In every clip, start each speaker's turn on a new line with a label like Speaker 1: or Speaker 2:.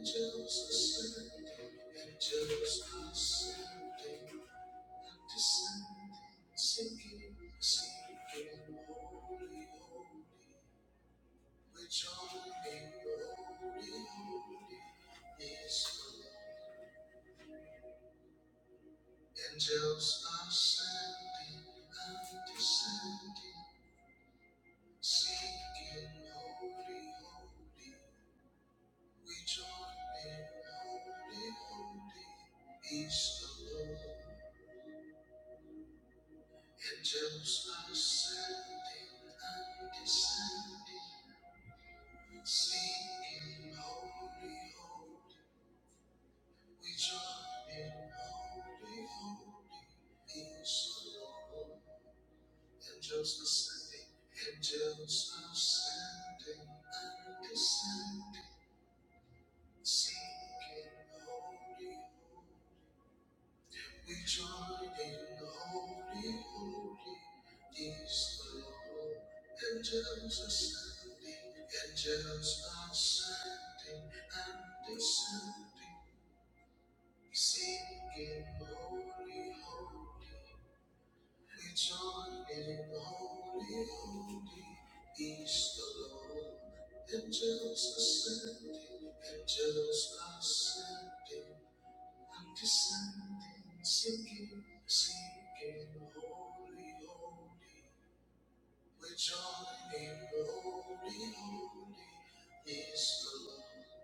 Speaker 1: Justice, justice, descend, sinking, sinking, which only glory is. Angels ascending and descending, seeking holy, holy, which only holy, holy is the Lord. Angels ascending and descending. Sing in holy, holy, we join in holy, holy is the Lord. Angels ascending, angels ascending and descending. Sing in holy, holy, we join in holy, holy is the Lord. Angels ascending, angels ascending and descending. We Sing it, holy, holy. We join in holy, holy. He's the Lord, and just ascending, and just ascending, and descending. Singing, singing, holy, holy. We join in holy, holy. He's the Lord,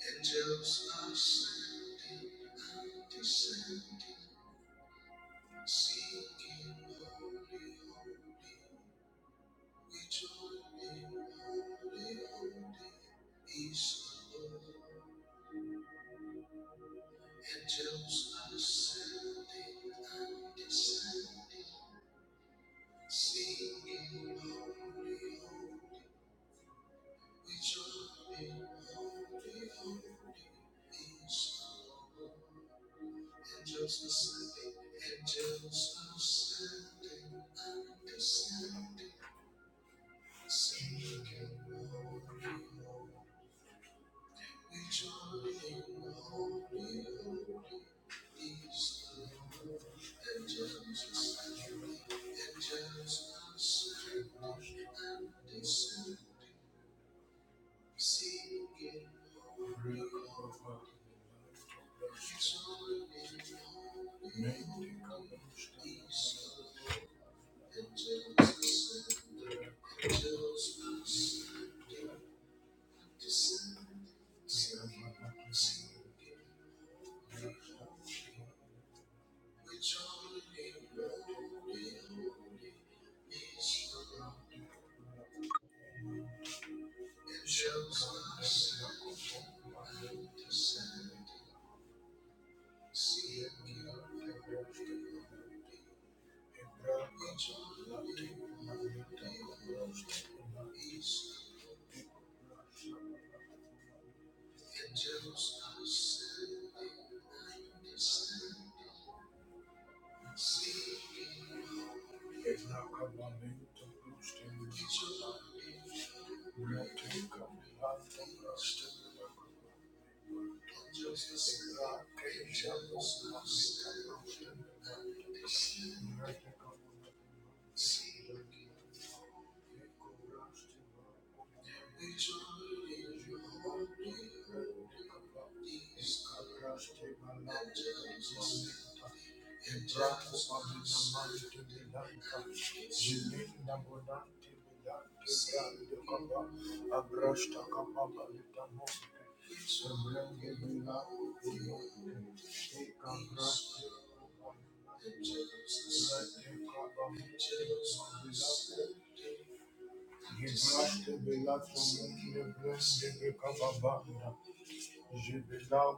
Speaker 1: and just ascending, and descending. holy, holy, holy, holy, we join Him holy, holy. He's alone. Angels ascending, and descending, holy, holy, holy, holy, we join Him holy, holy. He's alone. angels ascending angels ascending and descending. Seek and holy, holy, holy, holy is the Lord. And just surgery, and just surgery, and descending. Seek and holy Angels, angels, angels, Thank you. Thank you. Thank you. Jebela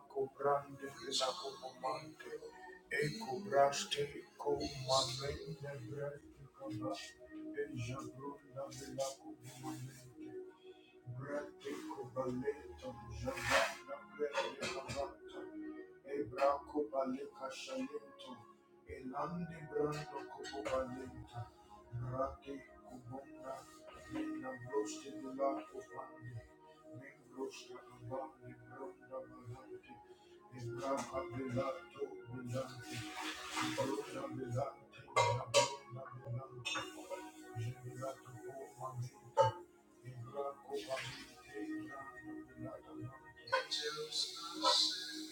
Speaker 1: cobrande pela comandante, e cobraste com uma lenda branca, e jabrunda pela comandante. Thank you. Ibrahima Abidé, Ibrahima Abidé, Ibrahima Abidé, jealousness,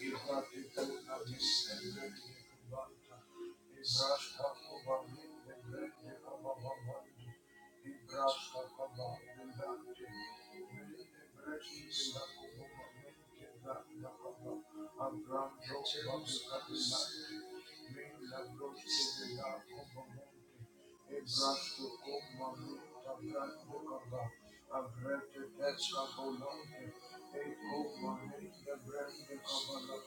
Speaker 1: Ibrahima Abidé, Ibrahima Abidé, Ibrahima Abidé, Ibrahima Abidé, Ibrahima Abidé. Main branch in the upper main gate, the upper abram road comes out. Main road in the upper main gate, the branch road comes out. The main road comes out.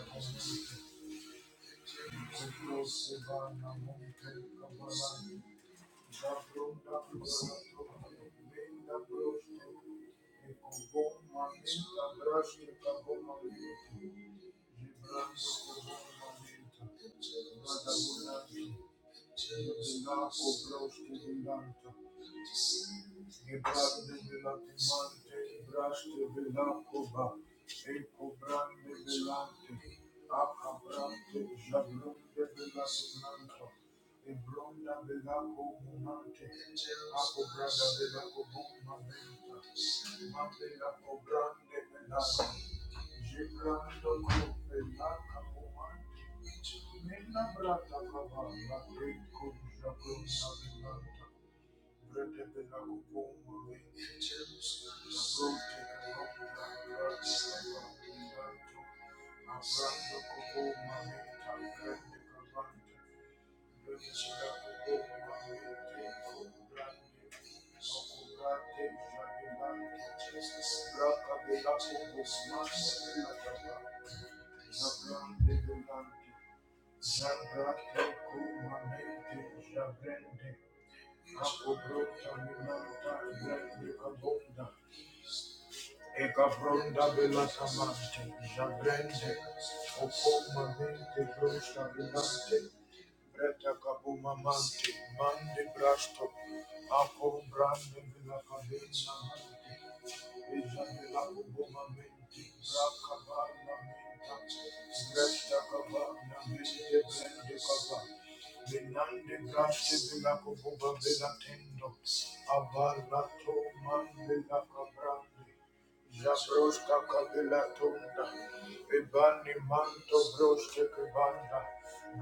Speaker 1: Thank you. Thank you. Ibrahim Velati Mante, Brashti Velakova, Eko Brande Velante, Aka Brante, Jabrunde Velati Manto, Ebronda Velako Mumante, Ako Branda Velako Mumamenta, Mamelako Brande Velako, Jibrando Velaka Mumante, Nina Brata Kava, Eko Jabrunda Velanta, Jesus. Zabrandegulante, Zabratecumanente, Zabrende, Capobrota, Minanta, Grande Cabonda, Ekabronda bela samante, jabrende, okoma mente brosta bilante, breta kabuma mante, mande brasto, ako brande bela kabena mante, eja bela kubuma mente, braka bana mente, breta kabana mente, brende kabana. Benande braste bela kubuma bela tendo, abarlato mande la kabrande, Zabroska kabila tunda, ebani manto broske kubanda,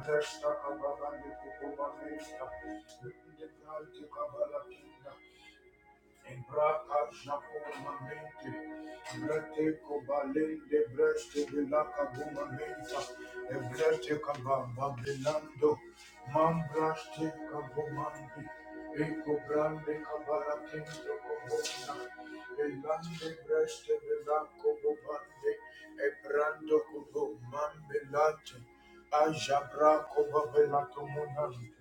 Speaker 1: bresta kababa ni kubuma mesta, ndi kanti kabala Kinda, Ibraka Japo Mamente, Brete Kobalin de Breste Vilaka Guma Mensa, Ebrete Kaba Babilando, Mambraste Kabumandi, Eko Brande Kabara Kendo Kobona, Elande Breste Vilako Bobande, Ebrando Kobo Mambelate, Ajabra Kobabela Tomonante.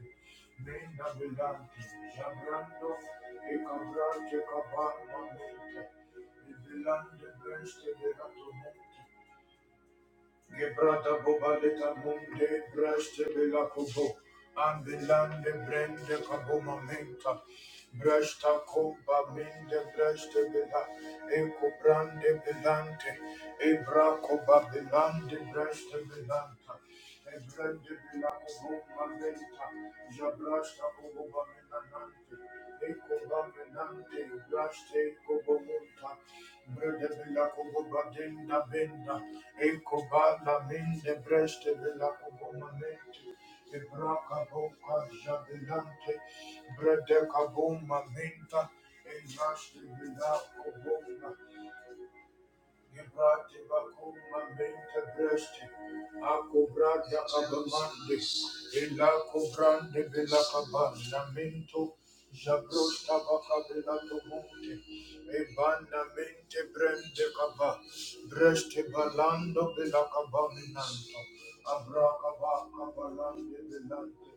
Speaker 1: Menda Vilante, Jabrando, Ecabra, Checaba, Mamente, Vilante, Breste, Verato, Monte, Gebrada bobaleta munde braste bela kobo ambelande brende kaboma menta brasta komba minde braste bela eko brande belante ebra koba belande braste belanta ebrande bela kobo menta jabrasta kobo menante eko ba menante braste kobo munta brede bela kobo badenda benda Ekobala mende breste vela obomamente. Ebraka boka jabilante. Brede kaboma menta. Enaste vela Gibrate bakuma mente breste, acobrada abamandes, ela cobrande bela cabana jabrosta baca bela tomonte, ebana brende caba, breste balando bela cabaminanto, abraca baca balande belante,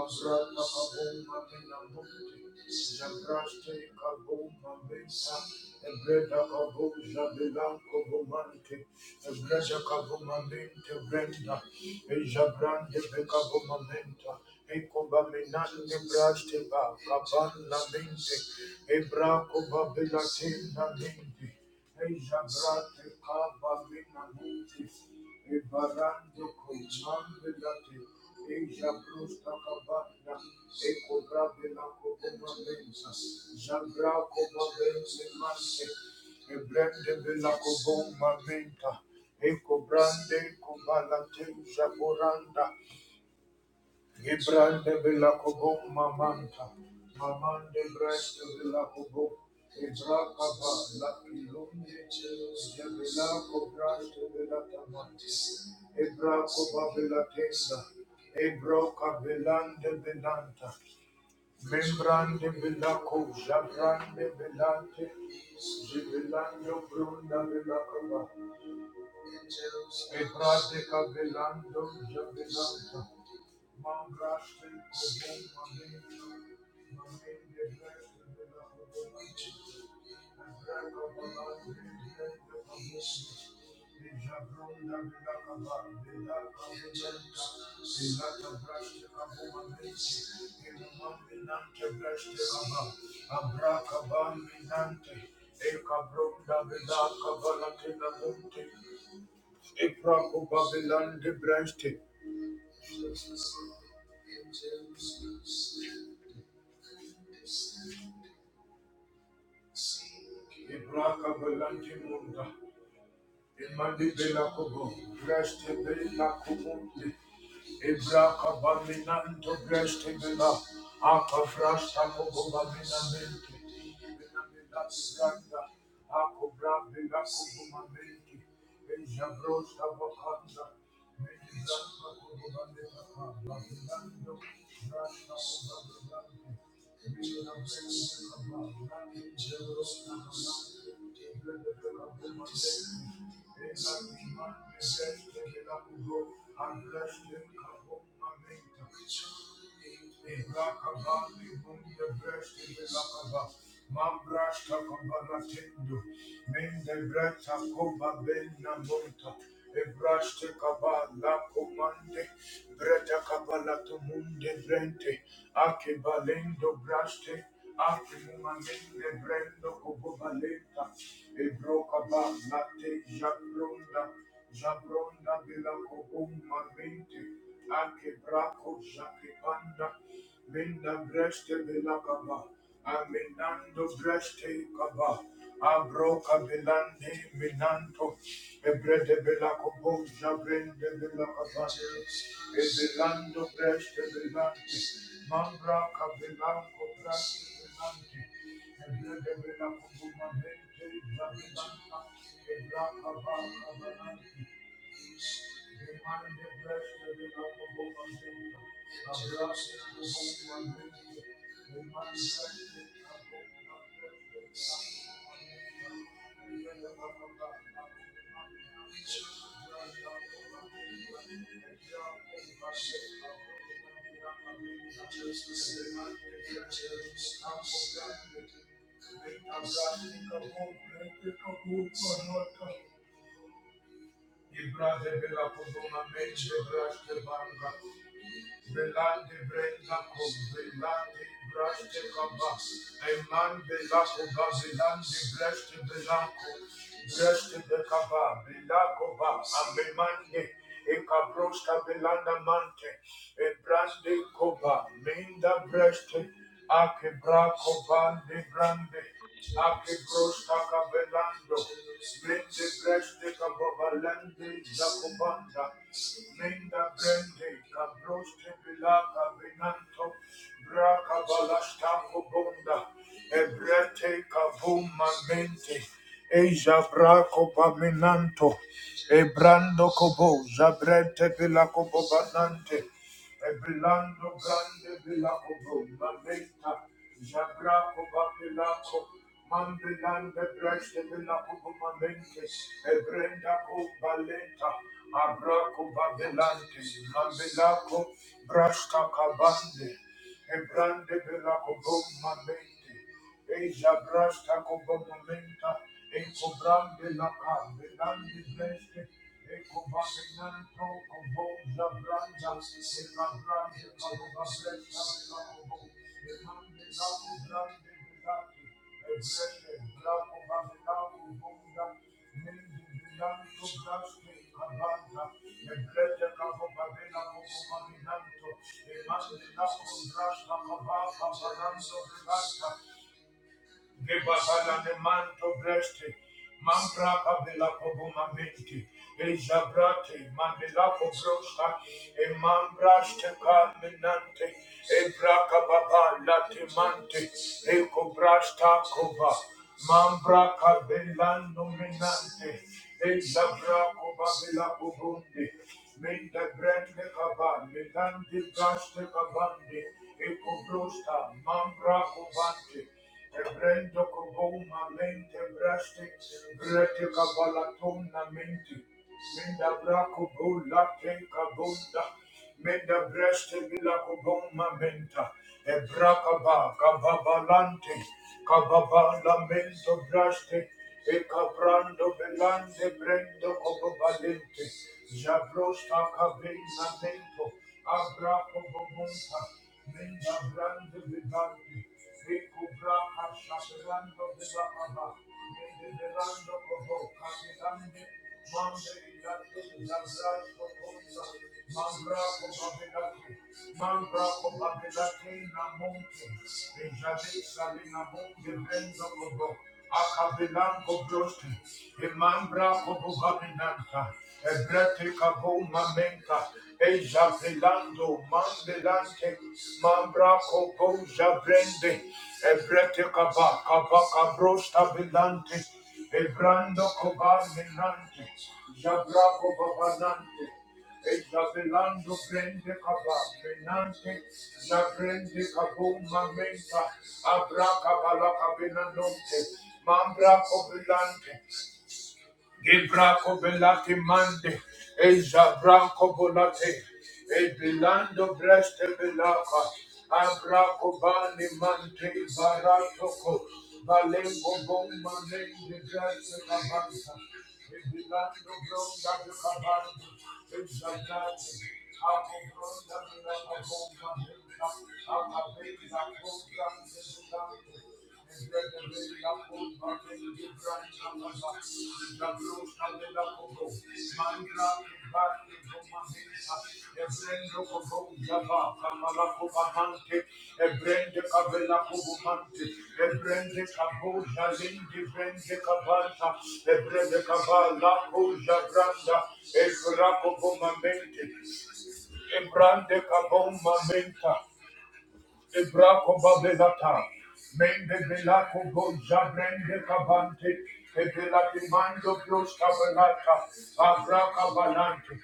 Speaker 1: abrata cabuma minamonte, Zabraste kabuma besa, ebreda kabuja belanko bumanke, ebreda kabuma mente brenda, ejabrande beka bumamenta, ekoba menante braste ba, kabana mente, ebra koba belatena mente, ejabrate kaba mena mente, Ebarando comando yate, eja brusta cabana, ecobra bela coboma benza, jabra coboma benza masse, ebrende bela coboma menta, ecobrande cobala te, jaboranda, Gibrande villa kobo mamanta. Mamande breste villa kobo. Ebraka ba la pilumye. De villa kobrante villa tamante. Ebrako Membrande villa ko jabrande villante. Givillando brunda villa Ebrade cabelando jabelanta, mangraste cobom mamenta, mamende breste de la cobomante, ebrega volante brende cobomante, e jabronda de la cabal, de la cabelanta, de la cabraste cabomamente, e la maminante breste cabal, abra cabal minante, e cabronda de la la monte, Ibrako babilande brente. Ibraka belante munda. Imandi belakobo. Breste belakomunde. Ibraka baminanto breste bela. Aka brasta kobo baminamente. Belabilanda. Ako brabilako bumamente. Ejabrosta bakanda. Thank you kabala kabala kabala braste komande, breta kabala tumunde brente. Ake balendo braste, ake balendo brendo kobo baleta, Ebro Brenda, Jabronda bela la Cobumba Mente, Akebraco, Jaquepanda, Minda Breste bela kaba, Aminando Breste kaba, Abroca Belande, Minanto, Ebrede bela la Cobo, Jabrende bela kaba Cabande, Ebelando Breste Belante, Mambra Cabelanco Brande Belante, Thank you. Ibra de bela kuduma meche bra de banga Belande brenda com belande braste camba. Eman belaco bazilande braste belaco. Braste becaba belaco ba. Amemande. E cabrosta belanda mante. E braste coba. Minda braste. Akebrakovande grande. Akebroskakabelando. Mende grande kababalande zakobanda. Menda grande kabroske bilaka benanto. Brakabalastako bonda. Ebrete kabuma mente. Eja brako paminanto. Ebrando kobo. Zabrete bilakobo banante. Ebrelando grande vela obro mamenta jabra oba pelaco mambelande breste vela obo mamente ebrenda o balenta abraco babelante mambelaco brasta cabande ebrande vela obro mamente Eja brasta kobo momenta, eko brande la kambe, nandi breste, eko basenanto kobo ja branda, se la brande kobo basenanto la kobo, e mande la kobo brande bilaki, e breste la kobo basenanto bonda, nindi bilanto braste kabanda, e breste kobo babena kobo maminanto, e mande la kobo brasta kobo basenanto Gebabala de manto breste, mambra babela pobuma menti, ejabrate, mandela pobrosta, e mambraste steca e braca baba latimante, e cobrasta cova, mambra cabellano nominante. e zabra covabela pobunde, menda brende cava, melante braste cavande, e cobrosta, mambra covante, Ebrendo koboma mente braste, brete kabalatona mente. Menda brako bola te kabonda, menda braste bila koboma menta. Ebrakaba kababalante, kababala mento braste, eka brando belande brendo kobobalente. Jabrosta kabina mento, abrako bomonta, menda brande bedante. Mambra Cobo Babinanta, Ebrete Cabo Mamenta, Eja pelando mandelante mambra copo jabrende ebrete kaba kaba kabrosta belante ebrando koba menante jabra koba banante eja pelando brende kaba menante jabrende kabo mamenta abra kaba la kabenanonte mambra kobilante Gebraco belati mande, Eja branco bolate, Ebilando breste belaca, Abraco bani mante baratoco, Valenco bomba nende breste cabanta, Ebilando bronda de cabanta, Eja brante, Aco bronda de la bomba nende, Aca bela bomba nende Ebrande kabom mamenta, Ebrako babelata, mende belako boja brende kabante, ebelati mando bros kabelata, abraka balante,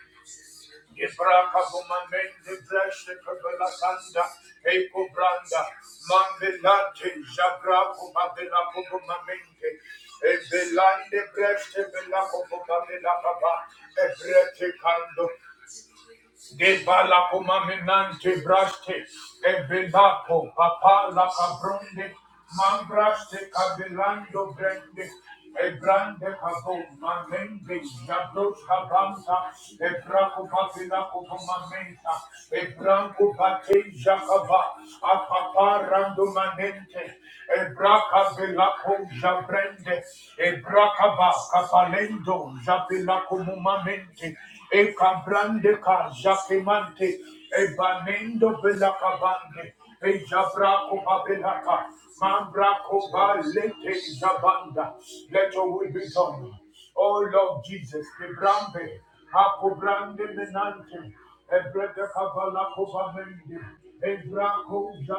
Speaker 1: ebraka bumamende breste kabelatanda, eko branda, mandelate, jabrako babelako bumamente, ebelande breste belako bumabelakaba, ebrete kando, De balapo maminante braste, e belapo papa la cabrunde, mambraste cabilando brende, e brande cabo mamende, jabros cabanta, e braco papilaco mamenta, e branco pate jacaba, a papa randomanente, e braca belaco jabrende, e bracaba capalendo, jabilaco mumamente, e cabrande ca jacemante e banendo bela cabande e jabraco babelaca mambraco balete zabanda let your will be done O Lord Jesus, the brambe, hapo brande menante, Ebrede kabala koba mende. Ebra koja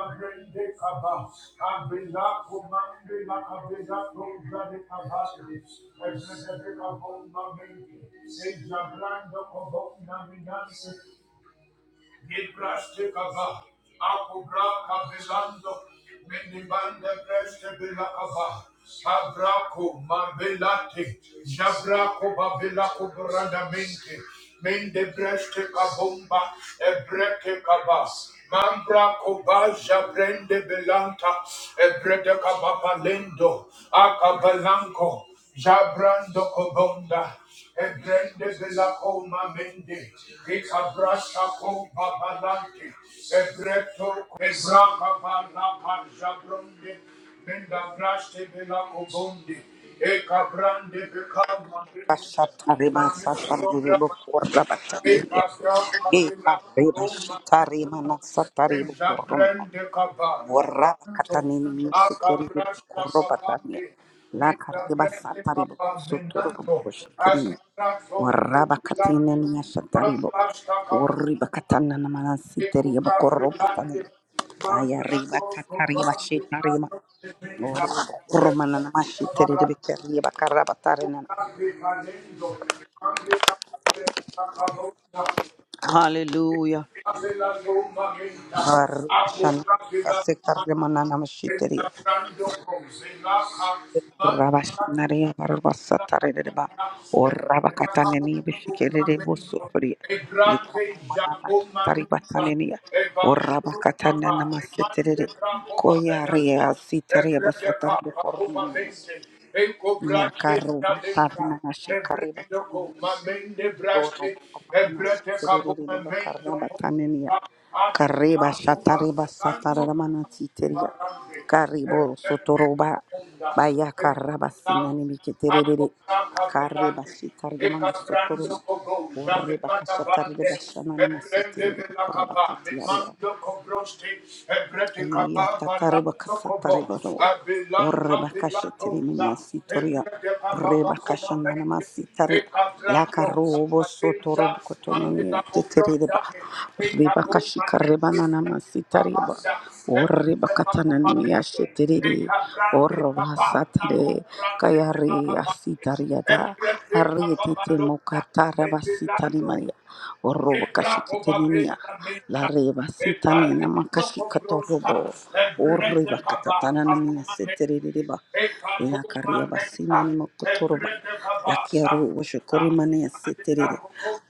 Speaker 1: Kabila komande la kabila koja de kabate. Ebrede de kabomba mende. Eja brando kobomba Nibraste kaba, akubra kabelando, menibande preste bela kaba, abrako mabelate, jabrako babela kubranda mente, mende breste kabomba, ebreke kaba, mambra koba brende belanta, ebrede kaba palendo, akabalanko, jabrando kobonda, Ebrende bela koma mende, ika brasha koma balante, ebreto ebra kabala parja bronde, menda braste bela kobonde, eka brande beka mande,
Speaker 2: Shatarima
Speaker 1: mamindo bra,
Speaker 2: Sataribo
Speaker 1: eka
Speaker 2: Korabatania.
Speaker 1: bra
Speaker 2: Eka
Speaker 1: kabela
Speaker 2: Reba Shitarima no Sataribo Korum.
Speaker 1: Zabrende kaban,
Speaker 2: Wara
Speaker 1: to
Speaker 2: Katanini Shikeri
Speaker 1: akabras
Speaker 2: Korobatania.
Speaker 1: kabandi, me
Speaker 2: La Kariba
Speaker 1: zabrende
Speaker 2: Sataribo
Speaker 1: kaban
Speaker 2: Suturu
Speaker 1: minanto,
Speaker 2: Koshikini.
Speaker 1: asibrato
Speaker 2: Waraba
Speaker 1: zabrande,
Speaker 2: Katinania Shataribo.
Speaker 1: mangras kabandi,
Speaker 2: Uriba Katana Namanasi
Speaker 1: eko
Speaker 2: Teribo
Speaker 1: brande lande,
Speaker 2: Korobatani. Aya Riba
Speaker 1: mangraso
Speaker 2: Tatariba
Speaker 1: kabandi
Speaker 2: Shitarima.
Speaker 1: adote meza,
Speaker 2: Romana Namashi Teribe Kariba Karabatarina.
Speaker 1: Thank you.
Speaker 2: Hallelujah. Rabashan, kase karemana namashiteria. Rabashinaria barbasataredeba. Or rabakataneni bishikere busupuria. Likaremana nashitaribatanenia. Or rabakatana namasetere. Koya rea sitaria basatar de kormanane. Nea karuba
Speaker 1: Thank you.
Speaker 2: tarmana
Speaker 1: Ebrendoko
Speaker 2: shikaribatania.
Speaker 1: mamende braste,
Speaker 2: Oro ramana
Speaker 1: ebrete kabo
Speaker 2: shiteredeba
Speaker 1: mamendo
Speaker 2: karabatanenia.
Speaker 1: kopa, afrika
Speaker 2: Kareba
Speaker 1: kopa,
Speaker 2: shatareba
Speaker 1: kando
Speaker 2: sataramana siteria.
Speaker 1: barande,
Speaker 2: Karibo
Speaker 1: ebrete
Speaker 2: sotoroba.
Speaker 1: koponda,
Speaker 2: Baya karaba
Speaker 1: ebrete kabo,
Speaker 2: sinani
Speaker 1: ako
Speaker 2: miketerere. Kareba
Speaker 1: kaka
Speaker 2: shitariamana
Speaker 1: Ekabrando
Speaker 2: sotoroba.
Speaker 1: kobo,
Speaker 2: Oreba
Speaker 1: jabemana bande,
Speaker 2: kashatareba shamana
Speaker 1: ebrende
Speaker 2: masitereba
Speaker 1: vela
Speaker 2: koraba
Speaker 1: kaba, memando kobroste, ebrete kaba,
Speaker 2: orreba
Speaker 1: balando kobo, abilanda
Speaker 2: orreba kashatiri
Speaker 1: vilatoza,
Speaker 2: minyasitoria
Speaker 1: ebrete kaba
Speaker 2: reba
Speaker 1: bakoma
Speaker 2: kashana
Speaker 1: mende,
Speaker 2: namasitari la
Speaker 1: ekabrando
Speaker 2: karobo
Speaker 1: kahateja,
Speaker 2: sotorobo
Speaker 1: mandela
Speaker 2: kotonemi
Speaker 1: kobrosta,
Speaker 2: tetereba reba
Speaker 1: ekabo
Speaker 2: kashika reba
Speaker 1: manende,
Speaker 2: namasitari ba
Speaker 1: kabasa,
Speaker 2: orreba
Speaker 1: ebrete
Speaker 2: katana
Speaker 1: kaba mende,
Speaker 2: nimiyashetiri
Speaker 1: ekabrande
Speaker 2: orroba Yatatarabakasataribaro. Orebakashatiriminiyasitoria.
Speaker 1: kaba,
Speaker 2: Rebakashananamasitari. Lakarobosotorobokotoniyetetereba. Rebakashikarebananamasitariba. Orebakatananimiyasheterere. Orobasatare.
Speaker 1: nako brande vela kaba,
Speaker 2: Kayariyasitariada.
Speaker 1: Emprese Capabalosa, Empezando,
Speaker 2: Arietetemokataramasitarimaria.
Speaker 1: Ebraco
Speaker 2: Orobakashiketeniniya.
Speaker 1: Babela
Speaker 2: La
Speaker 1: Menta,
Speaker 2: reba sitani na
Speaker 1: Epalendo
Speaker 2: makashi
Speaker 1: Cobrosa,
Speaker 2: katorobo. O
Speaker 1: Emprese
Speaker 2: reba
Speaker 1: Capa,
Speaker 2: katatana na mina
Speaker 1: Capumane,
Speaker 2: setereba. La karia
Speaker 1: Ecabumamenta,
Speaker 2: basina ni makotoroba.
Speaker 1: Emprese Capa,
Speaker 2: La kiaro
Speaker 1: La
Speaker 2: washokori
Speaker 1: Rosa,
Speaker 2: mane ya
Speaker 1: Mandela
Speaker 2: seterere.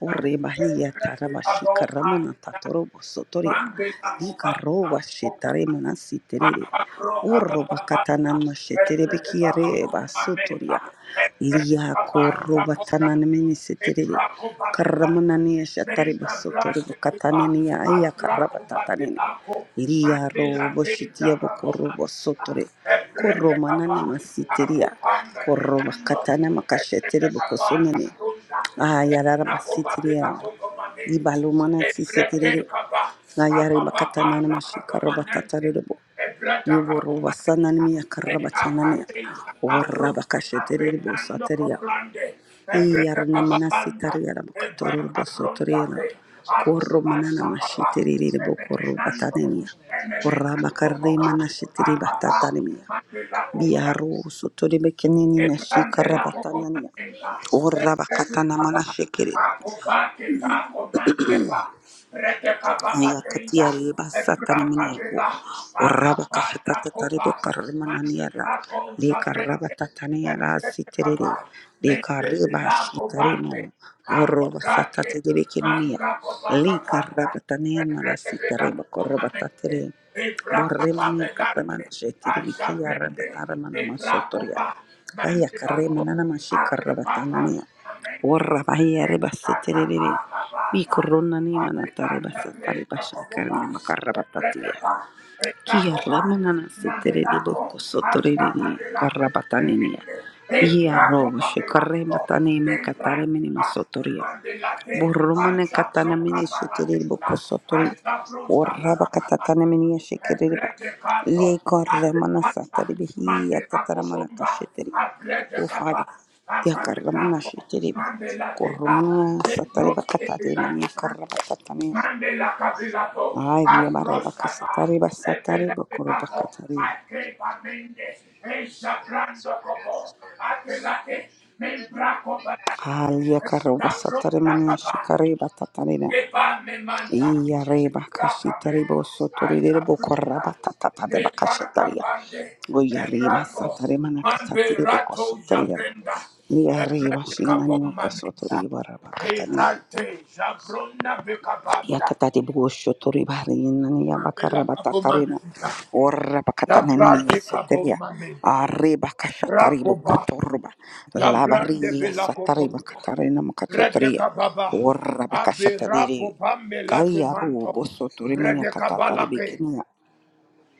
Speaker 2: O reba hiya
Speaker 1: Emprese
Speaker 2: tarabashi karamana
Speaker 1: Abomamenta,
Speaker 2: tatorobo sotoria.
Speaker 1: Mandela
Speaker 2: Di karoba shetare
Speaker 1: Cobosa,
Speaker 2: mana siterere. O roba katana na sheterebe kiare basotoria. Lia koroba tanana mini seterere. Karamanania shatariba
Speaker 1: Menda
Speaker 2: sotoriba
Speaker 1: braste de ba,
Speaker 2: katanenia aya
Speaker 1: abraco
Speaker 2: karabatatanene.
Speaker 1: babelaco,
Speaker 2: Lia
Speaker 1: mandela
Speaker 2: robo
Speaker 1: tenta
Speaker 2: shitia
Speaker 1: baboma,
Speaker 2: bokorobo sotore.
Speaker 1: ebrede capa,
Speaker 2: Koromanane masitiria.
Speaker 1: acopanda
Speaker 2: Koroba
Speaker 1: nenando,
Speaker 2: katana makashetere
Speaker 1: ebrede capa la
Speaker 2: bokosonene.
Speaker 1: tunda,
Speaker 2: Aya raraba sitiria. Ibalumana
Speaker 1: El
Speaker 2: sisetere.
Speaker 1: bracito bajo, el
Speaker 2: Ayare
Speaker 1: papapa
Speaker 2: bakatanana
Speaker 1: laco permanente,
Speaker 2: mashikarabatataribo.
Speaker 1: el brazo
Speaker 2: Yoboro
Speaker 1: aguante,
Speaker 2: wasanani miya
Speaker 1: el
Speaker 2: karabatanane.
Speaker 1: acapella acró,
Speaker 2: Waraba kashetere
Speaker 1: apenando
Speaker 2: bosateria.
Speaker 1: con grande, el bracito
Speaker 2: Iyarana
Speaker 1: bajo
Speaker 2: mana
Speaker 1: anda,
Speaker 2: bokatoror
Speaker 1: el
Speaker 2: bokatoro
Speaker 1: papapa bronda
Speaker 2: bosotoriyana
Speaker 1: fe, acu
Speaker 2: korro manana
Speaker 1: vasta papá,
Speaker 2: mashitiriri bokorro
Speaker 1: permanente,
Speaker 2: batanenia korra
Speaker 1: permanente
Speaker 2: bakarri
Speaker 1: boca,
Speaker 2: mana shitiri
Speaker 1: papá
Speaker 2: batatanenia
Speaker 1: mantel aguante
Speaker 2: biaro sotori bekenini meshi
Speaker 1: quebrante
Speaker 2: karra
Speaker 1: la
Speaker 2: batanania
Speaker 1: comanda,
Speaker 2: korra
Speaker 1: rete
Speaker 2: bakatana mana
Speaker 1: capa, acobate ta comandera, rete capa patrinda,
Speaker 2: yakatiyari basatani
Speaker 1: ebraca
Speaker 2: miniyabo
Speaker 1: vela,
Speaker 2: oraba
Speaker 1: apapata
Speaker 2: kashatata taribe
Speaker 1: manda
Speaker 2: karmananiyara
Speaker 1: mandela
Speaker 2: le
Speaker 1: cosa
Speaker 2: karaba
Speaker 1: prende,
Speaker 2: tataniyara
Speaker 1: Mandela,
Speaker 2: siterere le kariba shitarimo orova satate debe kininiya le karaba taniyana sitareba koroba Borremania Karamana Shetiri Bikia Rabataramana Masotoria. Baya Karemanana Mashika Rabatanania. Orra Baya
Speaker 1: Mandela,
Speaker 2: Rebasetiri. Bikorona Nimana Tarebasatari Basha Karne Makarabatatia. Kia Remanana Setiri Boko Sotori Karabatanania. Ia Robo Shikarematane Kataremini Masotoria.
Speaker 1: I
Speaker 2: Boromone
Speaker 1: shall
Speaker 2: katana
Speaker 1: blow
Speaker 2: mini shitiri
Speaker 1: Catalagenda, I
Speaker 2: bokosotori.
Speaker 1: shall blow
Speaker 2: Oraba
Speaker 1: Catalagenda,
Speaker 2: katatana mini shikiriba.
Speaker 1: Ebrete kato,
Speaker 2: Leko ramana
Speaker 1: apipanda,
Speaker 2: satari bihi
Speaker 1: mande kako
Speaker 2: yatataramana
Speaker 1: bomba,
Speaker 2: kashitiri.
Speaker 1: aprete
Speaker 2: O
Speaker 1: kapa,
Speaker 2: Father, yakaramana
Speaker 1: akapitako,
Speaker 2: shitiri.
Speaker 1: mande la teka,
Speaker 2: korromana satari
Speaker 1: nebros
Speaker 2: bakatari
Speaker 1: kepila
Speaker 2: mini
Speaker 1: mande,
Speaker 2: karabatatani.
Speaker 1: mande la kapilato,
Speaker 2: Ay, via baraba
Speaker 1: abrosata,
Speaker 2: kasatari basatari
Speaker 1: epele
Speaker 2: bokoro
Speaker 1: pitako,
Speaker 2: bakatari.
Speaker 1: akepa mende, eisa brando kobo apelate, membrako balate,
Speaker 2: Ay, yakaroba
Speaker 1: Esha
Speaker 2: satari
Speaker 1: Bronda
Speaker 2: mani
Speaker 1: Kaba,
Speaker 2: shikari batatari.
Speaker 1: Kepa me manta,
Speaker 2: Iyareba
Speaker 1: rakabe,
Speaker 2: kashitarebo
Speaker 1: aja
Speaker 2: sotorerebo
Speaker 1: blunda,
Speaker 2: koraba tatatateba
Speaker 1: kepa
Speaker 2: kashataria.
Speaker 1: kapande,
Speaker 2: Goyareba
Speaker 1: ebrazo,
Speaker 2: sataremana
Speaker 1: mande
Speaker 2: katatirebo
Speaker 1: rato
Speaker 2: kosotoriera.
Speaker 1: jabrenda,
Speaker 2: Liyareba
Speaker 1: ebrete kapon
Speaker 2: shinanimo
Speaker 1: mamita,
Speaker 2: kosotoriba rabakatanenio.
Speaker 1: erate jabrunda bekapanda,
Speaker 2: Yakatati Bosho Toribarina
Speaker 1: mande la kapon
Speaker 2: Bakarabatarina
Speaker 1: mamita,
Speaker 2: or Rabakatanemi
Speaker 1: jabrate kapon
Speaker 2: Seteria
Speaker 1: mamita,
Speaker 2: Areba Kashataribo
Speaker 1: rakoba,
Speaker 2: Kutorba
Speaker 1: jabrande
Speaker 2: Lavaria Satariba
Speaker 1: belakobonda,
Speaker 2: Katarina orra
Speaker 1: Bredeka baba,
Speaker 2: or Rabakashatari
Speaker 1: abirako bammelate
Speaker 2: Kaya
Speaker 1: manto,
Speaker 2: Rubo Soturimina
Speaker 1: bredeka balake,
Speaker 2: Katataribikinia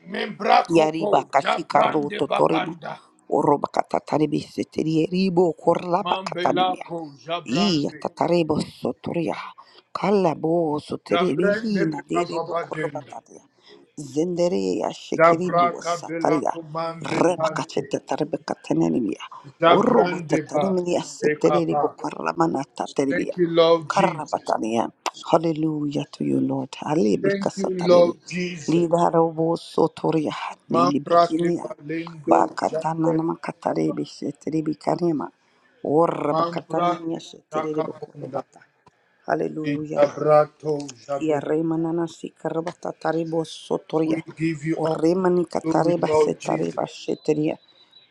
Speaker 1: membrako
Speaker 2: Yariba
Speaker 1: po,
Speaker 2: Kashika
Speaker 1: jabrande
Speaker 2: Roto Torima
Speaker 1: bakanda,
Speaker 2: Orobakatataribi Seteria Ribo Korlabakatanimia
Speaker 1: mambelako,
Speaker 2: Iya
Speaker 1: jabrande,
Speaker 2: katarebo soturia. Kala bo soterebe
Speaker 1: jabrande
Speaker 2: hina
Speaker 1: beka
Speaker 2: derebo
Speaker 1: baba denda,
Speaker 2: korbataria. Zendere ya shekiribu
Speaker 1: jabraka
Speaker 2: sataria.
Speaker 1: belako
Speaker 2: Reba
Speaker 1: mambelante,
Speaker 2: kachete tarebe katenemia. Orobo
Speaker 1: jabrande ba,
Speaker 2: tatanemia
Speaker 1: beka
Speaker 2: seterebo
Speaker 1: ba.
Speaker 2: karamana taterebia.
Speaker 1: Thank you, Lord Jesus.
Speaker 2: Karabataria. Hallelujah to you, Lord. Alebi
Speaker 1: Thank you, Lord
Speaker 2: kasatarere.
Speaker 1: Jesus.
Speaker 2: Lidarobo soturia. Nini
Speaker 1: Mambrake
Speaker 2: bikinia.
Speaker 1: balendo,
Speaker 2: Bakatana
Speaker 1: jabrande beka ba.
Speaker 2: namakatarebi seterebi karema.
Speaker 1: Mambra ke shakabunda, e
Speaker 2: Hallelujah.
Speaker 1: shabrato
Speaker 2: Kia
Speaker 1: shabe.
Speaker 2: remanana si karabata taribo Sotoria.
Speaker 1: We give you
Speaker 2: O
Speaker 1: all
Speaker 2: remani
Speaker 1: glory,
Speaker 2: katareba
Speaker 1: Lord Jesus.
Speaker 2: setareba sheteria.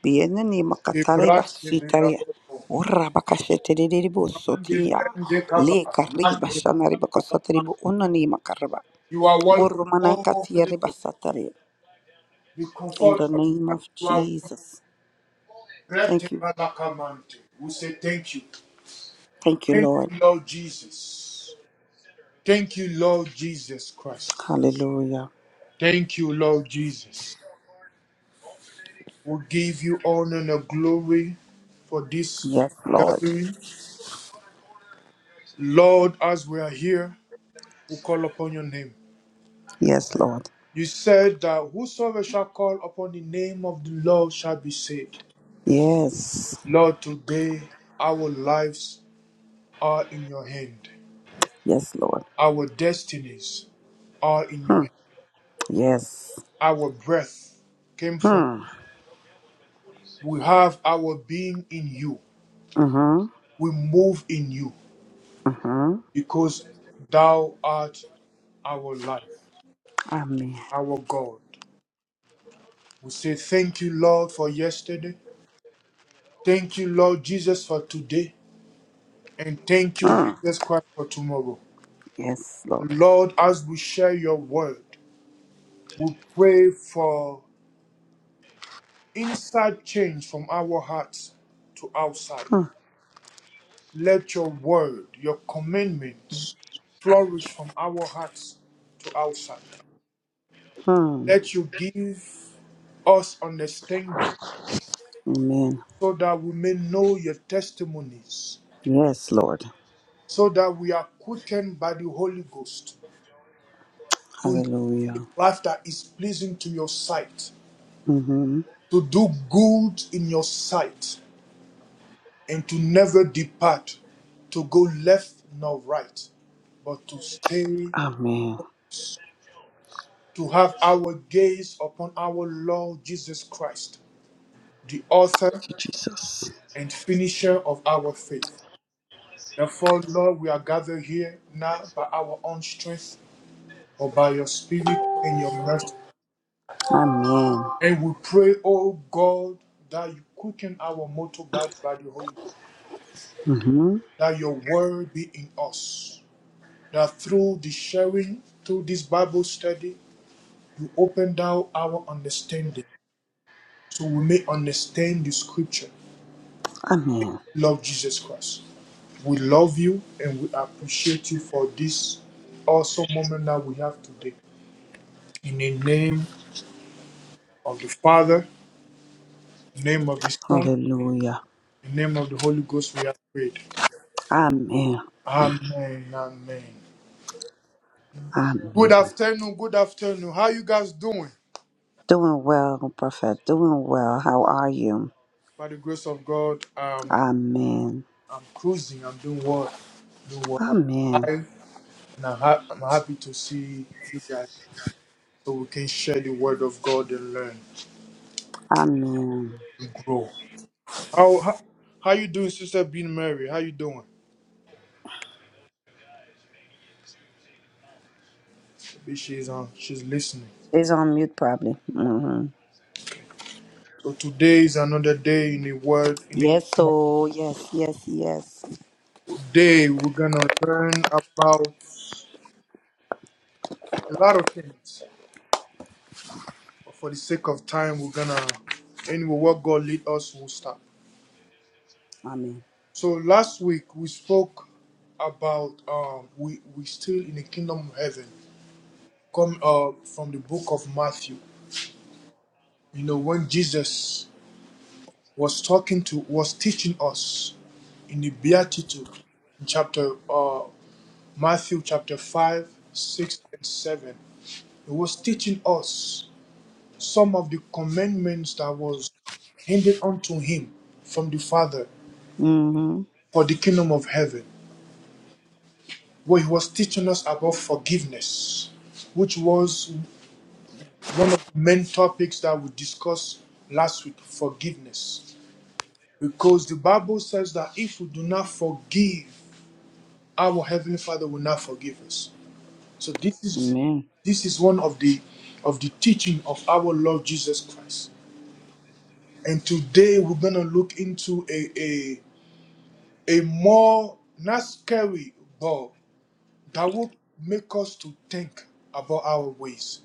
Speaker 2: Biene ni makatareba
Speaker 1: Kebras
Speaker 2: sitaria.
Speaker 1: kebelabo.
Speaker 2: O rabaka sheteribo
Speaker 1: Mande
Speaker 2: Sotia. Orabakataniniashitererebokorobata. Hallelujah. Kiaremananasikarabatatarebosotoria. Oremanikatarebasetarebasheteria. Bienenimakatarebasitaria.
Speaker 1: brande
Speaker 2: Makaraba.
Speaker 1: kaba. Last,
Speaker 2: Lekaribashanaribakasatarebo onanimakaraba.
Speaker 1: You are welcome, oh Holy Ghost.
Speaker 2: Satare.
Speaker 1: The
Speaker 2: In
Speaker 1: comforter
Speaker 2: the name
Speaker 1: that
Speaker 2: of
Speaker 1: you are welcome.
Speaker 2: Jesus.
Speaker 1: Brete
Speaker 2: Thank you.
Speaker 1: balakamante. We say thank you.
Speaker 2: Thank you,
Speaker 1: Thank
Speaker 2: Lord.
Speaker 1: you, Lord Jesus. Thank you, Lord Jesus Christ.
Speaker 2: Hallelujah.
Speaker 1: Thank you, Lord Jesus. We give you honor and glory for this
Speaker 2: Yes, Lord.
Speaker 1: gathering. Lord, as we are here, we call upon your name.
Speaker 2: Yes, Lord.
Speaker 1: You said that whosoever shall call upon the name of the Lord shall be saved.
Speaker 2: Yes.
Speaker 1: Lord, today our lives are in your hand.
Speaker 2: Yes, Lord.
Speaker 1: Our destinies are in your
Speaker 2: Hmm.
Speaker 1: hand.
Speaker 2: Yes.
Speaker 1: Our breath came from
Speaker 2: Hmm.
Speaker 1: we have our being in you.
Speaker 2: Mm-hmm.
Speaker 1: We move in you
Speaker 2: Mm-hmm.
Speaker 1: because thou art our life,
Speaker 2: Amen.
Speaker 1: our God. We say thank you, Lord, for yesterday. Thank you, Lord Jesus, for today. And thank you,
Speaker 2: Hmm.
Speaker 1: Jesus Christ, for tomorrow.
Speaker 2: Yes, Lord.
Speaker 1: Lord, as we share your word, we pray for inside change from our hearts to outside. Let your word, your commandments, flourish from our hearts to outside.
Speaker 2: Mm-hmm.
Speaker 1: Let you give us understanding
Speaker 2: Amen.
Speaker 1: so that we may know your testimonies
Speaker 2: Yes, Lord.
Speaker 1: so that we are quickened by the Holy Ghost to live a
Speaker 2: Hallelujah.
Speaker 1: life that is pleasing to your sight,
Speaker 2: Mm-hmm.
Speaker 1: to do good in your sight, and to never depart, to go left nor right, but to stay,
Speaker 2: Amen.
Speaker 1: to have our gaze upon our Lord Jesus Christ, the author
Speaker 2: Thank you, Jesus.
Speaker 1: and finisher of our faith. Therefore, Lord, we are gathered here now by our own strength or by your spirit and your mercy.
Speaker 2: Amen.
Speaker 1: And we pray, oh God, that you quicken our mortal body by the Holy Ghost,
Speaker 2: Mm-hmm.
Speaker 1: that your word be in us, that through the sharing, through this Bible study, you open down our understanding so we may understand the scripture.
Speaker 2: Amen.
Speaker 1: Love Jesus Christ. We love you and we appreciate you for this awesome moment that we have today. In the name of the Father, the name of the Son,
Speaker 2: Hallelujah.
Speaker 1: the name of the Holy Ghost, we have prayed.
Speaker 2: Amen.
Speaker 1: Amen. Amen. Good
Speaker 2: Amen.
Speaker 1: afternoon, good afternoon. How you guys doing?
Speaker 2: Doing well, Prophet. Doing well. How are you?
Speaker 1: By the grace of God, um,
Speaker 2: Amen.
Speaker 1: I'm cruising. I'm doing well. Doing well. I'm
Speaker 2: Amen.
Speaker 1: alive, and I'm, ha- I'm happy to see you guys, so we can share the word of God and learn
Speaker 2: Amen.
Speaker 1: and grow. How how, how you doing, Sister Bean Mary? How you doing? Maybe she's on. She's listening.
Speaker 2: She's on mute, probably. Mm-hmm.
Speaker 1: So today is another day in the word. In the
Speaker 2: Yes,
Speaker 1: kingdom of-
Speaker 2: oh, yes, yes, yes.
Speaker 1: today, we're gonna learn about a lot of things. But for the sake of time, we're gonna anyway what God lead us, we'll stop.
Speaker 2: Amen.
Speaker 1: So last week we spoke about um we we still in the kingdom of heaven. Come uh from the book of Matthew. You know when Jesus was talking to was teaching us in the Beatitude in chapter uh Matthew chapter five, six and seven. He was teaching us some of the commandments that was handed unto him from the Father.
Speaker 2: Mm-hmm.
Speaker 1: for the kingdom of heaven, where he was teaching us about forgiveness, which was one of the main topics that we discussed last week forgiveness. Because the Bible says that if we do not forgive, our Heavenly Father will not forgive us. So this is
Speaker 2: Amen.
Speaker 1: this is one of the of the teaching of our Lord Jesus Christ. And today we're gonna look into a a, a more not scary but that will make us to think about our ways,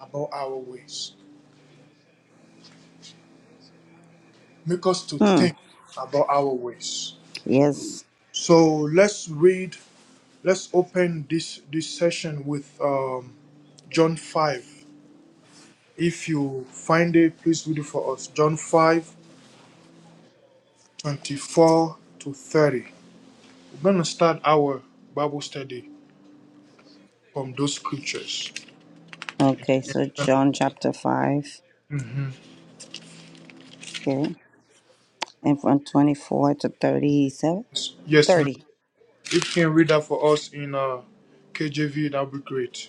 Speaker 1: about our ways. Make us to
Speaker 2: Hmm.
Speaker 1: think about our ways.
Speaker 2: Yes.
Speaker 1: So let's read, let's open this, this session with um, John 5. If you find it, please read it for us. John 5 24 to 30. We're going to start our Bible study from those scriptures.
Speaker 2: Okay, so John chapter 5. Okay. And from 24 to 37?
Speaker 1: Yes, yes, ma'am.
Speaker 2: 30.
Speaker 1: If you can read that for us in uh, KJV, that would be great.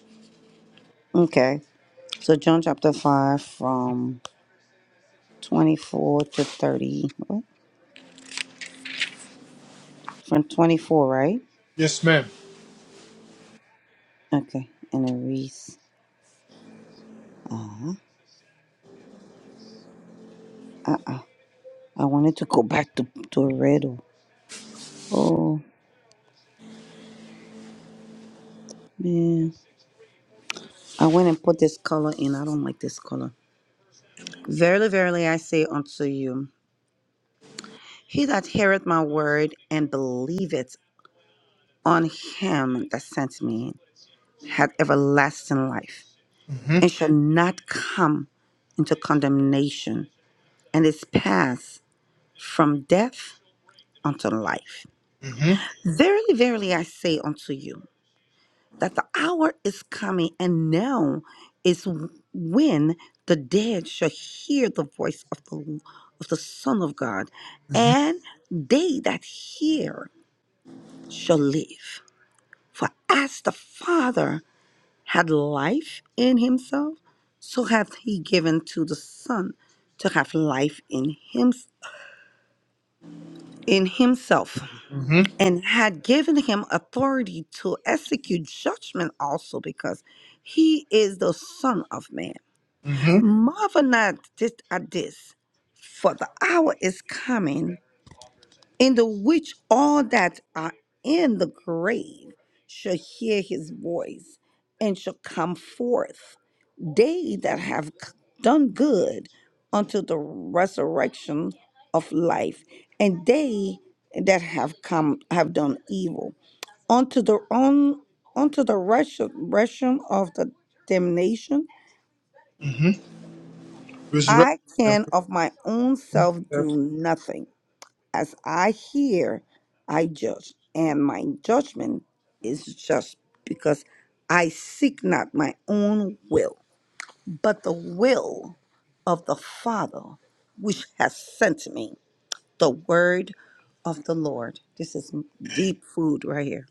Speaker 2: Okay. So John chapter 5 from 24 to 30. What? From 24, right?
Speaker 1: Yes, ma'am.
Speaker 2: Okay. And it reads, I, I I wanted to go back to, to a riddle. Oh, man. I went and put this color in. I don't like this color. Verily, verily, I say unto you, he that heareth my word and believeth on him that sent me hath everlasting life,
Speaker 1: Mhm.
Speaker 2: and shall not come into condemnation, and is passed from death unto life.
Speaker 1: Mhm.
Speaker 2: Verily, verily, I say unto you, that the hour is coming and now is when the dead shall hear the voice of the of the son of god
Speaker 1: Mhm.
Speaker 2: and they that hear shall live for as the father had life in himself so hath he given to the son to have life in him in himself
Speaker 1: Mhm.
Speaker 2: and had given him authority to execute judgment also because he is the son of man
Speaker 1: Mhm.
Speaker 2: Marvel not just at this, for the hour is coming in the which all that are in the grave shall hear his voice and shall come forth. They that have c- done good unto the resurrection of life, and they that have come have done evil unto the own unto the resurrection of the damnation
Speaker 1: Mhm. Resurrect
Speaker 2: I
Speaker 1: them.
Speaker 2: can of my own self
Speaker 1: Yes.
Speaker 2: do nothing. As I hear, I judge, and my judgment is just because I seek not my own will, but the will of the Father which has sent me. The word of the Lord. This is deep food right here.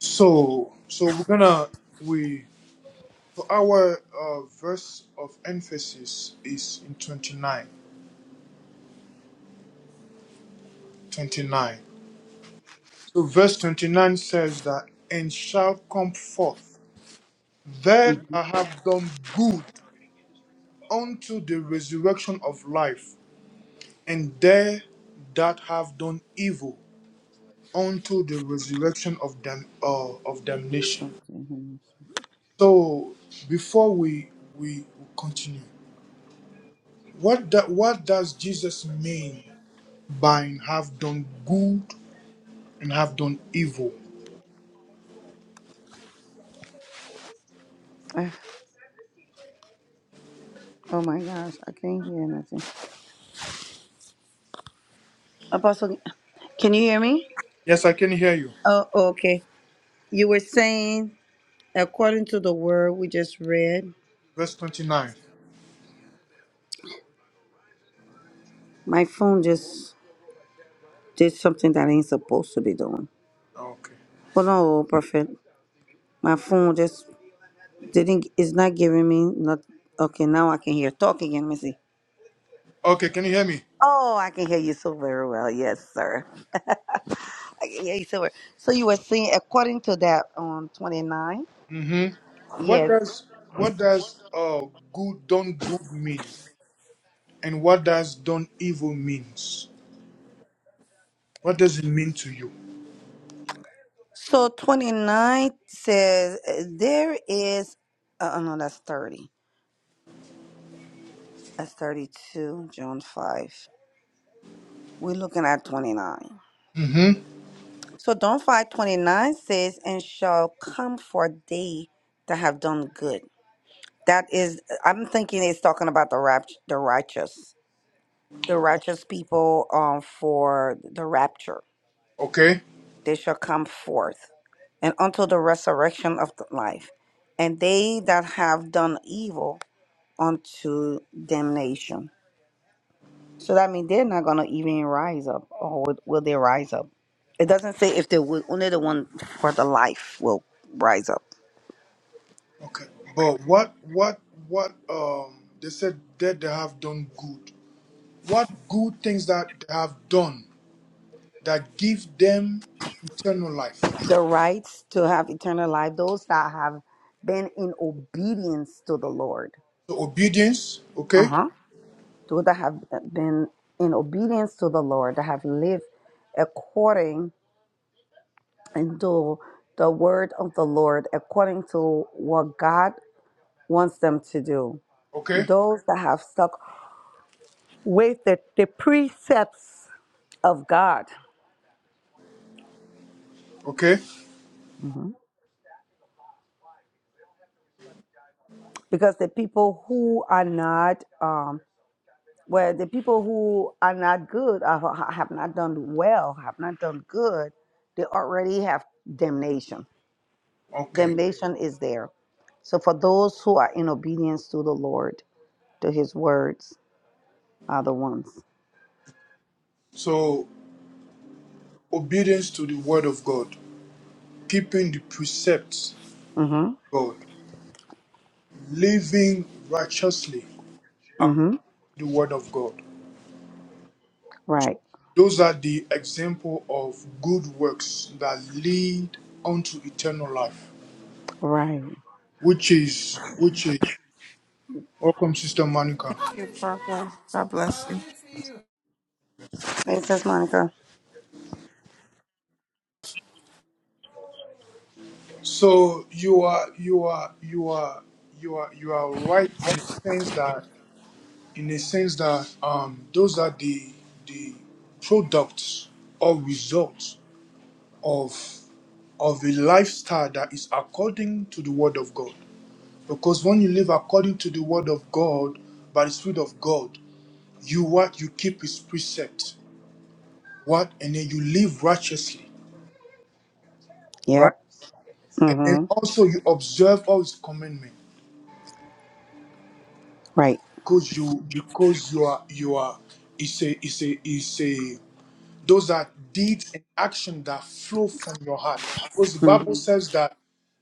Speaker 1: So, so we're gonna we so our uh, verse of emphasis is in 29. 29. So verse 29 says that and shall come forth they
Speaker 2: Mhm.
Speaker 1: that have done good unto the resurrection of life, and they that have done evil unto the resurrection of them uh, of damnation.
Speaker 2: Okay. honey.
Speaker 1: So before we we continue, what that what does Jesus mean by have done good and have done evil?
Speaker 2: Ah, Oh my gosh, I can't hear nothing. Apostle, can you hear me?
Speaker 1: Yes, I can hear you.
Speaker 2: Oh, okay. You were saying, according to the word we just read,
Speaker 1: Verse twenty nine.
Speaker 2: my phone just did something that ain't supposed to be doing.
Speaker 1: Okay.
Speaker 2: Hold on, old prophet. My phone just didn't, it's not giving me, not, okay, now I can hear. Talk again, let me see.
Speaker 1: Okay, can you hear me?
Speaker 2: Oh, I can hear you so very well. Yes, sir. I can hear you so well. So you were saying, according to that on 29,
Speaker 1: Mm-hmm. What
Speaker 2: yes.
Speaker 1: does what does uh good done good mean? And what does done evil means? What does it mean to you?
Speaker 2: So 29 says, uh, there is, uh, oh no, that's 30. That's 32, John 5. We're looking at 29.
Speaker 1: Mm-hmm.
Speaker 2: So don't fight. 29 says, And shall come for thee that have done good. That is, I'm thinking it's talking about the rapt, the righteous, the righteous people um, for the rapture.
Speaker 1: Okay.
Speaker 2: They shall come forth and unto the resurrection of the life. And they that have done evil unto damnation. So that means they're not gonna even rise up, or will, will they rise up? It doesn't say if they will. Only the one for the life will rise up.
Speaker 1: Okay. But what what what um they said that they have done good. What good things that they have done that give them eternal life?
Speaker 2: The rights to have eternal life. Those that have been in obedience to the Lord.
Speaker 1: So obedience,
Speaker 2: Uh
Speaker 1: okay,
Speaker 2: huh. Those that have been in obedience to the Lord, that have lived according to the word of the Lord, according to what God wants them to do.
Speaker 1: okay,
Speaker 2: Those that have stuck with the, the precepts of God.
Speaker 1: okay,
Speaker 2: hmm because the people who are not um well the people who are not good uh, have not done well have not done good they already have damnation
Speaker 1: okay.
Speaker 2: damnation is there so for those who are in obedience to the lord to his words are the ones
Speaker 1: So obedience to the word of God, keeping the precepts of
Speaker 2: mm-hmm
Speaker 1: God, living righteously according
Speaker 2: mm-hmm
Speaker 1: to the word of God.
Speaker 2: right
Speaker 1: Those are the example of good works that lead unto eternal life,
Speaker 2: right
Speaker 1: which is which is welcome, Sister Monica.
Speaker 3: You're welcome. God bless you.
Speaker 2: Thanks, just monica
Speaker 1: So you are you are you are you are you are right in the sense that in the sense that um those are the the products or results of of a lifestyle that is according to the word of God. Because when you live according to the word of God by the spirit of God, you what you keep his precept, what and then you live righteously, right?
Speaker 2: yep
Speaker 1: And then
Speaker 2: mm-hmm
Speaker 1: also you observe all his commandments.
Speaker 2: right
Speaker 1: because you because you are you are it's a it's a it's a those are deeds and action that flow from your heart because the
Speaker 2: mm-hmm.
Speaker 1: bible says that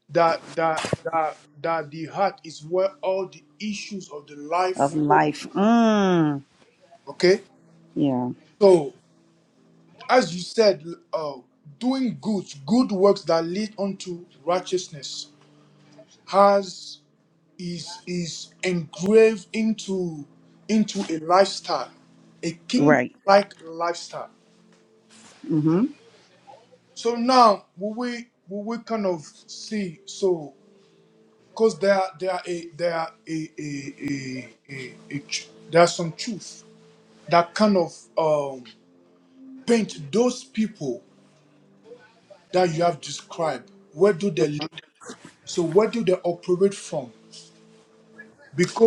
Speaker 1: that that that that the heart is where all the issues of the
Speaker 2: of
Speaker 1: life flow
Speaker 2: life mm
Speaker 1: okay
Speaker 2: yeah
Speaker 1: so as you said uh, doing good good works that lead unto righteousness has is is engraved into into a lifestyle a kingdom
Speaker 2: right
Speaker 1: like lifestyle
Speaker 2: mm-hmm
Speaker 1: So now will we will we kind of see so because there are- there are a there are a a, a, a, a tr- there are some truth that kind of um, paint those people that you have described. Where do they live? So where do they operate from?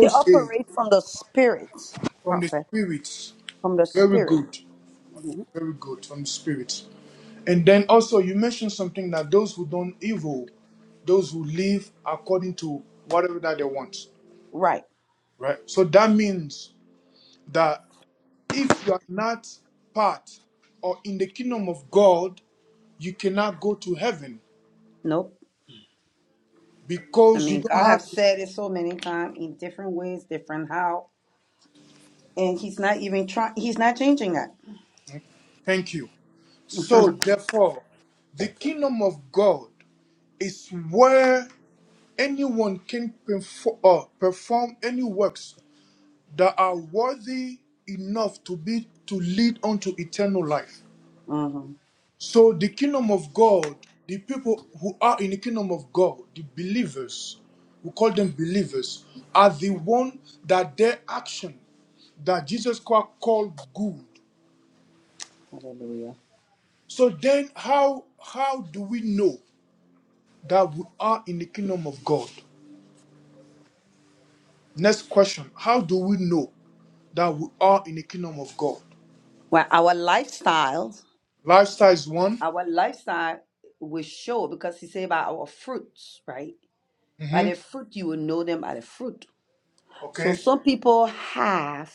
Speaker 2: They
Speaker 1: a
Speaker 2: operate from the spirit,
Speaker 1: from the
Speaker 2: prophet,
Speaker 1: spirits.
Speaker 2: from the
Speaker 1: Very
Speaker 2: spirit.
Speaker 1: good,
Speaker 2: Mhm.
Speaker 1: very good from the spirits. And then also you mentioned something that those who don't evil, those who live according to whatever that they want.
Speaker 2: Right.
Speaker 1: Right. So that means that if you are not part or in the kingdom of God, you cannot go to heaven
Speaker 2: Nope. I
Speaker 1: because you
Speaker 2: mean,
Speaker 1: don't
Speaker 2: God
Speaker 1: have.
Speaker 2: have said it so many times in different ways, different how, and He's not even trying. He's not changing that.
Speaker 1: Thank you. So therefore, the kingdom of God is where anyone can perform, uh, perform any works that are worthy enough to be to lead unto eternal life.
Speaker 2: hmm
Speaker 1: So the kingdom of God, the people who are in the kingdom of God, the believers, we call them believers, are the one that their action that Jesus Christ called good.
Speaker 2: Hallelujah.
Speaker 1: So then how how do we know that we are in the kingdom of God? Next question, how do we know that we are in the kingdom of God?
Speaker 2: Well, our lifestyles,
Speaker 1: Lifestyle is one.
Speaker 2: our lifestyle will show because He said by our fruits, right? By
Speaker 1: Mhm.
Speaker 2: the fruit you will know them by the fruit. So
Speaker 1: Okay.
Speaker 2: some people have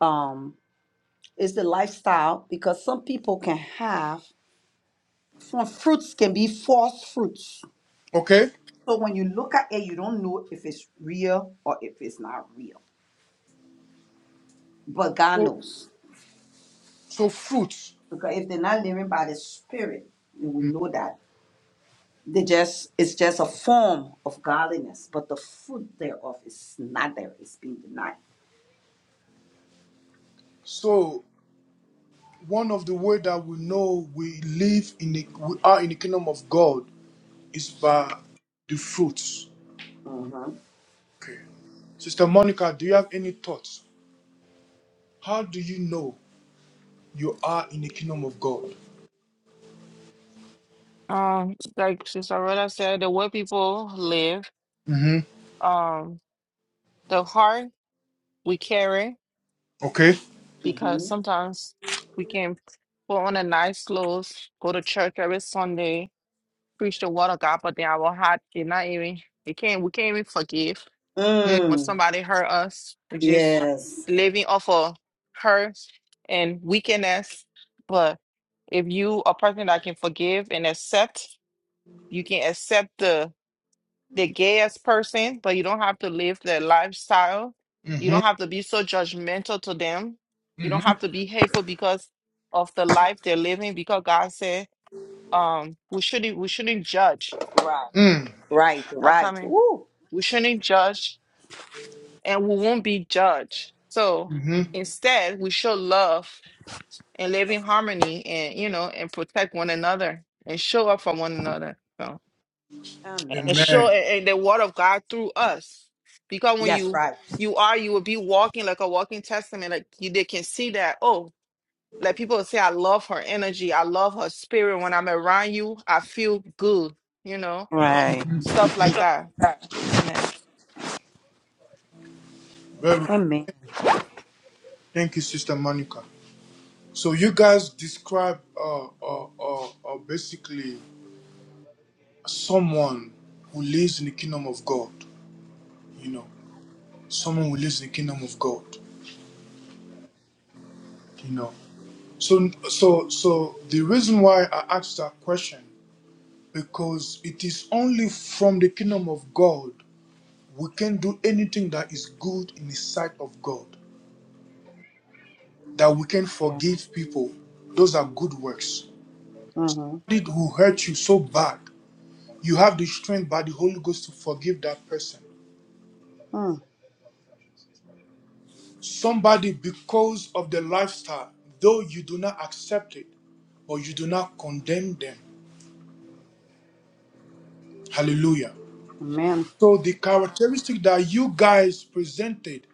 Speaker 2: um is the lifestyle because some people can have Some fruits can be false fruits.
Speaker 1: Okay.
Speaker 2: So when you look at it, you don't know if it's real or if it's not real. But God
Speaker 1: So,
Speaker 2: knows.
Speaker 1: so fruit.
Speaker 2: Because if they're not living by the Spirit, you will know that. They just it's just a form of godliness, but the fruit thereof is not there. It's being denied.
Speaker 1: So one of the way that we know we live in the, we are in the kingdom of God is by the fruits.
Speaker 2: Mm-hmm.
Speaker 1: Okay. Sister Monica, do you have any thoughts? How do you know you are in the kingdom of God?
Speaker 3: Um, like Sister Rhoda said, the way people live,
Speaker 1: hmm
Speaker 3: um, the heart we carry,
Speaker 1: Okay.
Speaker 3: because
Speaker 2: Mm-hmm.
Speaker 3: sometimes we can put on a nice clothes, go to church every Sunday, preach the word of God, but then our heart did not even it can't we can't even forgive
Speaker 1: Mm-hmm.
Speaker 3: when
Speaker 2: Mm.
Speaker 3: somebody hurt us. We just
Speaker 2: Yes.
Speaker 3: living off of hurt and weakness. But if you a person that can forgive and accept, you can accept the. the gayest person, but you don't have to live their lifestyle. You don't have to be so judgmental to them. You don't
Speaker 1: Mm-hmm.
Speaker 3: have to be hateful because of the life they're living. Because God said, um, we shouldn't we shouldn't judge.
Speaker 2: Right. Right.
Speaker 3: I come
Speaker 2: Right.
Speaker 3: in.
Speaker 2: Ooh.
Speaker 3: We shouldn't judge, and we won't be judged. So
Speaker 1: Mm-hmm.
Speaker 3: instead, we show love and live in harmony, and you know, and protect one another and show up for one another. So, and
Speaker 2: Amen.
Speaker 3: show
Speaker 1: Amen.
Speaker 3: and, and the word of God through us. Because when
Speaker 2: Yes.
Speaker 3: you
Speaker 2: right.
Speaker 3: you are, you will be walking like a walking testament. Like you they can see that, oh, like people say, I love her energy, I love her spirit. When I'm around you, I feel good, you know,
Speaker 2: Right.
Speaker 3: stuff like that. Amen.
Speaker 1: Very good.
Speaker 2: Amen.
Speaker 1: Thank you, Sister Monica. So you guys describe uh, uh, uh, uh, basically someone who lives in the kingdom of God. You know, someone who lives in the kingdom of God. you know so so so the reason why i asked that question because it is only from the kingdom of god we can do anything that is good in the sight of god that we can
Speaker 2: Yeah.
Speaker 1: forgive people those are good works
Speaker 2: Mm-hmm.
Speaker 1: did who hurt you so bad you have the strength by the holy ghost to forgive that person
Speaker 2: Mm.
Speaker 1: somebody because of the lifestyle though you do not accept it but you do not condemn them hallelujah
Speaker 2: Amen.
Speaker 1: So the characteristic that you guys presented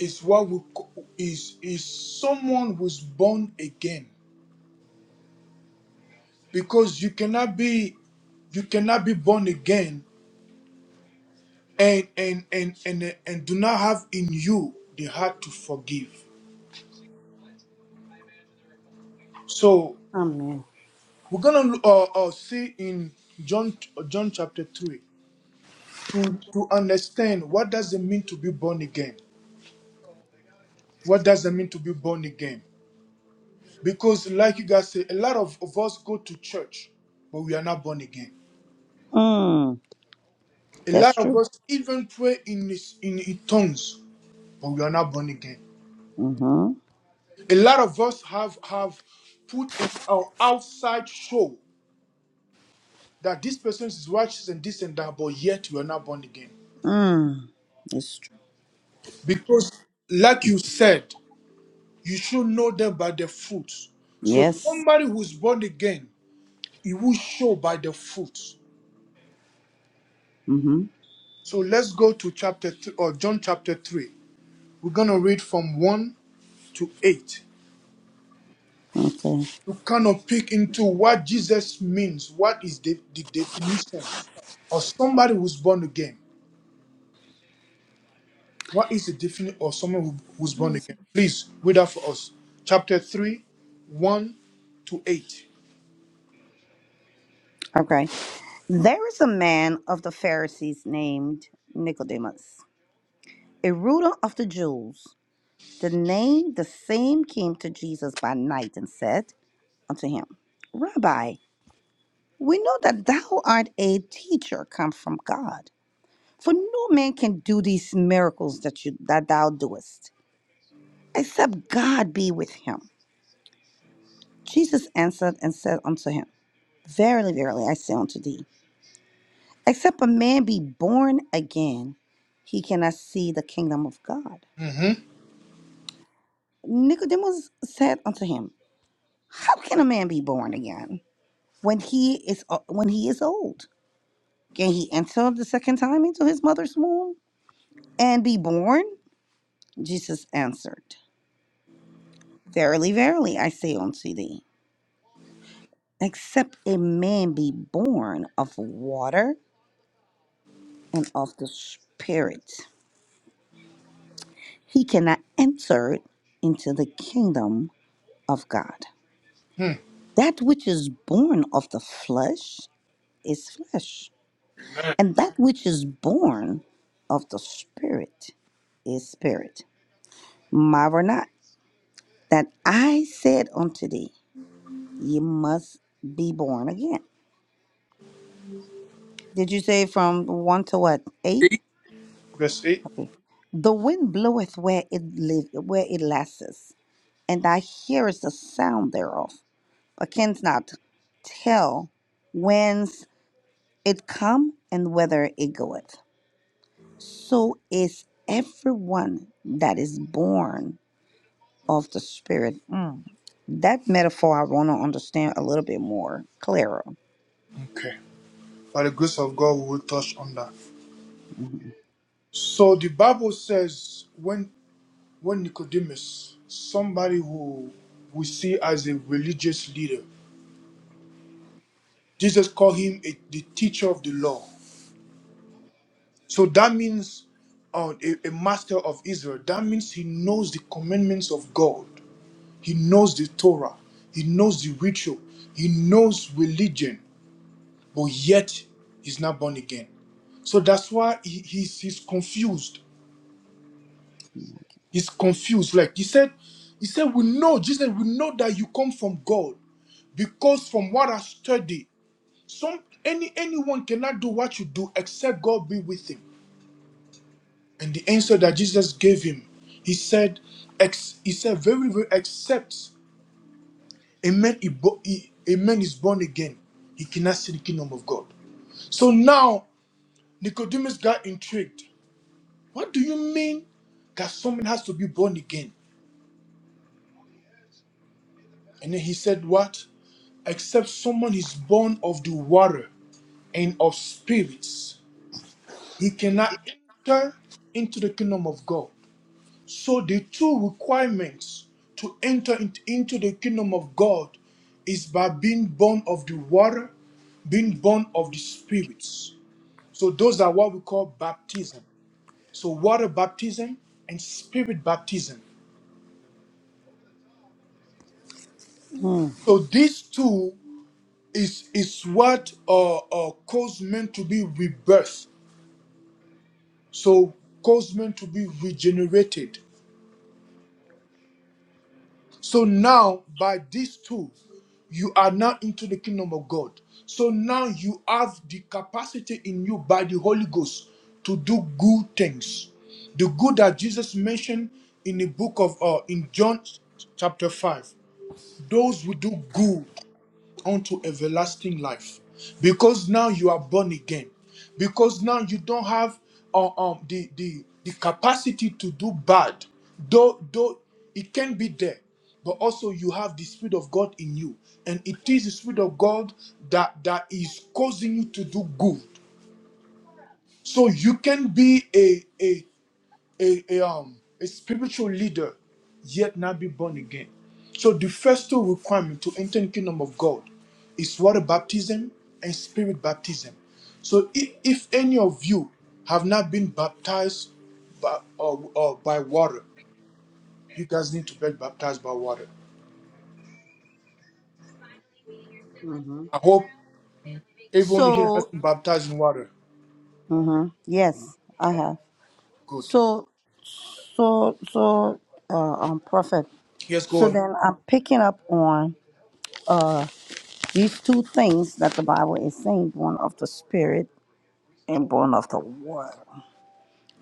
Speaker 1: is what we co- is is someone who's born again because you cannot be you cannot be born again and and and and and do not have in you the heart to forgive. So
Speaker 2: Amen.
Speaker 1: we're gonna uh, uh, see in John John chapter three to to understand what does it mean to be born again. What does it mean to be born again? Because, like you guys say, a lot of, of us go to church, but we are not born again.
Speaker 2: Mm,
Speaker 1: A
Speaker 2: that's
Speaker 1: lot of
Speaker 2: true.
Speaker 1: us even pray in, this- in, in tongues, but we are not born again.
Speaker 2: Mm-hmm.
Speaker 1: A lot of us have have put an our outside show that this person is righteous and this and that, but yet we are not born again.
Speaker 2: Mm, it's true.
Speaker 1: Because, like you said, you should know them by their fruits. So
Speaker 2: Yes.
Speaker 1: somebody who's born again, it will show by the fruits.
Speaker 2: Mm-hmm.
Speaker 1: So let's go to chapter th- or John chapter 3. We're going to read from 1 to 8
Speaker 2: Okay.
Speaker 1: You kind of peek into what Jesus means. What is the, the definition of somebody who's born again? What is the definition of someone who, who's born again? Please read that for us. Chapter 3, 1 to 8.
Speaker 2: Okay. There is a man of the Pharisees named Nicodemus, a ruler of the Jews. The name the same came to Jesus by night and said unto him, Rabbi, we know that thou art a teacher come from God, for no man can do these miracles that you that thou doest, except God be with him. Jesus answered and said unto him, Verily, verily, I say unto thee, except a man be born again, he cannot see the kingdom of God.
Speaker 1: Mm-hmm.
Speaker 2: Nicodemus said unto him, How can a man be born again when he is uh, when he is old? Can he enter the second time into his mother's womb and be born? Jesus answered, Verily, verily, I say unto thee, except a man be born of water and of the Spirit he cannot enter into the kingdom of God.
Speaker 1: Hmm.
Speaker 2: That which is born of the flesh is flesh,
Speaker 1: Amen.
Speaker 2: and that which is born of the spirit is spirit. Marvel not that I said unto thee, ye must be born again. Did you say from one to what eight?
Speaker 1: Verse 8.
Speaker 2: Okay. The wind bloweth where it live, where it lasteth, and thou hearest the sound thereof, I cannot tell whence it come and whether it goeth. So is everyone that is born of the Spirit. That metaphor I want to understand a little bit more clearer.
Speaker 1: Okay. By the grace of God, we will touch on that. So the Bible says when when Nicodemus, somebody who we see as a religious leader, Jesus called him a, the teacher of the law. So that means uh, a, a master of Israel. That means he knows the commandments of God. He knows the Torah. He knows the ritual. He knows religion. But yet he's not born again. So that's why he, he's, he's confused. He's confused. Like he said, he said, we know, Jesus, we know that you come from God because from what I study, some any anyone cannot do what you do except God be with him. And the answer that Jesus gave him, he said, ex, he said very, very, except a man, is bo- he- a man is born again, he cannot see the kingdom of God. So now Nicodemus got intrigued. What do you mean that someone has to be born again? And then he said, What? Except someone is born of the water and of spirits, he cannot enter into the kingdom of God. So the two requirements to enter in- into the kingdom of God is by being born of the water, being born of the spirits. So those are what we call baptism. So water baptism and spirit baptism.
Speaker 2: Mhm.
Speaker 1: So these two is is what uh, uh, caused men to be rebirth. So caused men to be regenerated. So now, by these two, you are now into the kingdom of God. So now you have the capacity in you by the Holy Ghost to do good things. The good that Jesus mentioned in the book of uh, in John chapter 5. Those who do good unto everlasting life because now you are born again because now you don't have uh, um the, the the capacity to do bad though though it can be there but also you have the spirit of god in you and it is the spirit of god that that is causing you to do good so you can be a, a a, a, um, a spiritual leader, yet not be born again. So the first two requirements to enter the kingdom of God is water baptism and spirit baptism. So if, if any of you have not been baptized by, uh, uh, by water, you guys need to be baptized by water. I hope everyone here has
Speaker 2: So,
Speaker 1: been baptized in water.
Speaker 2: hmm yes, I have.
Speaker 1: Good.
Speaker 2: So, so, so, uh, um, prophet.
Speaker 1: Yes, go
Speaker 2: So
Speaker 1: on.
Speaker 2: then I'm picking up on these two things that the Bible is saying: born of the Spirit and born of the Word.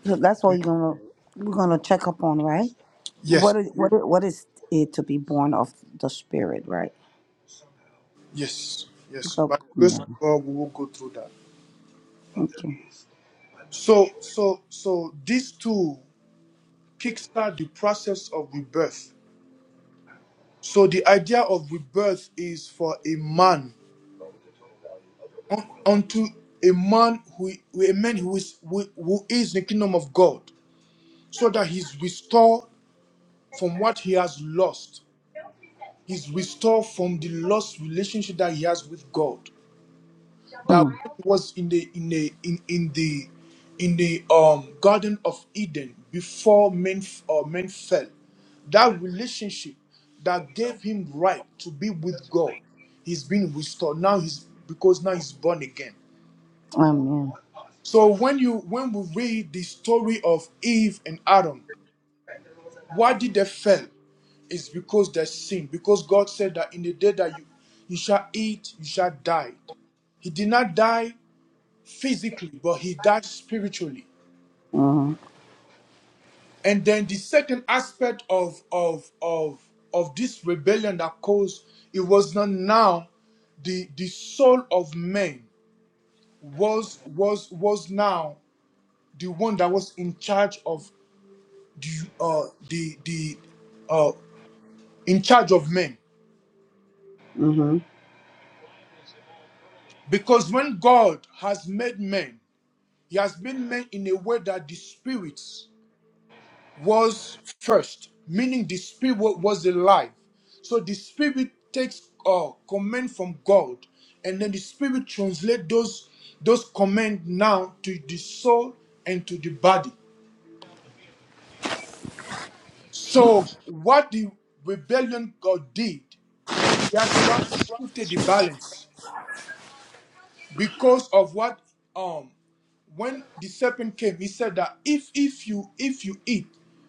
Speaker 2: So that's what you're gonna we're gonna check up on, right?
Speaker 1: Yes,
Speaker 2: What is what is, what is it to be born of the spirit, right?
Speaker 1: yes, yes. By
Speaker 2: Go-
Speaker 1: the grace of
Speaker 2: yeah.
Speaker 1: God, we will go through that.
Speaker 2: Okay.
Speaker 1: So, so, so these two. kickstart the process of rebirth. So the idea of rebirth is for a man un- unto a man who who- a man who is who, who is in the kingdom of God, so that he's restored from what he has lost. He's restored from the lost relationship that he has with God. that
Speaker 2: Mm.
Speaker 1: when he was in the in the in, in the in the um garden of eden before men or men fell that relationship that gave him right to be with god he's been restored now he's because now he's born again
Speaker 2: Amen.
Speaker 1: so when you when we read the story of eve and adam why did they fail is because they sin because god said that in the day that you you shall eat you shall die he did not die physically, but he died spiritually.
Speaker 2: Mhm.
Speaker 1: And then the second aspect of of of of this rebellion that caused it was not now the the soul of man was was was now the one that was in charge of the uh the the uh in charge of men
Speaker 2: Mhm.
Speaker 1: because when God has made men, He has made men in a way that the spirits was first, meaning the spirit wa- was alive. So the spirit takes uh, command from God, and then the spirit translate those those command now to the soul and to the body. So what the rebellion God did, that's what shifted the balance because of what um when the serpent came, he said that if if you if you eat,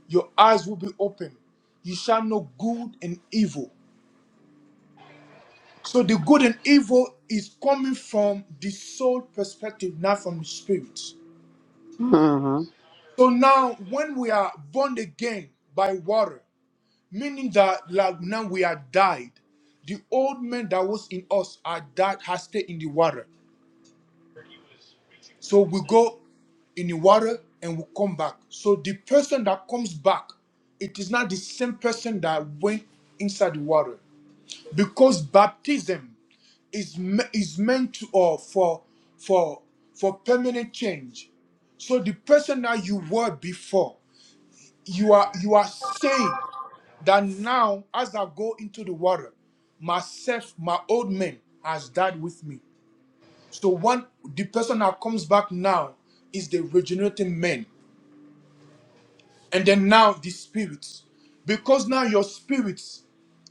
Speaker 1: your eyes will be open. You shall know good and evil. So the good and evil is coming from the soul perspective, not from the spirit.
Speaker 2: Mhm.
Speaker 1: So now, when we are born again by water, meaning that like now we are died, the old man that was in us are died, has stayed in the water. So we go in the water and we come back. So the person that comes back, it is not the same person that went inside the water because baptism is me- is meant to or for for for permanent change. So the person that you were before, you are you are saying that now as I go into the water, myself, my old man has died with me. So one the person that comes back now is the regenerating man. And then now the spirit, because now your spirit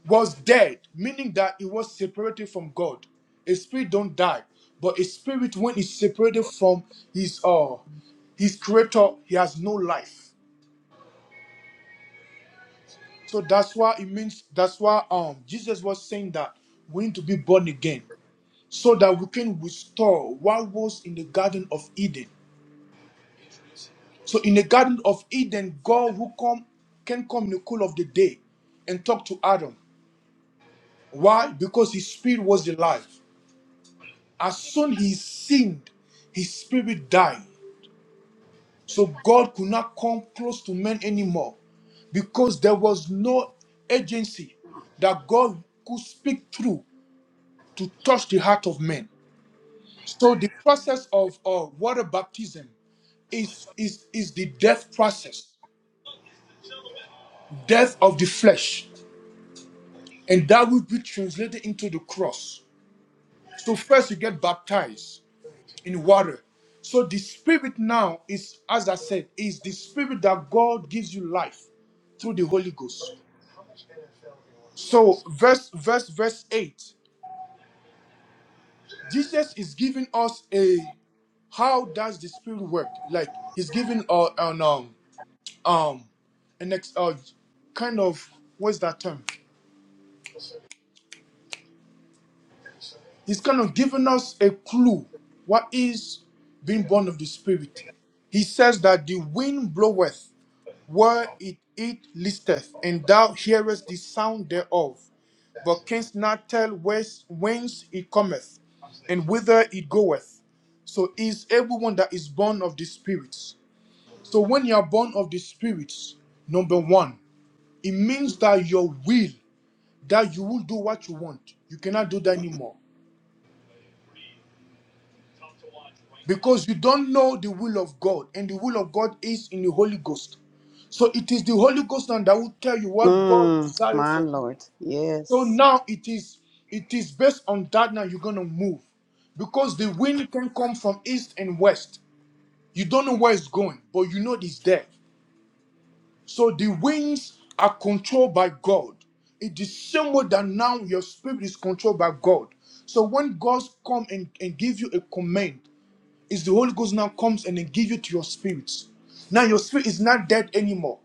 Speaker 1: was dead, meaning that it was separated from God. A spirit don't die, but a spirit when it's separated from his uh his creator, he has no life. So that's why it means that's why um Jesus was saying that we need to be born again so that we can restore what was in the Garden of Eden. So in the Garden of Eden, God who come can come in the cool of the day and talk to Adam. Why? Because his spirit was the life. As soon he sinned, his spirit died. So God could not come close to men anymore because there was no agency that God could speak through to touch the heart of men. So the process of uh, water baptism is, is, is the death process, death of the flesh. And that will be translated into the cross. So first you get baptized in water. So the spirit now is, as I said, is the spirit that God gives you life through the Holy Ghost. So verse verse verse 8. Jesus is giving us a how does the spirit work? Like he's giving uh, an um um an ex uh, kind of what's that term? He's kind of giving us a clue what is being born of the spirit. He says that the wind bloweth where it, it listeth, and thou hearest the sound thereof, but canst not tell whence, whence it cometh, and whither it goeth. So is everyone that is born of the Spirit. So when you are born of the Spirit, number one, it means that your will, that you will do what you want. You cannot do that anymore. Because you don't know the will of God, and the will of God is in the Holy Ghost. So it is the Holy Ghost now that will tell you what God
Speaker 2: Mm.
Speaker 1: desires
Speaker 2: My
Speaker 1: for you.
Speaker 2: Lord.
Speaker 1: So
Speaker 2: Yes.
Speaker 1: now it is it is based on that now you're gonna move. Because the wind can come from east and west. You don't know where it's going, but you know it's there. So the winds are controlled by God. It is same way that now your spirit is controlled by God. So when God come and, and give you a command, it's the Holy Ghost now comes and then give you to your spirit. Now your spirit is not dead anymore.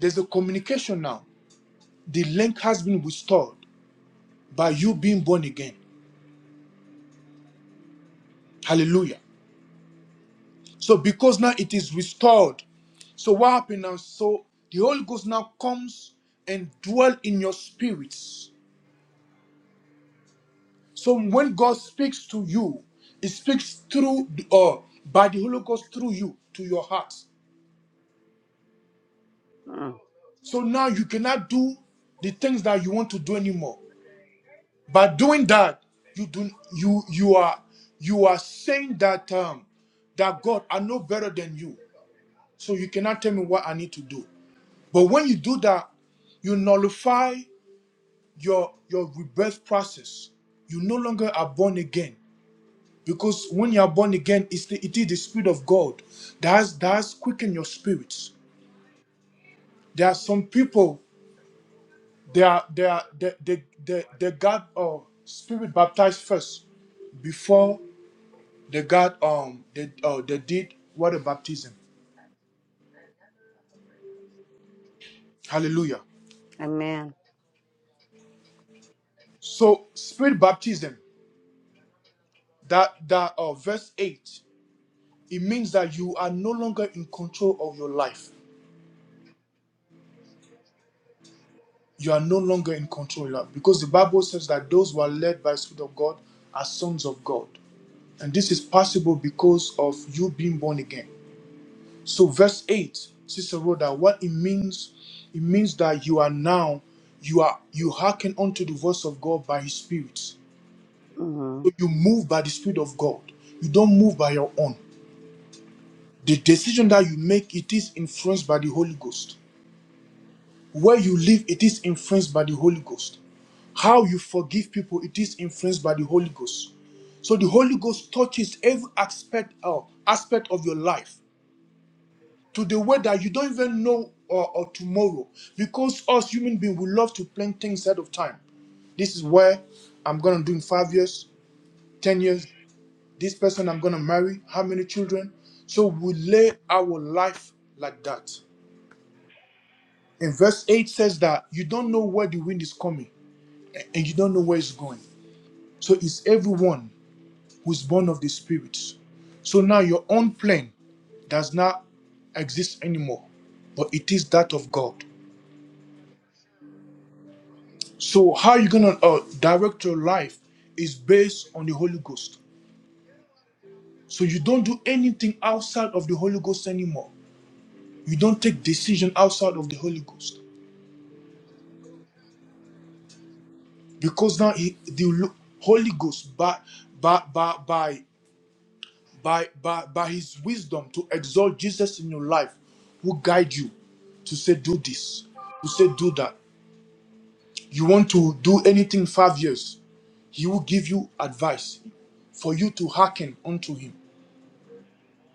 Speaker 1: There's a communication now. The link has been restored by you being born again. Hallelujah. So because now it is restored, so what happened now? So the Holy Ghost now comes and dwell in your spirits. So when God speaks to you, He speaks through or by the Holy Ghost through you to your heart.
Speaker 2: Mm.
Speaker 1: So now you cannot do the things that you want to do anymore. By doing that, you do you you are you are saying that um that God are no better than you. So you cannot tell me what I need to do. But when you do that, you nullify your your rebirth process. You no longer are born again. Because when you are born again, it's the, it is the Spirit of God that has, that has quickened your spirits. There are some people, they are they are they they, they, they got uh, spirit baptized first before they got um they uh, they did water baptism. Hallelujah.
Speaker 2: Amen.
Speaker 1: So spirit baptism that that uh, verse eight. It means that you are no longer in control of your life. You are no longer in control of your life. Because the Bible says that those who are led by the Spirit of God are sons of God. And this is possible because of you being born again. So, verse 8, Sister Rhoda, what it means, it means that you are now, you are you hearken unto the voice of God by his spirit. So
Speaker 2: Mhm.
Speaker 1: you move by the spirit of God. You don't move by your own. The decision that you make, it is influenced by the Holy Ghost. Where you live, it is influenced by the Holy Ghost. How you forgive people, it is influenced by the Holy Ghost. So the Holy Ghost touches every aspect uh, aspect of your life to the way that you don't even know or, or tomorrow. Because us human beings, we love to plan things ahead of time. This is where I'm gonna do in five years, ten years. This person I'm gonna marry, how many children? So we lay our life like that. And verse 8 says that you don't know where the wind is coming. and you don't know where it's going. So it's everyone who is born of the Spirit. So now your own plan does not exist anymore, but it is that of God. So how you gonna uh, direct your life is based on the Holy Ghost. So you don't do anything outside of the Holy Ghost anymore. You don't take decision outside of the Holy Ghost because now he, the Holy Ghost by by by by by, by, by his wisdom to exalt Jesus in your life who guide you to say do this, to say do that. You want to do anything five years, he will give you advice for you to hearken unto him.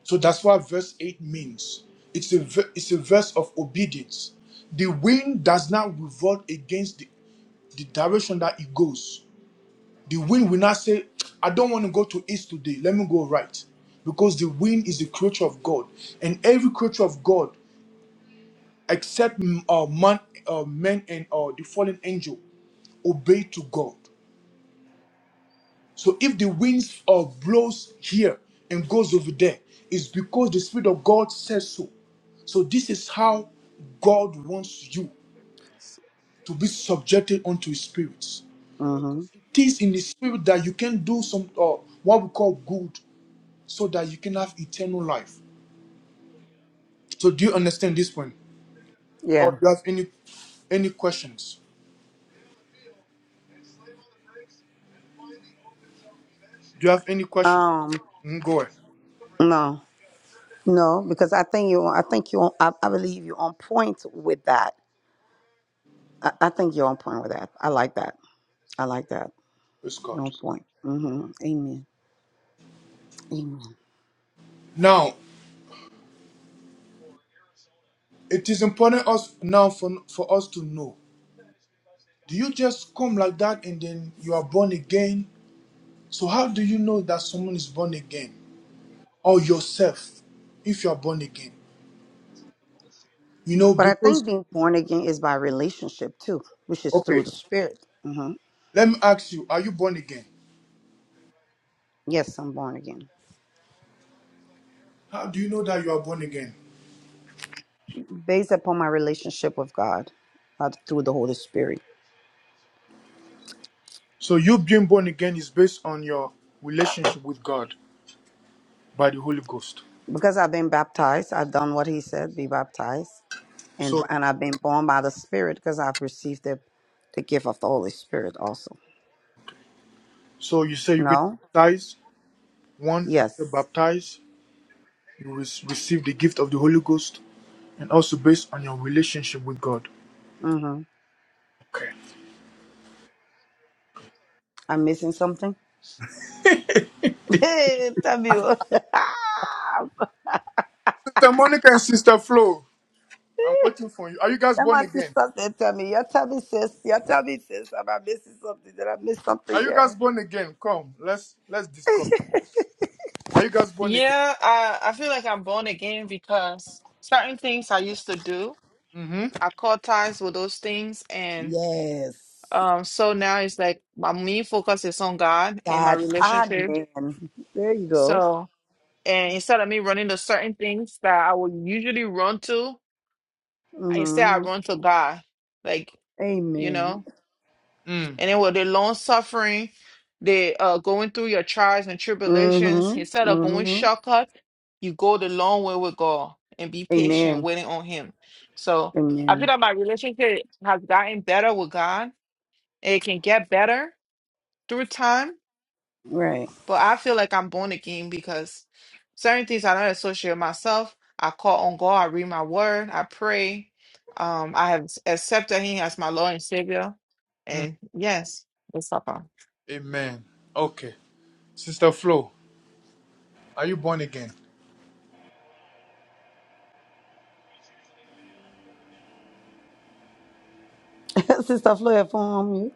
Speaker 1: So that's what verse 8 means. It's a, ver- it's a verse of obedience. The wind does not revolt against the, the direction that it goes The wind will not say, I don't want to go to east today. Let me go right. Because the wind is the creature of God. And every creature of God, except mm, uh, man, uh, men and uh, the fallen angel, obey to God. So if the wind uh, blows here and goes over there, it's because the Spirit of God says so. So this is how God wants you to be subjected unto his spirits
Speaker 2: Mhm.
Speaker 1: because it is in the spirit that you can do some uh, what we call good so that you can have eternal life. So do you understand this point? Or
Speaker 2: Yeah.
Speaker 1: do you have any any questions? Do you have any questions?
Speaker 2: Um.
Speaker 1: Mm, go ahead.
Speaker 2: No. No, because I think you. I think you. I, I believe you're on point with that. I, I think you're on point with that. I like that. I like that.
Speaker 1: Praise
Speaker 2: You're
Speaker 1: God.
Speaker 2: on point. Mm-hmm. Amen. Amen.
Speaker 1: Now, it is important us now for for us to know. Do you just come like that and then you are born again? So how do you know that someone is born again or yourself if you are born again? You know
Speaker 2: But I
Speaker 1: because
Speaker 2: think being born again is by relationship too, which is through
Speaker 1: okay,
Speaker 2: the Spirit. hmm
Speaker 1: let me ask you, are you born again?
Speaker 2: Yes, I'm born again,
Speaker 1: How do you know that you are born again?
Speaker 2: based upon my relationship with God, not through the Holy Spirit.
Speaker 1: So you being born again is based on your relationship with God by the Holy Ghost.
Speaker 2: Because I've been baptized, I've done what He said, be baptized, and
Speaker 1: So
Speaker 2: and I've been born by the Spirit because I've received the the gift of the Holy Spirit also.
Speaker 1: so you say you've been
Speaker 2: No,
Speaker 1: baptized, one, you're
Speaker 2: yes.
Speaker 1: baptized, you re- receive the gift of the Holy Ghost, and also based on your relationship with God.
Speaker 2: hmm
Speaker 1: Okay.
Speaker 2: I'm missing something. Tell me. what- Ah,
Speaker 1: Sister Monica and Sister Flo, I'm waiting for you. Are you guys
Speaker 2: Then
Speaker 1: born
Speaker 2: my
Speaker 1: again?
Speaker 2: sister said, tell me, you tell me, sis, you tell me, sis, am I missing something? Did I miss something
Speaker 1: Are you guys
Speaker 2: there?
Speaker 1: born again? Come, let's let's discuss. Are you guys born
Speaker 3: Yeah, I, I feel like I'm born again because certain things I used to do,
Speaker 1: again?
Speaker 3: I caught ties with those things and
Speaker 2: Yes.
Speaker 3: um so now it's like my main focus is on God and my
Speaker 2: God,
Speaker 3: relationship.
Speaker 2: amen. There you go.
Speaker 3: So And instead of me running to certain things that I would usually run to, instead I
Speaker 2: hmm
Speaker 3: run to God. Like, you
Speaker 2: Amen.
Speaker 3: know,
Speaker 1: Mm-hmm. Mm,
Speaker 3: and then with the long suffering, the uh going through your trials and
Speaker 2: hmm
Speaker 3: tribulations, instead of going
Speaker 2: hmm
Speaker 3: shortcut, you go the long way with God and be patient,
Speaker 2: Amen.
Speaker 3: waiting on Him. So I feel
Speaker 2: Amen.
Speaker 3: that my relationship has gotten better with God. It can get better through time
Speaker 2: Right.
Speaker 3: But I feel like I'm born again because certain things I don't associate with myself. I call on God, I read my word, I pray. Um, I have accepted Him as my Lord and Savior.
Speaker 1: mm.
Speaker 3: And yes, it's Papa.
Speaker 1: Amen. Okay. Sister Flo, are you born again?
Speaker 2: sister Flo, your phone on mute.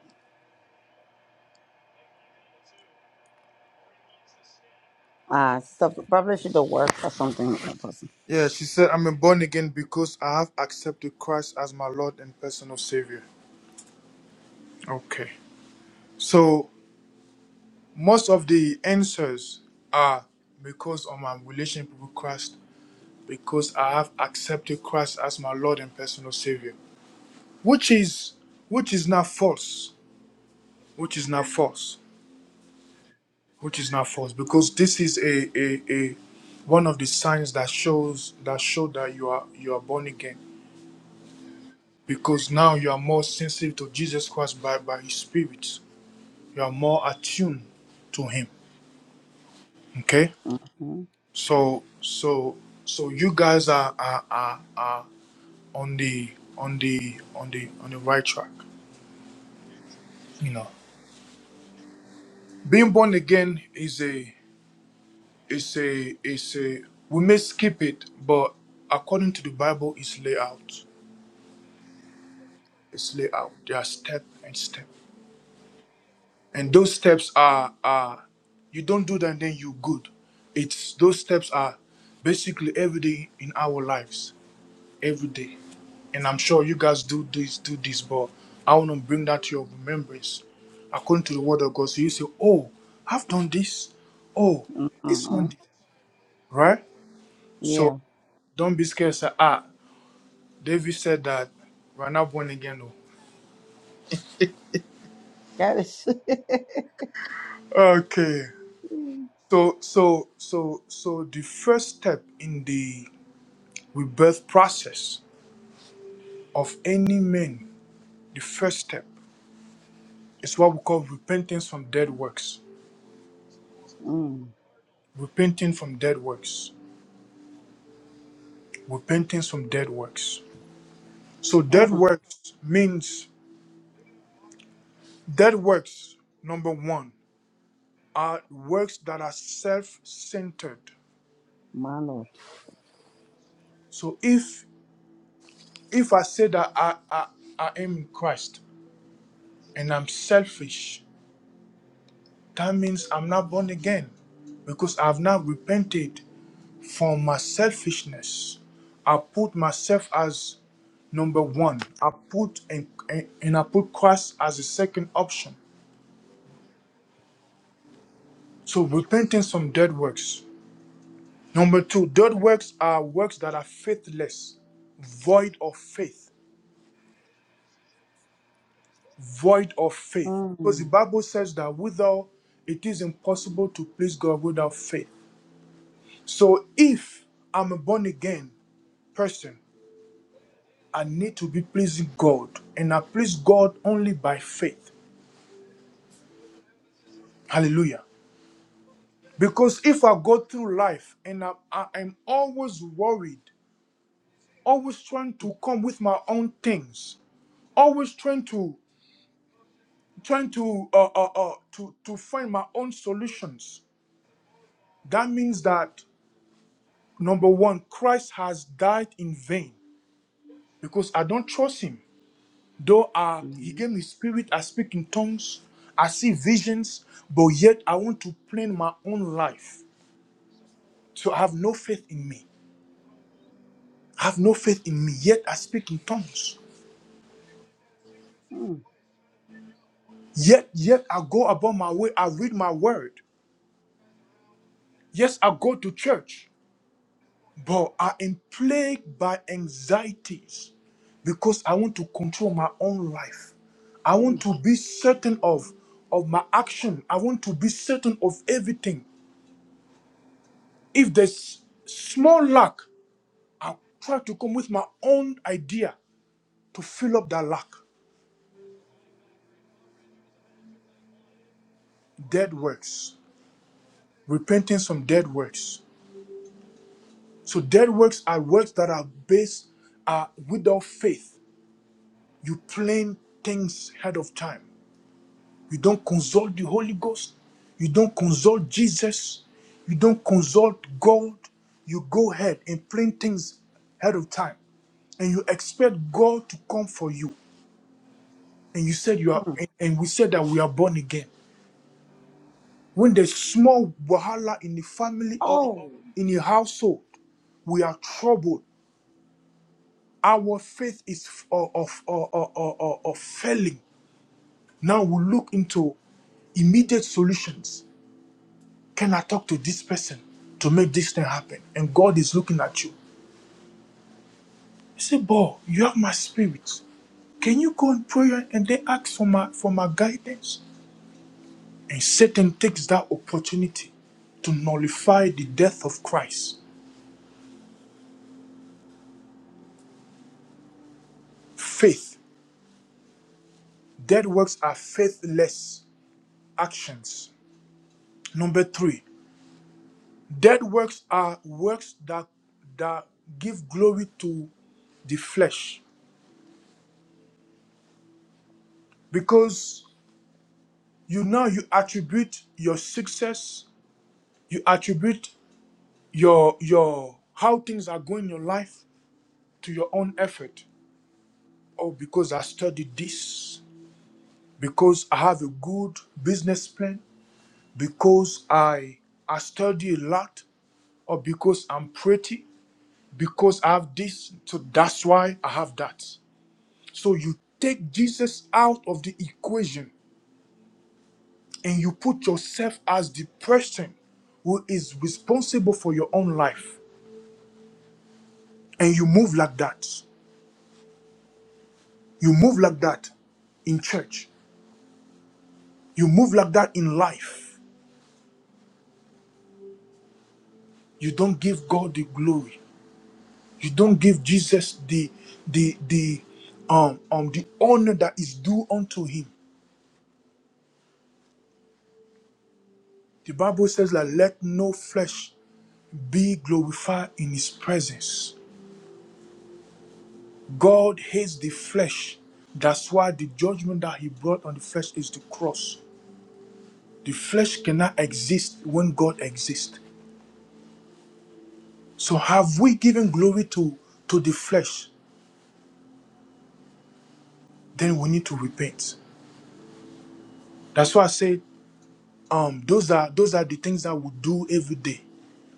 Speaker 2: Ah, stuff probably should have worked or something. with that person.
Speaker 1: Yeah, she said, I'm a born again because I have accepted Christ as my Lord and personal Savior. Okay. So, most of the answers are because of my relationship with Christ, because I have accepted Christ as my Lord and personal Savior, which is which is not false, which is not false, which is not false, because this is a a, a one of the signs that shows that show that you are you are born again because now you are more sensitive to Jesus Christ by, by his spirit. You are more attuned to him. Okay?
Speaker 2: Mhm.
Speaker 1: So so so you guys are are, are, are on the on the on the on the right track. You know. Being born again is a is a is a we may skip it, but according to the Bible it's laid out. It's laid out. There are step and step. And those steps are are you don't do that and then you good. It's those steps are basically every day in our lives, every day. And I'm sure you guys do this, do this, but I want to bring that to your remembrance. According to the word of God, so you say, Oh, I've done this. Oh, this one,
Speaker 2: Mhm.
Speaker 1: did," right?
Speaker 2: Yeah.
Speaker 1: So don't be scared. Sir. Ah, David said that we're not born again. Oh,
Speaker 2: That is.
Speaker 1: Okay.
Speaker 2: mm.
Speaker 1: So, so, so, so the first step in the rebirth process of any man, the first step is what we call repentance from dead works. Repenting from dead works. Repentance from dead works. So dead
Speaker 2: Mm.
Speaker 1: works means dead works, number one, are works that are self-centered.
Speaker 2: My Lord.
Speaker 1: So if if I say that I, I, I am in Christ and I'm selfish, that means I'm not born again because I've not repented From my selfishness, I put myself as number one. I put and, and, and I put Christ as a second option. So repentance from dead works. Number two, dead works are works that are faithless, void of faith, void of faith. Because the
Speaker 2: Mm.
Speaker 1: Bible says that without it is impossible to please God without faith. So if I'm a born again person, I need to be pleasing God, and I please God only by faith. Hallelujah. Because if I go through life and I, I am always worried, always trying to come with my own things, always trying to trying to uh, uh, uh, to to find my own solutions, that means that number one, Christ has died in vain because I don't trust Him. Though I, He
Speaker 2: Mhm.
Speaker 1: gave me spirit, I speak in tongues, I see visions, but yet I want to plan my own life, so I have no faith in me. have no faith in me, yet I speak in tongues.
Speaker 2: Mm.
Speaker 1: Yet, yet I go about my way, I read my word. Yes, I go to church, but I am plagued by anxieties because I want to control my own life. I want to be certain of, of my action. I want to be certain of everything. If there's small lack, I try to come with my own idea to fill up that lack. Dead works, repenting from dead works. So dead works are works that are based are without faith. You plan things ahead of time. You don't consult the Holy Ghost. You don't consult Jesus. You don't consult God. You go ahead and plan things ahead of time. And you expect God to come for you. And you said you are
Speaker 2: Mm.
Speaker 1: and and we said that we are born again. When there's small wahala in the family or
Speaker 2: Oh,
Speaker 1: in the household, we are troubled our faith is f- of, of, of, of, of- of failing. Now we look into immediate solutions. Can I talk to this person to make this thing happen? And God is looking at you. He said, Boy, you have my spirit. Can you go and pray and then ask for my for my guidance? And Satan takes that opportunity to nullify the death of Christ. Faith. Dead works are faithless actions. Number three, Dead works are works that that give glory to the flesh because you now you attribute your success, you attribute your your how things are going in your life to your own effort. Oh, because I studied this, because I have a good business plan, because I I study a lot, or because I'm pretty, because I have this, so that's why I have that. So you take Jesus out of the equation and you put yourself as the person who is responsible for your own life. And you move like that. You move like that in church. You move like that in life. You don't give God the glory. You don't give Jesus the the the um um the honor that is due unto him. The Bible says that let no flesh be glorified in his presence. God hates the flesh. That's why the judgment that he brought on the flesh is the cross. The flesh cannot exist when God exists. So have we given glory to, to the flesh? Then we need to repent. That's why I said um, those are those are the things that we do every day.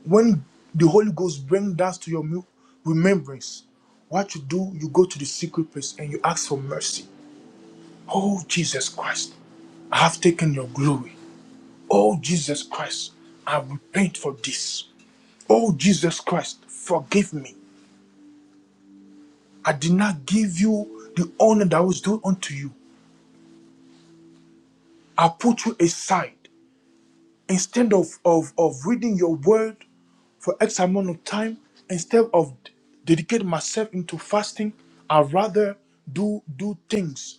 Speaker 1: When the Holy Ghost brings that to your mu- remembrance, what you do, you go to the secret place and you ask for mercy. Oh Jesus Christ, I have taken your glory. Oh Jesus Christ, I repent for this. Oh Jesus Christ, forgive me. I did not give you the honor that was due unto you. I put you aside. Instead of, of, of reading your word for X amount of time, instead of dedicate myself into fasting, I rather do do things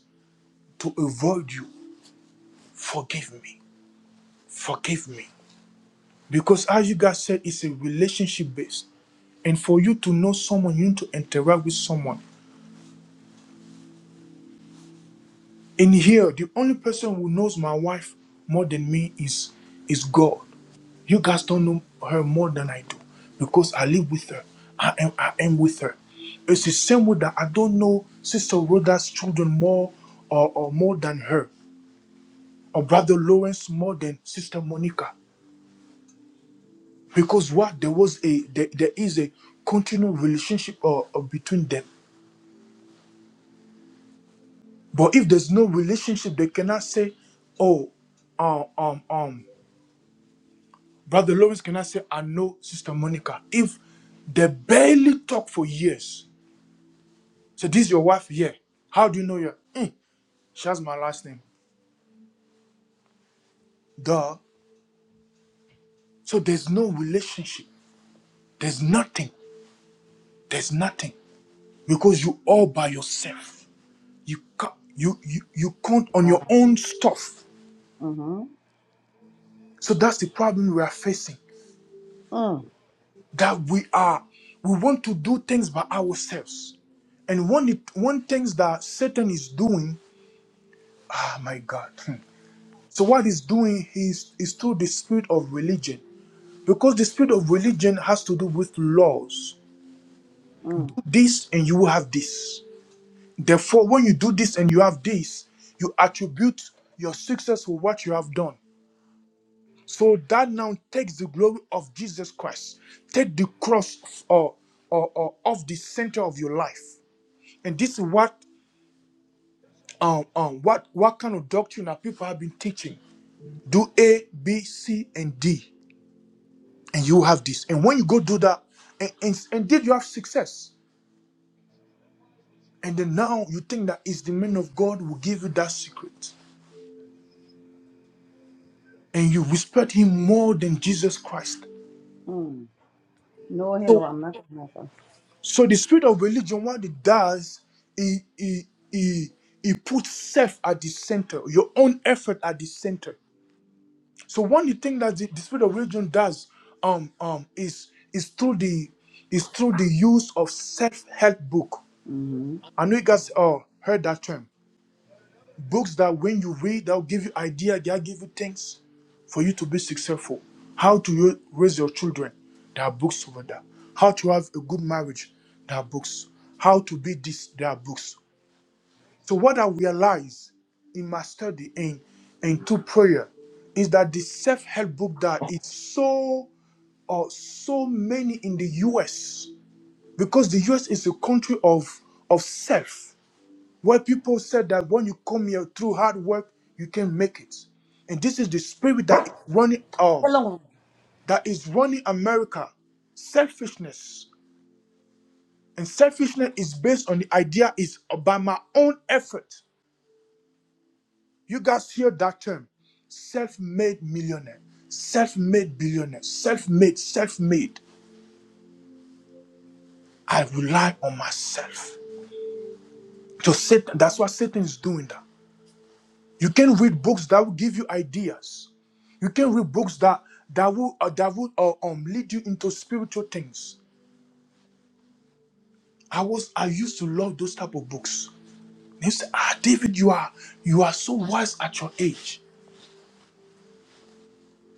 Speaker 1: to avoid you. Forgive me. Forgive me. Because as you guys said, it's a relationship based. And for you to know someone, you need to interact with someone. In here, the only person who knows my wife more than me is is God. You guys don't know her more than I do because I live with her. I am I am with her. It's the same way that I don't know Sister Rhoda's children more or, or more than her, or Brother Lawrence more than Sister Monica. Because what there was a there, there is a continual relationship uh, uh, between them. But if there's no relationship, they cannot say, "Oh, um, um, um." Brother Lawrence cannot say, "I know Sister Monica." If they barely talk for years, so this is your wife, yeah. How do you know your? Mm, she has my last name. Duh. So there's no relationship. There's nothing. There's nothing because you all by yourself. You ca- you you you count on your
Speaker 2: Wow.
Speaker 1: own stuff.
Speaker 2: Mm-hmm.
Speaker 1: So that's the problem we are facing.
Speaker 2: Mm.
Speaker 1: that we are we want to do things by ourselves and one it- one things that satan is doing ah my god hmm. so what he's doing is is through the spirit of religion because the spirit of religion has to do with laws
Speaker 2: Mm.
Speaker 1: do this and you will have this therefore when you do this and you have this you attribute your success with what you have done so that now takes the glory of jesus christ take the cross or or, or off the center of your life And this is what um um what what kind of doctrine that people have been teaching. Do A, B, C, and D, and you have this. And when you go do that, and, and, and did you have success? And then now you think that it's the man of God who give you that secret, and you respect him more than Jesus Christ.
Speaker 2: Mm. No, hello,
Speaker 1: So
Speaker 2: I'm not gonna have a-
Speaker 1: so the spirit of religion, what it does, it it it, it puts self at the center, your own effort at the center. So one thing that the, the spirit of religion does um um is is through the is through the use of self-help book.
Speaker 2: Mhm.
Speaker 1: I know you guys uh, heard that term. Books that when you read, they'll give you idea, they'll give you things for you to be successful. How to ra- raise your children, there are books over there. How to have a good marriage, there are books. How to be this, there are books. So what I realized in my study and and through prayer is that the self-help book that it's so or so many in the US because the US is a country of of self where people said that when you come here through hard work you can make it and this is the spirit that is running um
Speaker 2: hello.
Speaker 1: that is running America selfishness and selfishness is based on the idea is by my own effort You guys hear that term self made millionaire, self made billionaire, self made, self made. I rely on myself. So Satan, that's why Satan is doing that. You can read books that will give you ideas. You can read books that that will uh, that will uh, um lead you into spiritual things. I was I used to love those type of books. And you say, Ah, David, you are you are so wise at your age.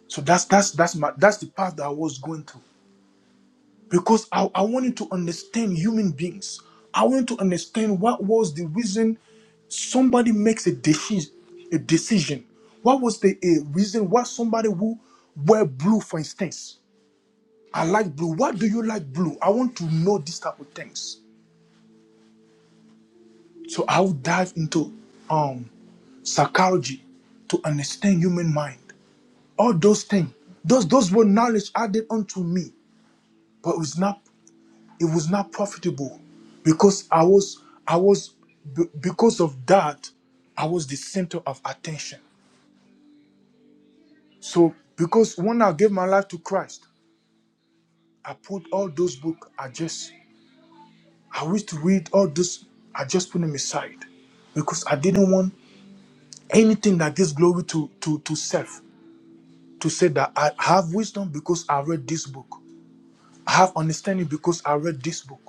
Speaker 1: So that's that's that's my that's the path that I was going through. because I, I wanted to understand human beings. I wanted to understand what was the reason somebody makes a decision. A decision. What was the a reason why somebody who wear blue, for instance? I like blue. Why do you like blue? I want to know these type of things. So I'll dive into um psychology to understand human mind. All those things, those those were knowledge added unto me, but it's not it was not profitable because i was i was be- because of that i was the center of attention so because when i gave my life to christ i put all those books i just i wish to read all those i just put them aside because i didn't want anything that gives glory to to to self to say that i have wisdom because i read this book i have understanding because i read this book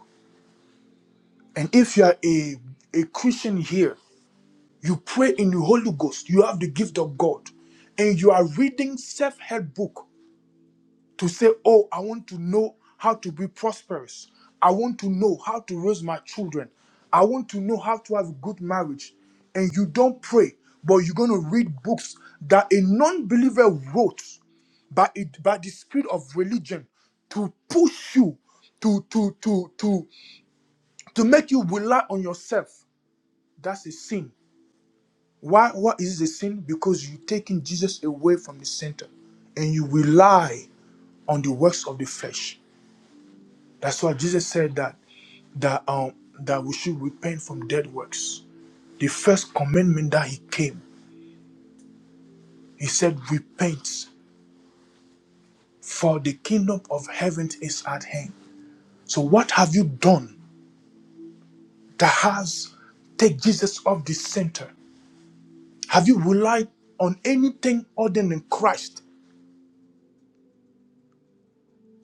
Speaker 1: and if you are a a christian here You pray in the Holy Ghost. You have the gift of God. And you are reading self-help book to say, "Oh, I want to know how to be prosperous. I want to know how to raise my children. I want to know how to have a good marriage." And you don't pray, but you're going to read books that a non-believer wrote by it by the spirit of religion to push you to to to to to make you rely on yourself that's a sin Why, why is it a sin? Because you're taking Jesus away from the center and you rely on the works of the flesh. That's why Jesus said that that um that we should repent from dead works. The first commandment that he came, he said, Repent, for the kingdom of heaven is at hand. So what have you done that has take Jesus off the center? Have you relied on anything other than Christ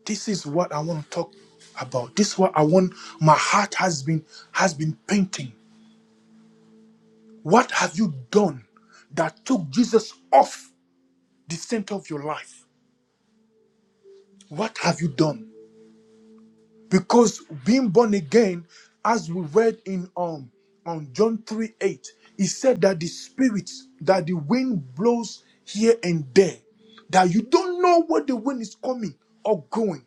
Speaker 1: This is what I want to talk about. This is what I want my heart has been has been painting. What have you done that took Jesus off the center of your life? What have you done? Because being born again, as we read in um on John 3 8, he said that the spirit that the wind blows here and there, that you don't know where the wind is coming or going.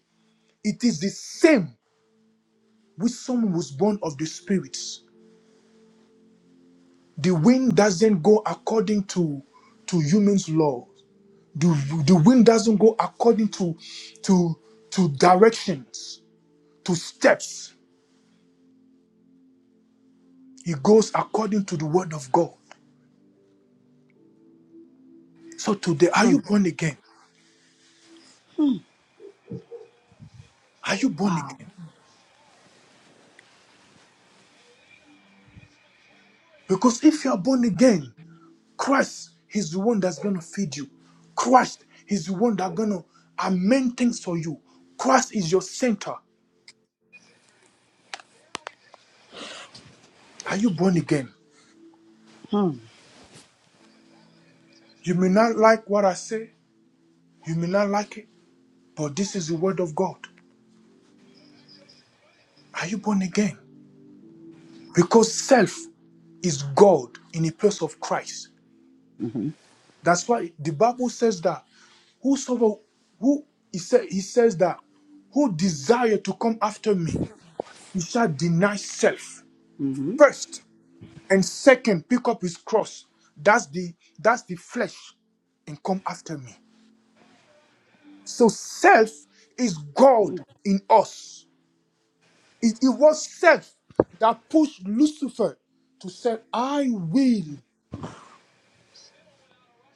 Speaker 1: It is the same with someone who's born of the spirits. The wind doesn't go according to to human's law. The, the wind doesn't go according to to to directions, to steps. It goes according to the word of God. So today, are you
Speaker 2: Mm.
Speaker 1: born again? Are you born
Speaker 2: Wow.
Speaker 1: again? Because if you are born again, Christ is the one that's gonna feed you. Christ is the one that's gonna amend things for you. Christ is your center. Are you born again?
Speaker 2: Mm.
Speaker 1: You may not like what I say. You may not like it. But this is the word of God. Are you born again? Because self is God in the place of Christ.
Speaker 2: Mm-hmm.
Speaker 1: That's why the Bible says that whosoever who he, say, he says that who desire to come after me, he shall deny self
Speaker 2: Mm-hmm.
Speaker 1: first, and second, pick up his cross. That's the that's the flesh, and come after me. So self is God in us. It, it was self that pushed Lucifer to say, I will,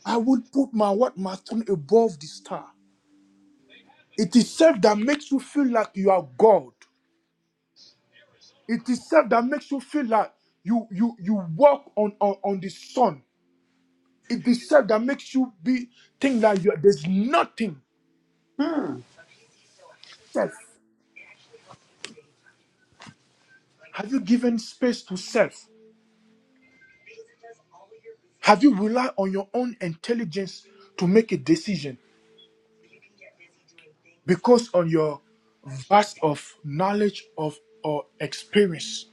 Speaker 1: I will put my what my throne above the star. It is self that makes you feel like you are God. It is self that makes you feel like you you you walk on on, on the sun. It is self that makes you be think that you there's nothing
Speaker 2: Mm.
Speaker 1: self. Have you given space to self? Have you relied on your own intelligence to make a decision? because on your vast of knowledge of or experience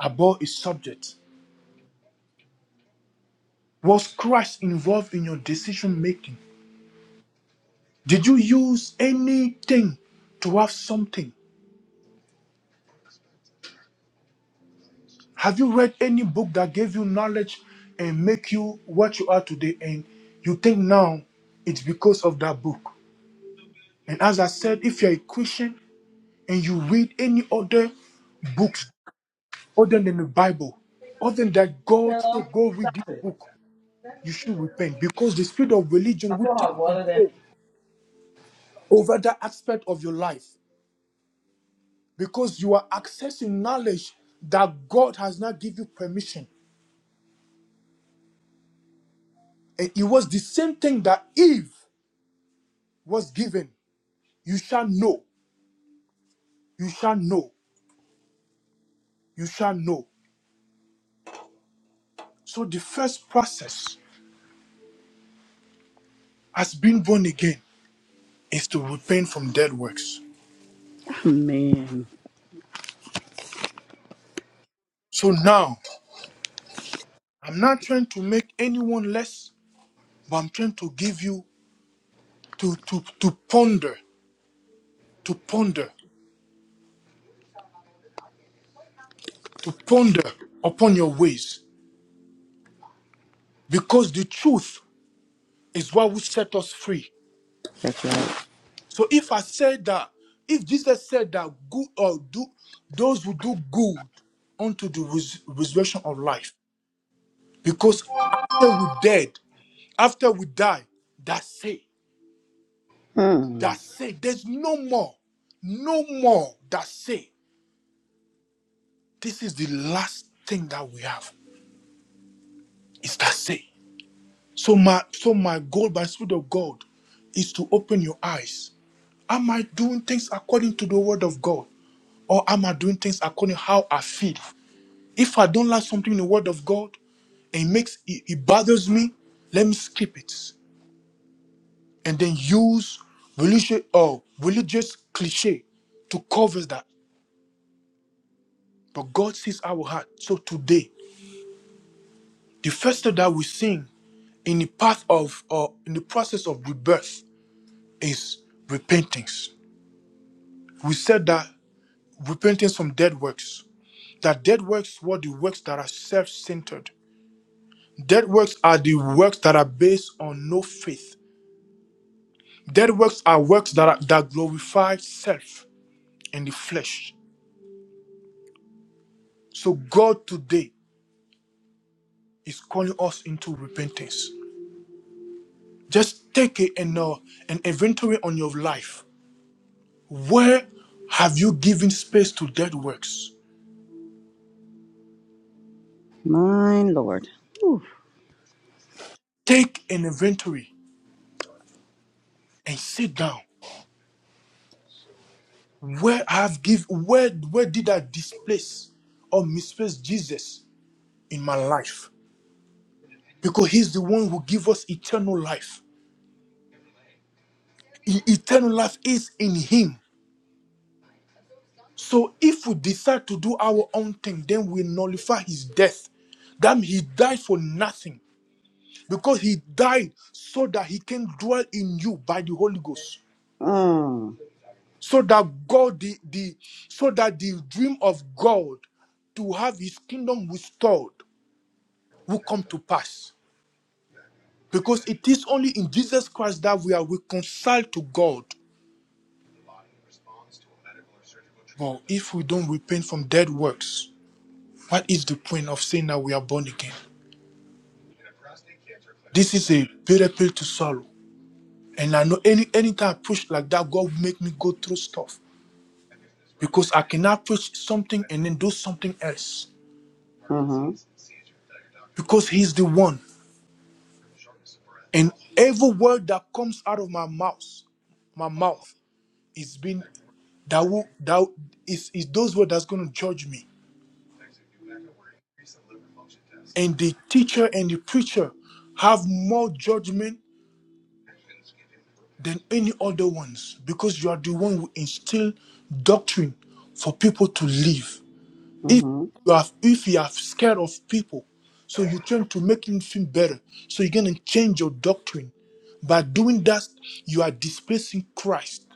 Speaker 1: about a subject was christ involved in your decision making did you use anything to have something have you read any book that gave you knowledge and make you what you are today and you think now it's because of that book and as i said if you're a christian and you read any other books other than the bible other than that god
Speaker 2: Hello.
Speaker 1: said go read this book you should repent because the spirit of
Speaker 2: I
Speaker 1: religion will
Speaker 2: put
Speaker 1: take
Speaker 2: I water it.
Speaker 1: control over that aspect of your life because you are accessing knowledge that God has not given you permission. And it was the same thing that Eve was given. You shall know, you shall know, you shall know. So the first process as being born again is to repent from dead works.
Speaker 2: Man,
Speaker 1: So now I'm not trying to make anyone less, but I'm trying to give you to to to ponder, to ponder to ponder upon your ways because the truth is what will set us free.
Speaker 2: that's right.
Speaker 1: So if I said that, if Jesus said that good or do those who do good unto the res- resurrection of life, because after we dead, after we die, that's it.
Speaker 2: Mm.
Speaker 1: That's it. There's no more, no more. That's it. This is the last thing that we have. It's that say. So my so my goal by Spirit of God is to open your eyes. Am I doing things according to the word of God? Or am I doing things according to how I feel? If I don't like something in the word of God, and it makes it, it bothers me, let me skip it. And then use religious or religious cliche to cover that. But God sees our heart. So today, the first step that we sing in the path of or in the process of rebirth is repentance. We said that repentance from dead works, that dead works were the works that are self centered. Dead works are the works that are based on no faith. Dead works are works that, are, that glorify self in the flesh. So God today is calling us into repentance. Just take a, an, uh, an inventory on your life. Where have you given space to dead works?
Speaker 2: My Lord. Ooh.
Speaker 1: Take an inventory and sit down Where I have give where where did I displace or misplace Jesus in my life? Because he's the one who give us eternal life. E- Eternal life is in him. So if we decide to do our own thing, then we nullify his death. That means he died for nothing. Because he died so that he can dwell in you by the Holy Ghost.
Speaker 2: Mm.
Speaker 1: So that God the, the so that the dream of God to have his kingdom restored will come to pass. Because it is only in Jesus Christ that we are reconciled to God. But if we don't repent from dead works, what is the point of saying that we are born again? This is a bitter pill to swallow. And I know any anytime I preach like that, God will make me go through stuff. Because I cannot preach something and then do something else.
Speaker 2: Mm-hmm.
Speaker 1: Because He's the one. And every word that comes out of my mouth, my mouth, is being that will that is is those words that's gonna judge me. And the teacher and the preacher have more judgment than any other ones because you are the one who instill doctrine for people to live. If
Speaker 2: Mm-hmm.
Speaker 1: you have if you are scared of people, so you tend to make him feel better. So you're gonna change your doctrine. By doing that, you are displacing Christ.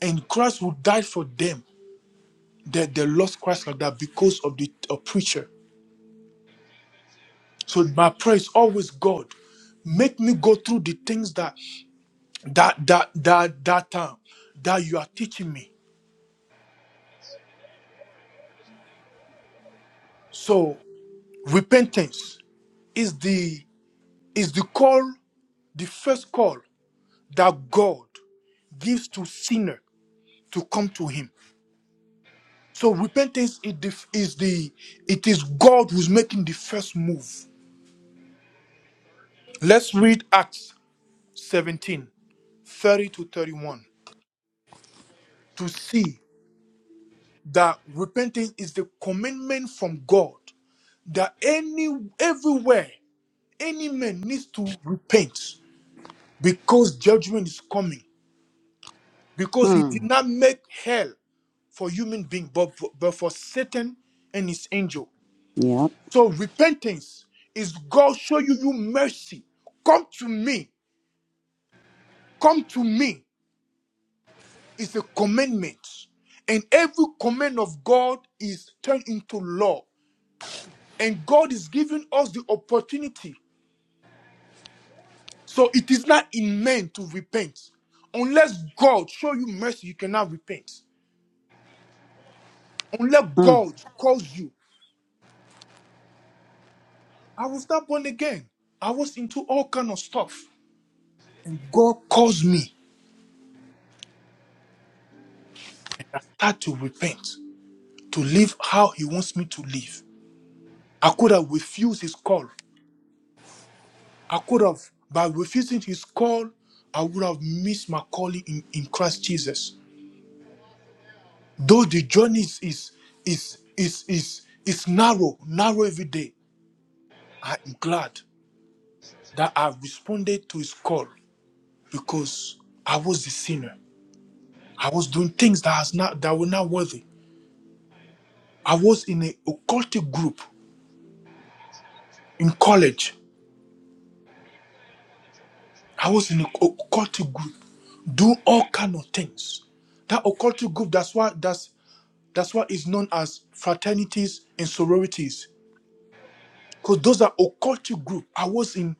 Speaker 1: And Christ will die for them that they lost Christ like that because of the a preacher. So my prayer is always God, make me go through the things that that that that that time that you are teaching me so repentance is the is the call the first call that god gives to sinner to come to him so repentance is the, is the it is god who's making the first move let's read acts 17:30 to 31 to see that repentance is the commandment from god that any everywhere Any man needs to repent because judgment is coming. Because he did
Speaker 2: Mm.
Speaker 1: not make hell for human being, but, but for Satan and his angel.
Speaker 2: Yep.
Speaker 1: So repentance is God show you, you mercy. Come to me. Come to me is a commandment. And every command of God is turned into law. And God is giving us the opportunity. So it is not in man to repent. Unless God show you mercy, you cannot repent. Unless
Speaker 2: Mm.
Speaker 1: God calls you. I was not born again. I was into all kind of stuff. And God calls me. And I start to repent, to live how He wants me to live. I could have refused His call. I could have, by refusing His call, I would have missed my calling in, in Christ Jesus. Though the journey is, is, is, is, is, is narrow, narrow every day, I am glad that I responded to His call because I was the sinner. I was doing things that was not that were not worthy. I was in a occultic group in college. I was in a occultic group, doing all kind of things. That occultic group, that's why that's that's why it's known as fraternities and sororities. Because those are occultic group. I was in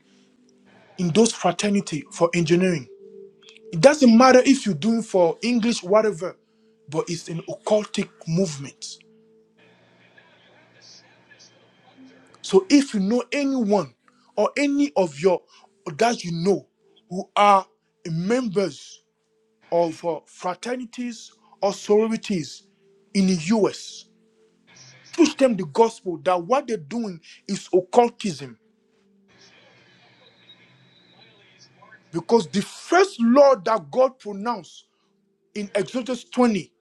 Speaker 1: in those fraternity for engineering. It doesn't matter if you're doing for English, whatever, but it's an occultic movement. So if you know anyone or any of your that you know who are members of uh, fraternities or sororities in the US, teach them the gospel that what they're doing is occultism. Because the first law that God pronounced in Exodus 20,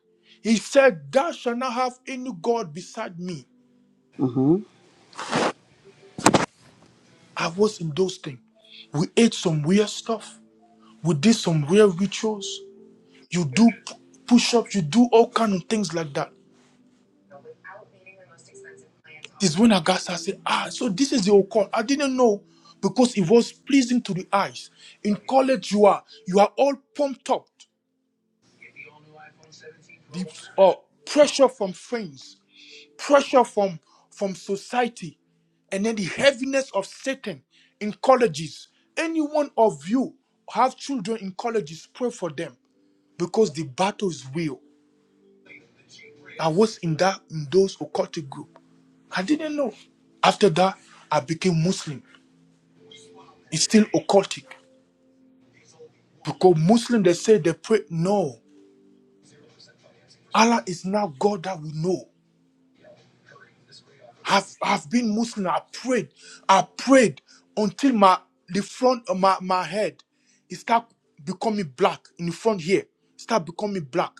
Speaker 1: he said, Thou shalt not have any God beside me.
Speaker 2: Mm-hmm.
Speaker 1: I was in those things. We ate some weird stuff. We did some weird rituals. You do push-ups, you do all kind of things like that. It's when Agasa said, ah, so this is the occult. I didn't know because it was pleasing to the eyes. In college, you are you are all pumped up. The uh, pressure from friends, pressure from from society, and then the heaviness of Satan in colleges. Any one of you have children in colleges, pray for them because the battle is real. I was in that in those occultic group. I didn't know. After that, I became Muslim. It's still occultic because Muslim they say they pray. No, Allah is not God that we know. I've I've been Muslim. I prayed. I prayed until my the front of my my head, it start becoming black in the front here. Start becoming black.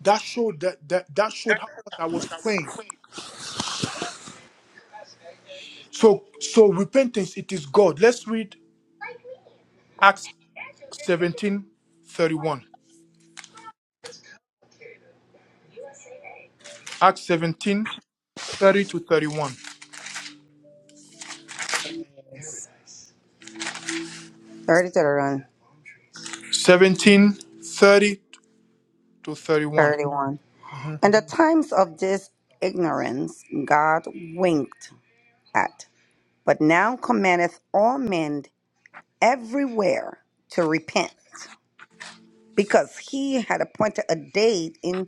Speaker 1: That showed that that that showed how much I was praying. So so repentance. It is God. Let's read. Acts 17 31. Acts 17 30 to 31.
Speaker 2: 30 to the run.
Speaker 1: Seventeen thirty to 31.
Speaker 2: 31. And the times of this ignorance God winked at. but now commandeth all men everywhere to repent, because he had appointed a day in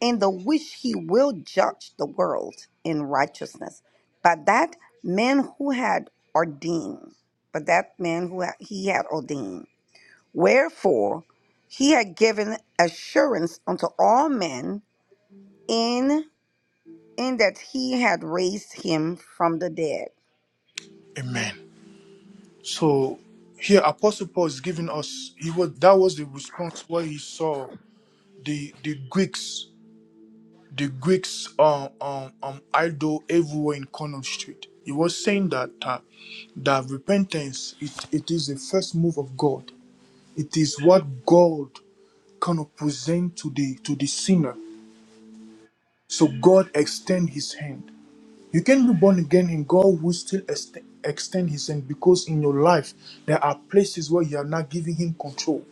Speaker 2: in the which he will judge the world in righteousness. By that man who had ordained, but that man who had- he had ordained. Wherefore he had given assurance unto all men in in that he had raised him from the dead.
Speaker 1: Amen. So here Apostle Paul is giving us he was that was the response where he saw the the Greeks, the Greeks um um, um idol everywhere in Cornell Street. He was saying that uh, that repentance it, it is the first move of God. It is what God kind of present to the to the sinner So God extend his hand. You can be born again and God will still ext- extend his hand because in your life there are places where you are not giving him control.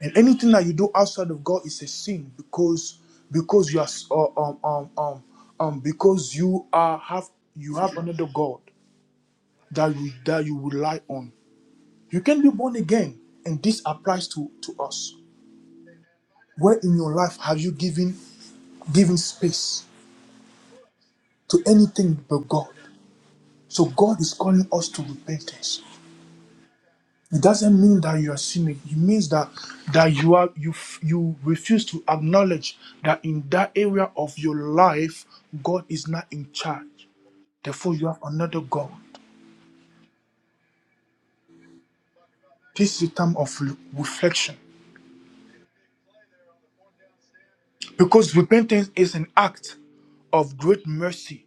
Speaker 1: And anything that you do outside of God is a sin because because you are s- uh, um um um um because you are have you have another God that you that you rely on. You can be born again and this applies to to us. Where in your life have you given given space to anything but God? So God is calling us to repentance. It doesn't mean that you are sinning. It means that that you are you f- you refuse to acknowledge that in that area of your life God is not in charge. Therefore, you have another God. This is a time of re- reflection because repentance is an act of great mercy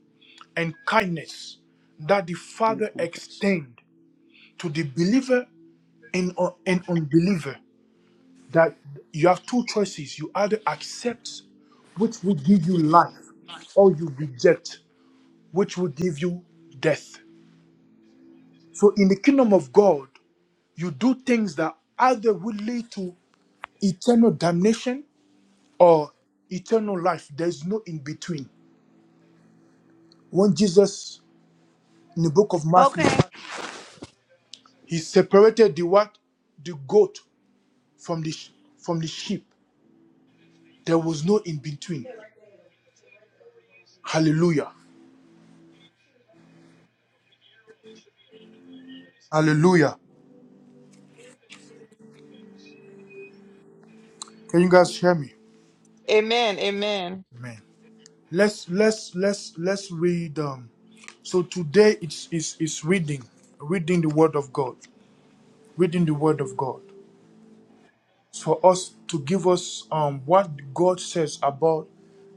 Speaker 1: and kindness that the Father
Speaker 2: Okay.
Speaker 1: extend to the believer and, un- and unbeliever. that you have two choices. You either accept, which will give you life, or you reject, which will give you death. So in the kingdom of God, you do things that either will lead to eternal damnation or eternal life. There's no in between. When Jesus, in the book of Matthew,
Speaker 2: Okay.
Speaker 1: he separated the what? The goat from the, sh- from the sheep. There was no in between. Hallelujah. Hallelujah. Can you guys hear me?
Speaker 3: Amen. Amen.
Speaker 1: Amen. Let's let's let's let's read. Um, so today it's it's it's reading, reading the Word of God, reading the Word of God. It's for us to give us um what God says about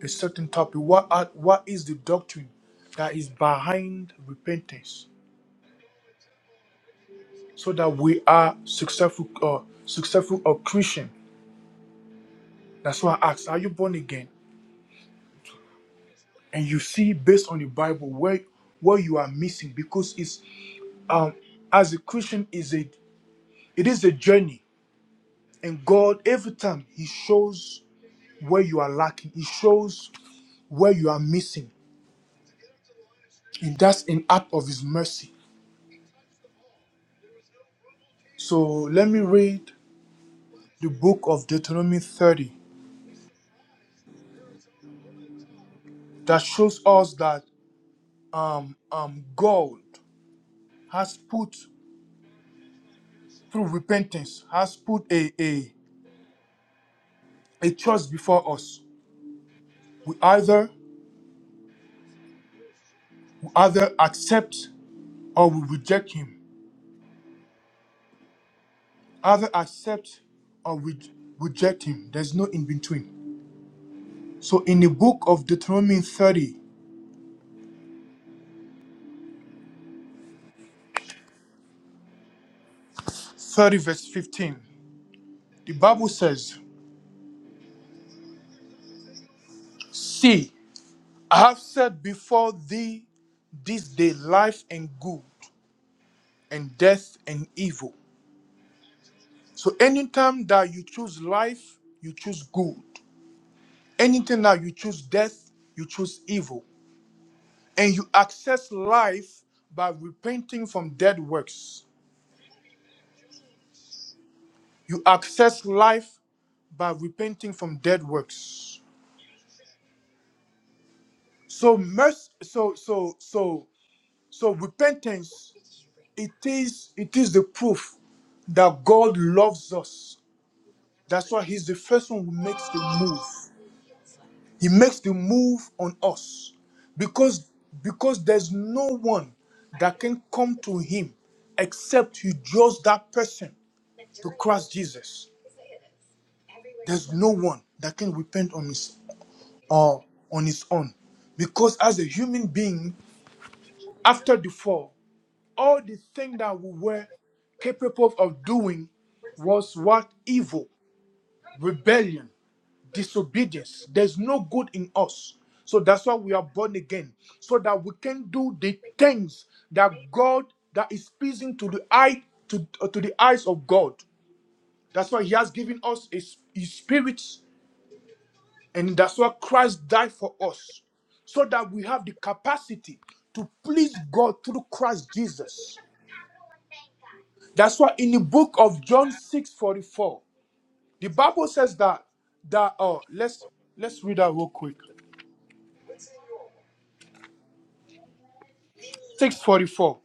Speaker 1: a certain topic. What are, what is the doctrine that is behind repentance, so that we are successful uh, successful or Christian. That's why I ask, are you born again? And you see based on the Bible where where you are missing because it's um as a Christian is it It is a journey. And God, every time He shows where you are lacking, He shows where you are missing. And that's an act of His mercy. So let me read the book of Deuteronomy 30 that shows us that um, um, God has put, through repentance, has put a, a, a choice before us. We either, we either accept or we reject Him. Either accept or we reject Him. There's no in between. So in the book of Deuteronomy thirty, thirty verse 15, the Bible says, See, I have set before thee this day life and good, and death and evil. So anytime that you choose life, you choose good. Anything that you choose death, you choose evil. And you access life by repenting from dead works. You access life by repenting from dead works. So mercy, so so so So repentance, it is it is the proof that God loves us. That's why He's the first one who makes the move. He makes the move on us because because there's no one that can come to Him except you draws that person to Christ Jesus. There's no one that can repent on his or on his own because as a human being after the fall all the thing that we were capable of doing was what evil, rebellion, disobedience. There's no good in us. So that's why we are born again, so that we can do the things that God that is pleasing to the eye to, uh, to the eyes of God. That's why He has given us His, his Spirit, and that's why Christ died for us, so that we have the capacity to please God through Christ Jesus. That's why in the book of John 6 44, the Bible says that that oh let's let's read that real quick. 644.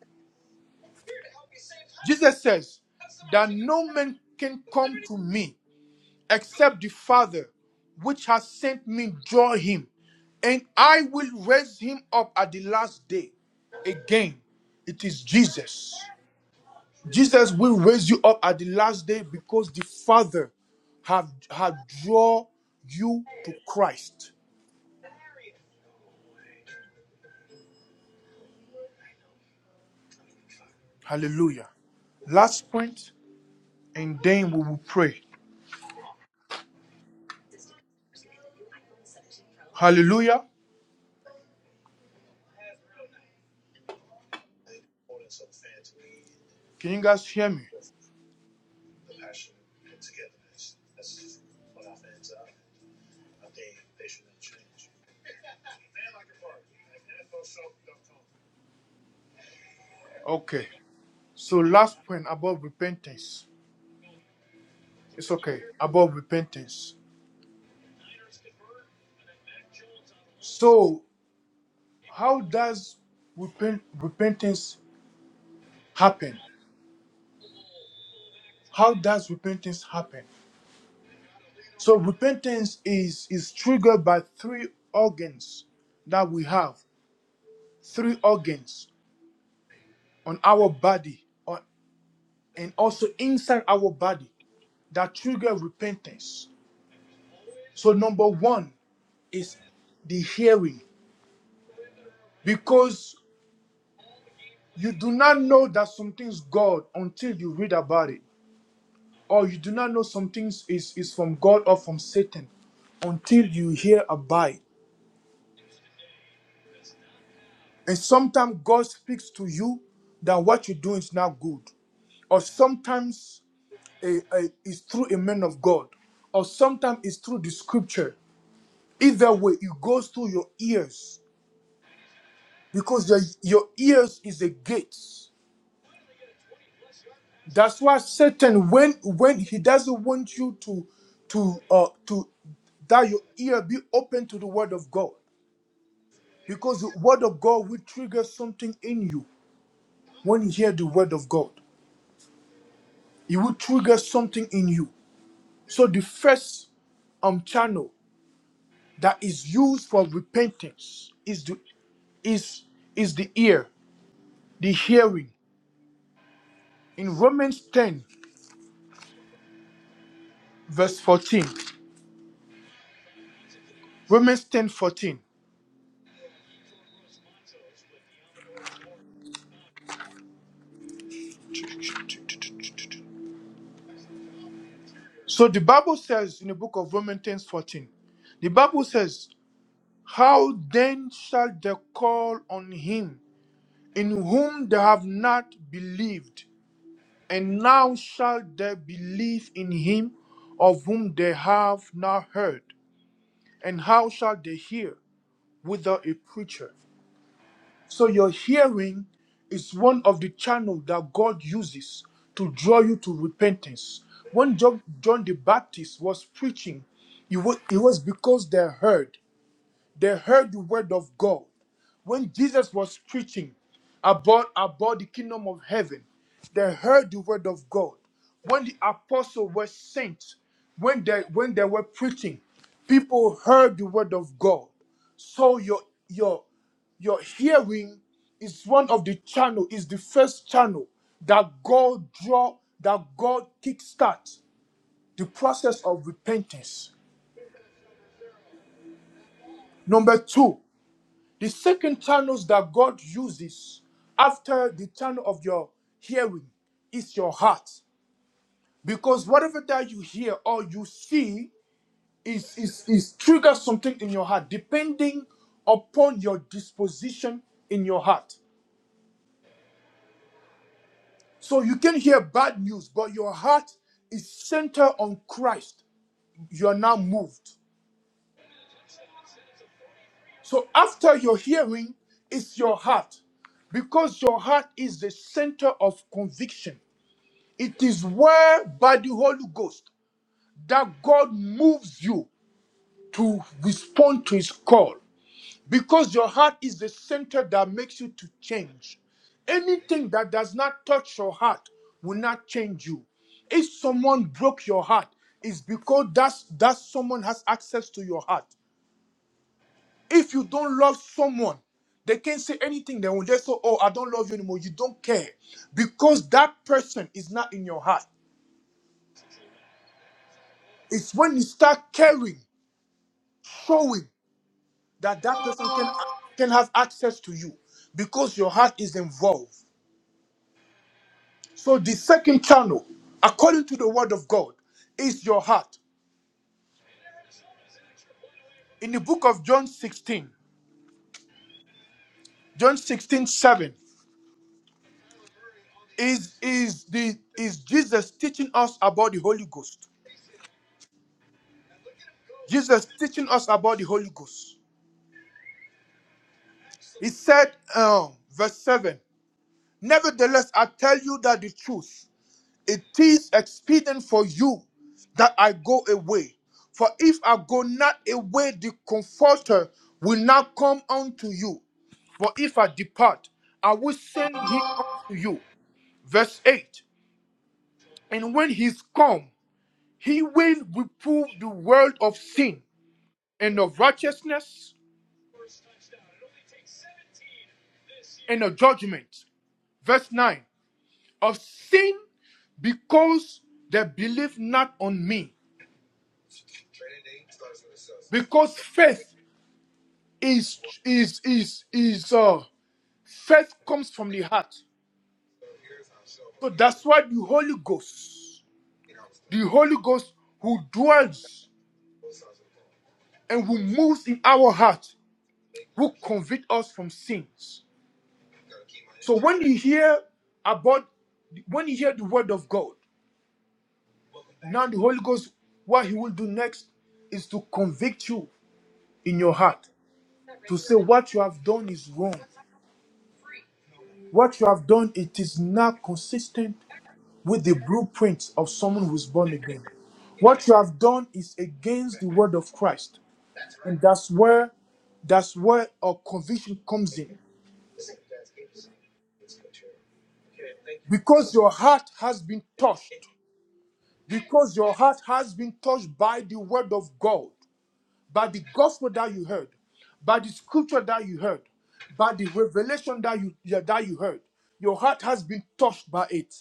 Speaker 1: Jesus says that no man can come to me except the Father which has sent me draw him, and I will raise him up at the last day. Again, it is Jesus. Jesus will raise you up at the last day because the Father have have draw you to Christ. Hallelujah. Last point, and then we will pray. Hallelujah. Can you guys hear me? Okay. So, last point about repentance. It's okay. About repentance. So, how does repent- repentance happen? How does repentance happen? So, repentance is, is triggered by three organs that we have three organs on our body on, and also inside our body. that trigger repentance. So, number one is the hearing, because you do not know that something's God until you read about it, or you do not know some things is, is from God or from Satan until you hear about it. And sometimes God speaks to you that what you're doing is not good, or sometimes eh, eh, it's through a man of God, or sometimes it's through the scripture. Either way, it goes through your ears because your your ears is a gate. That's why Satan, when when he doesn't want you to to uh to that your ear be open to the word of God, because the word of God will trigger something in you when you hear the word of God. It will trigger something in you. So the first um channel that is used for repentance is the is is the ear, the hearing. In Romans 10, verse 14. Romans ten fourteen. So the Bible says in the book of Romans ten fourteen, the Bible says, How then shall they call on him in whom they have not believed? And now shall they believe in him of whom they have not heard? And how shall they hear without a preacher? So your hearing is one of the channels that God uses to draw you to repentance. When John, John the Baptist was preaching, it was, it was because they heard. They heard the word of God. When Jesus was preaching about, about the kingdom of heaven, they heard the word of God. When the apostles were sent, when they when they were preaching, people heard the word of God. So your your your hearing is one of the channel is the first channel that god draw that god kickstart the process of repentance number two the second channels that god uses after the channel of your hearing is your heart because whatever that you hear or you see is is is triggers something in your heart depending upon your disposition in your heart So you can hear bad news, but your heart is centered on Christ. You are now moved. So after your hearing, it's your heart. Because your heart is the center of conviction. It is where, by the Holy Ghost, that God moves you to respond to his call. because your heart is the center that makes you to change. Anything that does not touch your heart will not change you. If someone broke your heart, it's because that's that someone has access to your heart. If you don't love someone, they can't say anything. They will just say, "Oh, I don't love you anymore." You don't care because that person is not in your heart. It's when you start caring, showing that that person can can have access to you because your heart is involved. So the second channel, according to the word of God, is your heart. In the book of John 16, John 16 7 is is the is Jesus teaching us about the Holy Ghost. Jesus teaching us about the Holy Ghost. He said, um, verse 7, Nevertheless, I tell you that the truth. It is expedient for you that I go away. For if I go not away, the comforter will not come unto you. But if I depart, I will send him unto you. Verse 8 And when he's come, he will reprove the world of sin and of righteousness and of judgment. Verse 9 Of sin because they believe not on me. Because faith is is is is uh faith comes from the heart so that's why the holy ghost the holy ghost who dwells and who moves in our heart who convict us from sins so when you hear about when you hear the word of god now the holy ghost what he will do next is to convict you in your heart to say what you have done is wrong what you have done it is not consistent with the blueprint of someone who's born again. What you have done is against the word of Christ, and that's where that's where our conviction comes in. Because your heart has been touched, because your heart has been touched by the word of God, by the gospel that you heard, by the scripture that you heard, by the revelation that you yeah, that you heard, your heart has been touched by it.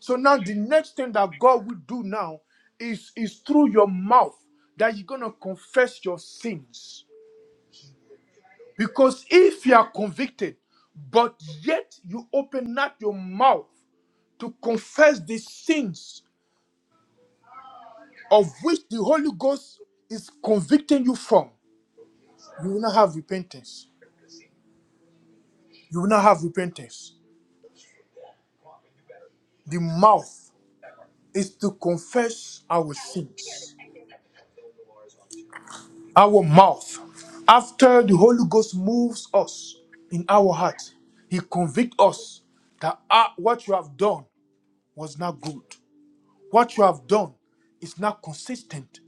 Speaker 1: So now the next thing that God will do now is is through your mouth that you're gonna confess your sins. Because if you are convicted, but yet you open not your mouth to confess the sins of which the Holy Ghost is convicting you from, you will not have repentance. You will not have repentance. The mouth is to confess our sins. Our mouth, after the Holy Ghost moves us in our heart, He convicts us that ah, what you have done was not good. What you have done is not consistent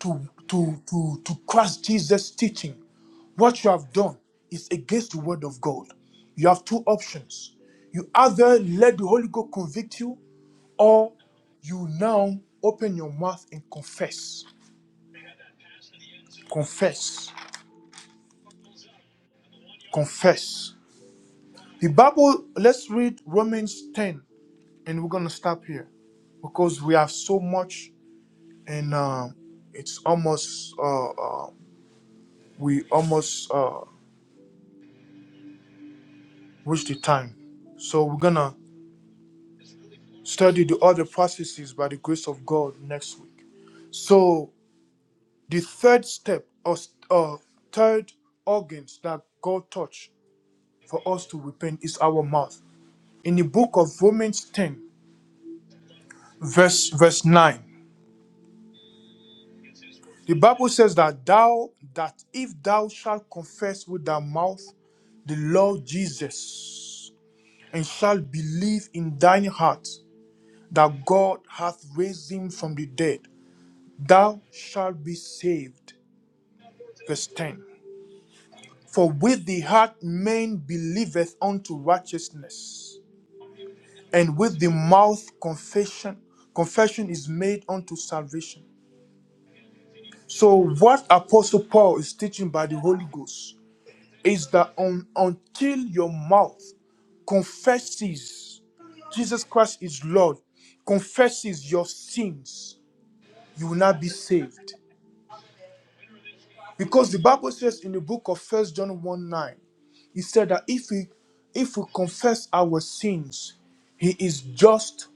Speaker 1: to, to, to, to Christ Jesus' teaching. What you have done is against the word of God. You have two options. You either let the Holy Ghost convict you, or you now open your mouth and confess. Confess. Confess. The Bible, let's read Romans 10, and we're going to stop here because we have so much, and uh, it's almost. uh, uh, we almost uh, reached the time. So we're gonna study the other processes by the grace of God next week. So the third step or s- uh, third organs that God touched for us to repent is our mouth. In the book of Romans 10, verse verse 9, the Bible says that thou that if thou shalt confess with thy mouth the Lord Jesus and shalt believe in thine heart that God hath raised him from the dead, thou shalt be saved. Verse 10 For with the heart man believeth unto righteousness, and with the mouth confession, confession is made unto salvation. So, what Apostle Paul is teaching by the Holy Ghost is that un- until your mouth confesses Jesus Christ is Lord, confesses your sins, you will not be saved. Because the Bible says in the book of First John 1 9, it said that if we if we confess our sins, he is just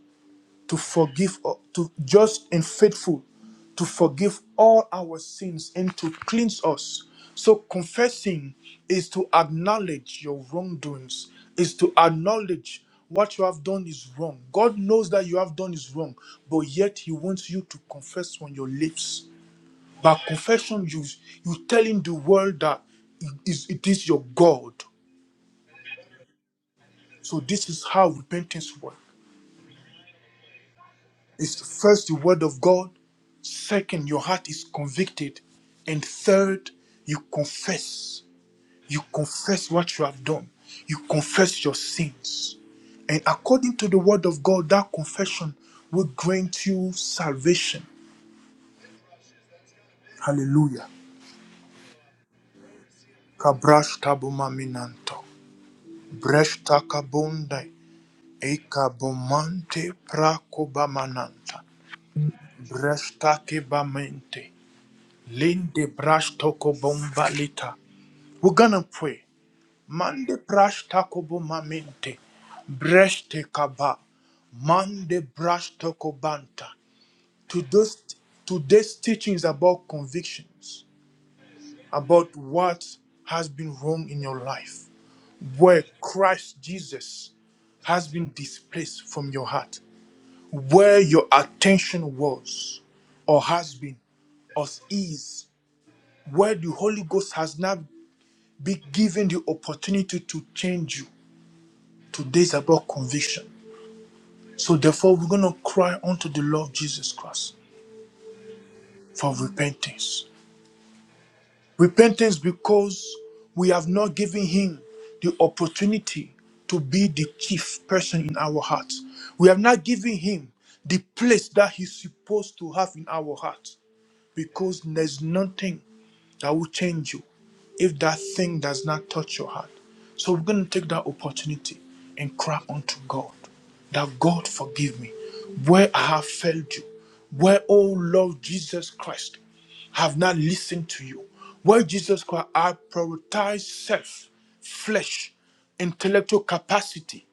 Speaker 1: to forgive uh, to just and faithful to forgive all our sins and to cleanse us. So confessing is to acknowledge your wrongdoings, is to acknowledge what you have done is wrong. God knows that you have done is wrong, but yet He wants you to confess on your lips. By confession, you you telling the world that it is, it is your God. So this is how repentance works. It's first the word of God, second, your heart is convicted, and third, you confess. You confess what you have done. You confess your sins. And according to the word of God, that confession will grant you salvation. Hallelujah. Kabrash tabuma minanto. Bresh takabonda. Ecabomante pracobamananta, brestaque bamente, linde brastoco bombalita. We're gonna pray. Mande brastako bomamente, breste caba, mande brastoko banta. To those, today's teaching is about convictions, about what has been wrong in your life, where Christ Jesus has been displaced from your heart. where your attention was or has been or is where the holy ghost has now been given the opportunity to change you today's about conviction so therefore we're going to cry unto the lord jesus christ for repentance repentance because we have not given him the opportunity to be the chief person in our hearts we have not given him the place that he's supposed to have in our hearts because there's nothing that will change you if that thing does not touch your heart. So we're going to take that opportunity and cry unto God that God forgive me where I have failed you, where, oh Lord Jesus Christ, I have not listened to you, where Jesus Christ, I prioritize self, flesh, intellectual capacity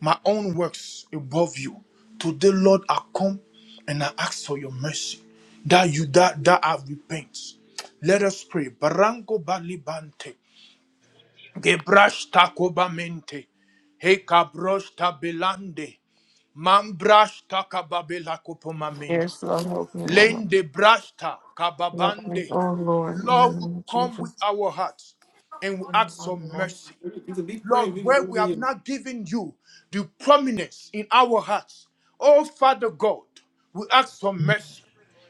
Speaker 1: my own works above you. Today, Lord, I come and I ask for your mercy that you that that I repent. Let us pray. Barango balibante, gebrash takobamente, he cabrosh tabelande, mambrash takababela kopomamente,
Speaker 3: Yes, Lord, help me, Lord.
Speaker 1: lende brashta
Speaker 3: Help me,
Speaker 1: kababande.
Speaker 3: oh Lord, in the
Speaker 1: Lord, we
Speaker 3: name of
Speaker 1: come with
Speaker 3: Jesus.
Speaker 1: our hearts and we ask for mercy. Lord, where we have not given you the prominence in our hearts. Oh, Father God, we ask for mercy.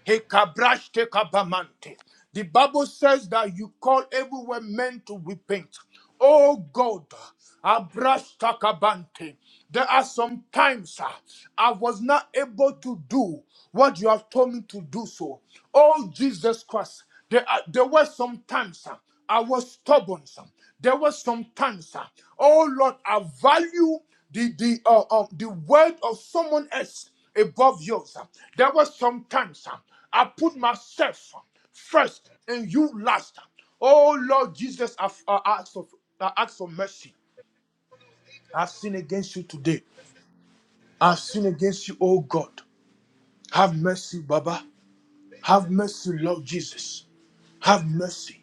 Speaker 1: Hekabrash kabamante. The Bible says that you call everywhere men to repent. Oh God, Abrastakabante. There are some times ah, I was not able to do what you have told me to do so. Oh, Jesus Christ. There, are, there were some times ah, I was stubborn. Some. There were some times. ah, oh, Lord, I value the, the, uh, uh, the word of someone else above yours. ah. There were some times ah, I put myself ah, first and you last. uh. Oh Lord Jesus, I, I ask for I ask for mercy. I've sinned against you today. I've sinned against you, oh God. Have mercy, Baba. Have mercy, Lord Jesus. Have mercy.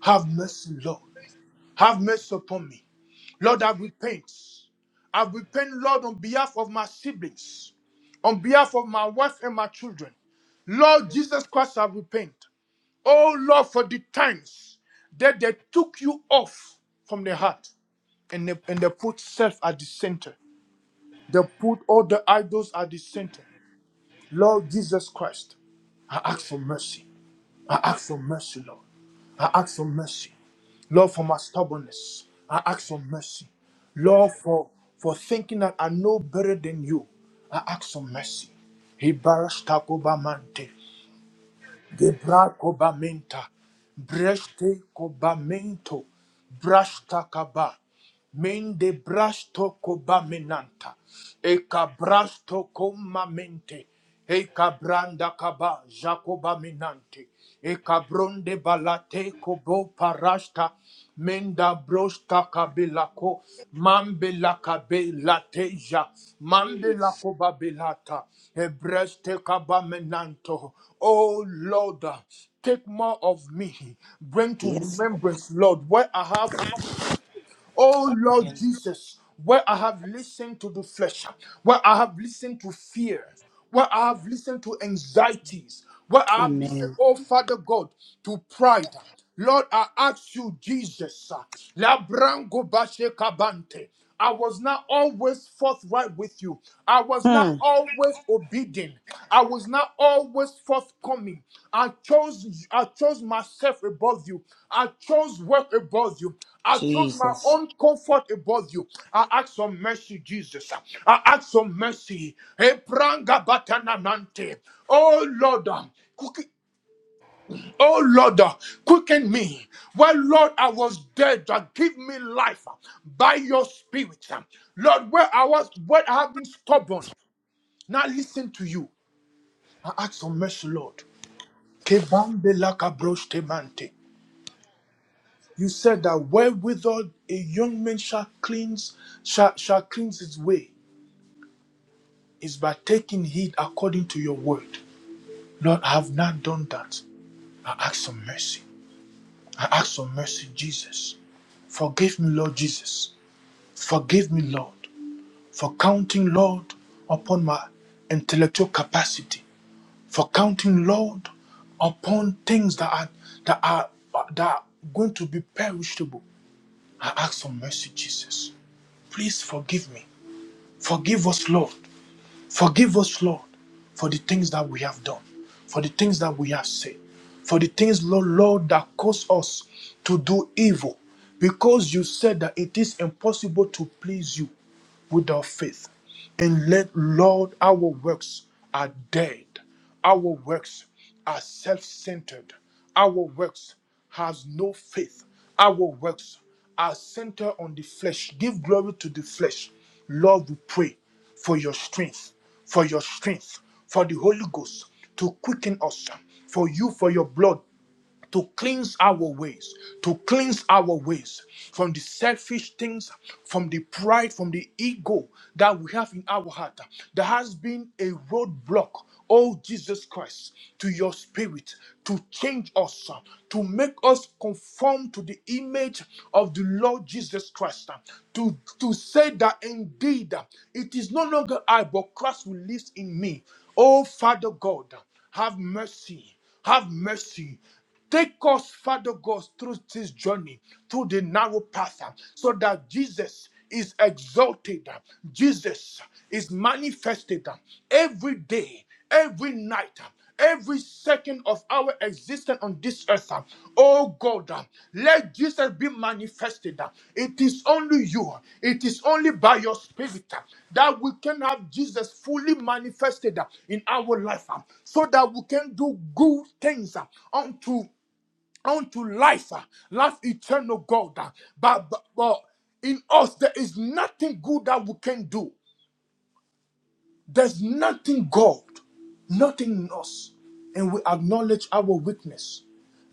Speaker 1: Have mercy, Lord. Have mercy upon me. Lord, I repent. I repent, Lord, on behalf of my siblings, on behalf of my wife and my children. Lord Jesus Christ, I repent. Oh Lord, for the times that they took you off from the heart and they, and they put self at the center. They put all the idols at the center. Lord Jesus Christ, I ask for mercy. I ask for mercy, Lord. I ask for mercy. Lord, for my stubbornness, I ask for mercy. Lord, for, for thinking that I know better than you, I ask for mercy. Ibarasta kobamante, gebra kobamenta, breste kobamento, brashta kaba. Mende brasto cobaminanta. Eka brasto comamente. Eka branda kaba jacoba minante. Eka bronde balate kobo parasta. Menda brosta kabelako. Mambela kabe lateja. Mambela koba belata. Ebreste kaba menanto. Oh Lord, take more of me. Bring to
Speaker 2: Yes.
Speaker 1: remembrance, Lord, where I have something. Oh Lord Jesus, where I have listened to the flesh, where I have listened to fear, where I have listened to anxieties, where I have listened,
Speaker 2: Amen.
Speaker 1: oh Father God, to pride. Lord, I ask you, Jesus, Labrango Bashe Kabante. I was not always forthright with you. I was not
Speaker 2: Hmm.
Speaker 1: always obedient. I was not always forthcoming. I chose I chose myself above you. I chose work above you. I chose my
Speaker 2: Jesus.
Speaker 1: own comfort above you. I ask for mercy, Jesus. I ask for mercy. Epranga batananante. Oh Lord, um, Oh Lord, uh, quicken me. Well, Lord, I was dead. uh, Give me life uh, by your spirit. uh. Lord, where I was, where I have been stubborn. Now listen to you. I ask for mercy, Lord. Kebambe lakabroshte mante. You said that wherewithal a young man shall cleanse, shall, shall cleanse his way is by taking heed according to your word. Lord, I have not done that. I ask for mercy. I ask for mercy, Jesus. Forgive me, Lord Jesus. Forgive me, Lord, for counting, Lord, upon my intellectual capacity, for counting, Lord, upon things that are that are that are going to be perishable. I ask for mercy, Jesus. Please forgive me. Forgive us, Lord. Forgive us, Lord, for the things that we have done, for the things that we have said, for the things, Lord, Lord, that cause us to do evil, because you said that it is impossible to please you. without faith. And let, Lord, our works are dead. Our works are self centered. Our works has no faith. Our works are centered on the flesh. Give glory to the flesh. Lord, we pray for your strength, for your strength, for the Holy Ghost to quicken us, for you, for your blood to cleanse our ways, to cleanse our ways from the selfish things, from the pride, from the ego that we have in our heart. There has been a roadblock, oh Jesus Christ, to your spirit to change us, to make us conform to the image of the Lord Jesus Christ, to, to say that indeed it is no longer I, but Christ who lives in me. Oh Father God, have mercy have mercy Take us, Father God, through this journey, through the narrow path, uh, so that Jesus is exalted, uh, Jesus is manifested uh, every day, every night, uh, every second of our existence on this this earth. uh, Oh God, uh, let Jesus be manifested. uh. It is only you, uh, it is only by your spirit uh, that we can have Jesus fully manifested uh, in our life uh, so that we can do good things uh, unto unto life, uh, life eternal God. uh. But, but, but in us there is nothing good that we can do there's nothing God, nothing in us, and we acknowledge our weakness.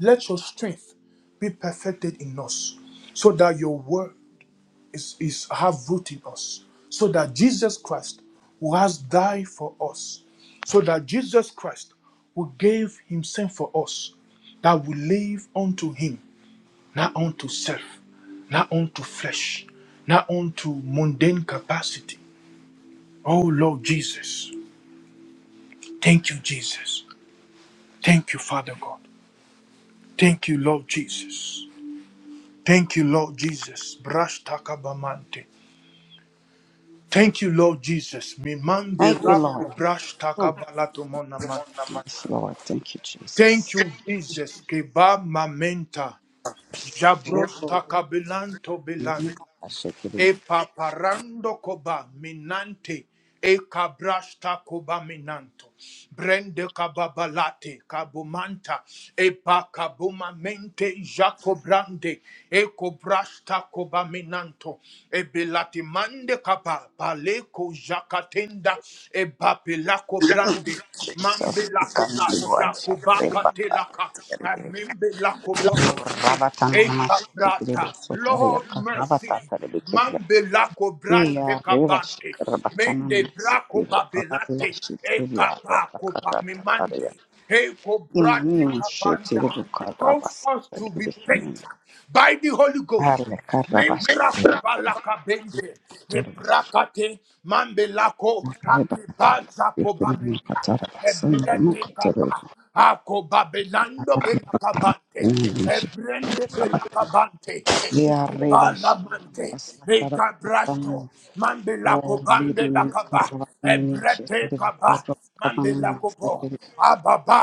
Speaker 1: Let your strength be perfected in us, so that your word is, is have root in us, so that Jesus Christ, who has died for us, so that Jesus Christ, who gave himself for us, that we live unto him, not unto self, not unto flesh, not unto mundane capacity. Oh Lord Jesus. Thank you, Jesus. Thank you, Father God. Thank you, Lord Jesus. Thank you, Lord Jesus. Brash takabamante. Thank you, Lord Jesus. Mimambe
Speaker 2: Thank you, Lord.
Speaker 1: rako brash takabalatomona Thank you, Jesus. Keba mamenta. Jabros takabilanto
Speaker 2: I should give it
Speaker 1: E paparando koba minante. E cabrasta koba minanto. Brende kababalate kabumanta. E pakabuma mente jacobrande. E cobrasta koba minanto. E belati mande kaba paleko jacatenda. E papelako brande.
Speaker 2: Jesus.
Speaker 1: Mambe lakoba jacoba katelaka. Amembe lakoba mante.
Speaker 2: Rabata
Speaker 1: E kabrata. Lord mercy. Mambe lako braste kabante. Mende brako babelate. Eka bako pamimante. Eko brati kabanda. Cause us to repent by the Holy Ghost. Membrako balaka bente. Ebrakate mambelako akibaza kobame. Ebrete kapa. Ako babelando belakabante. Ebrende belakabante.
Speaker 2: Kia reva shimana
Speaker 1: Ekibalamante.
Speaker 2: kasatara
Speaker 1: Ekabrasto.
Speaker 2: kapan o
Speaker 1: Mambelako
Speaker 2: lidi min
Speaker 1: bambelakaba.
Speaker 2: karva min
Speaker 1: Ebrete
Speaker 2: chetiri
Speaker 1: kaba.
Speaker 2: korro kadana na
Speaker 1: Mambelako bo.
Speaker 2: masetiri
Speaker 1: Ababa.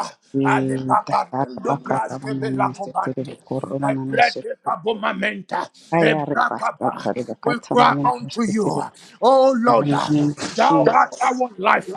Speaker 1: Ale
Speaker 2: e tatara
Speaker 1: paparando
Speaker 2: bakara
Speaker 1: braste
Speaker 2: banana setiri
Speaker 1: belakobante.
Speaker 2: korro banana setiri
Speaker 1: Ebredekabomamenta,
Speaker 2: aya reva
Speaker 1: ebrakaba.
Speaker 2: satara
Speaker 1: We
Speaker 2: bakatana
Speaker 1: cry
Speaker 2: na
Speaker 1: unto
Speaker 2: masetiri
Speaker 1: you, O Lord,
Speaker 2: banana
Speaker 1: thou
Speaker 2: Jesus
Speaker 1: art our life.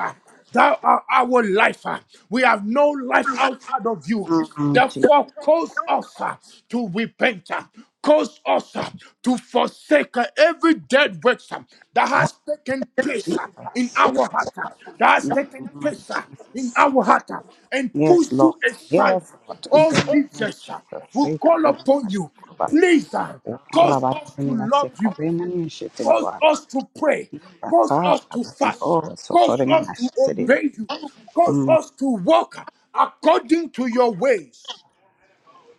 Speaker 1: Thou art our life. We have no life outside of you.
Speaker 2: Mm, Jesus
Speaker 1: Therefore, cause us uh, to repent, uh, cause us uh, to forsake uh, every dead work uh, that
Speaker 2: Ah,
Speaker 1: has taken place uh, in
Speaker 2: Jesus
Speaker 1: our heart, uh, that
Speaker 2: In
Speaker 1: has
Speaker 2: the
Speaker 1: taken
Speaker 2: name of
Speaker 1: place uh, in
Speaker 2: Jesus.
Speaker 1: our heart, uh, and push
Speaker 2: Yes, Lord.
Speaker 1: you aside.
Speaker 2: Yes, Lord. In the
Speaker 1: Oh
Speaker 2: name of
Speaker 1: Jesus, uh,
Speaker 2: Jesus.
Speaker 1: we
Speaker 2: Save
Speaker 1: call upon you.
Speaker 2: them,
Speaker 1: Please uh, cause us to
Speaker 2: Rabarimina
Speaker 1: love you,
Speaker 2: sekaremani
Speaker 1: cause
Speaker 2: shetebua.
Speaker 1: us to pray,
Speaker 2: Raka
Speaker 1: cause us to fast,
Speaker 2: rabatibora
Speaker 1: cause us
Speaker 2: sotoremina
Speaker 1: to
Speaker 2: shetere.
Speaker 1: obey you, cause
Speaker 2: Mm,
Speaker 1: us to walk according to your ways.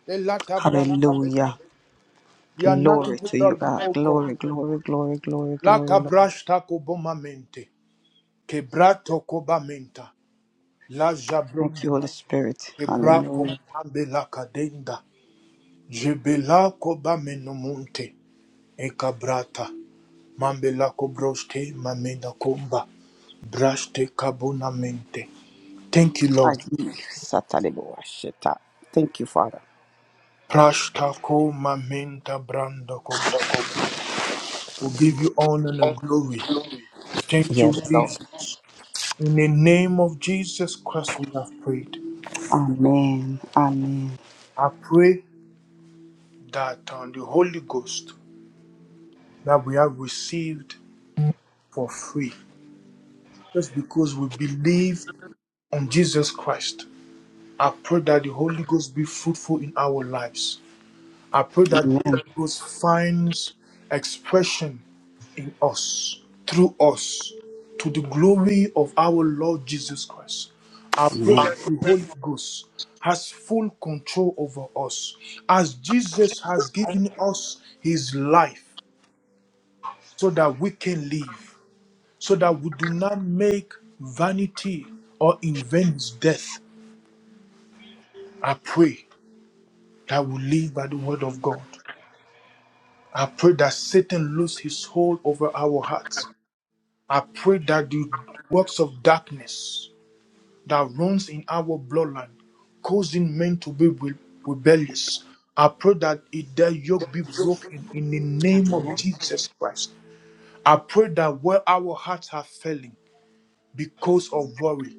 Speaker 1: The latter branch of it.
Speaker 2: Hallelujah.
Speaker 1: We are nothing
Speaker 2: Glory to
Speaker 1: without
Speaker 2: you,
Speaker 1: you,
Speaker 2: God.
Speaker 1: O God.
Speaker 2: Glory, glory, glory, glory,
Speaker 1: La
Speaker 2: glory, Lord.
Speaker 1: cabrasta cobomamente, quebrato cobamenta, la
Speaker 2: Thank
Speaker 1: jabronde,
Speaker 2: you, Holy Spirit.
Speaker 1: quebraco,
Speaker 2: Hallelujah.
Speaker 1: mambe la cadenda, jebela cobamenomonte. Ekabrata, Mambela Kobroste, Mameda Komba, Braste Kabunamente. Thank you, Lord.
Speaker 2: Adi satalebua sheta. Thank you, Father.
Speaker 1: Prashta ko Mamenta Brandakob. We give you honor and glory. Thank
Speaker 2: Yes,
Speaker 1: you,
Speaker 2: Lord.
Speaker 1: Jesus. In the name of Jesus Christ, we have prayed.
Speaker 2: Amen. Amen.
Speaker 1: I pray that on the Holy Ghost that we have received for free, just because we believe on Jesus Christ, I pray that the Holy Ghost be fruitful in our lives. I pray that
Speaker 2: Amen.
Speaker 1: God finds expression in us, through us, to the glory of our Lord Jesus Christ. I pray that the Holy Ghost has full control over us, as Jesus has given us his life so that we can live, so that we do not make vanity or invent death. I pray that we live by the word of God. I pray that Satan lose his hold over our hearts. I pray that the works of darkness that runs in our bloodline, causing men to be re- rebellious. I pray that it, their yoke be broken in the name of
Speaker 2: Amen.
Speaker 1: Jesus Christ. I pray that where our hearts are failing because of worry,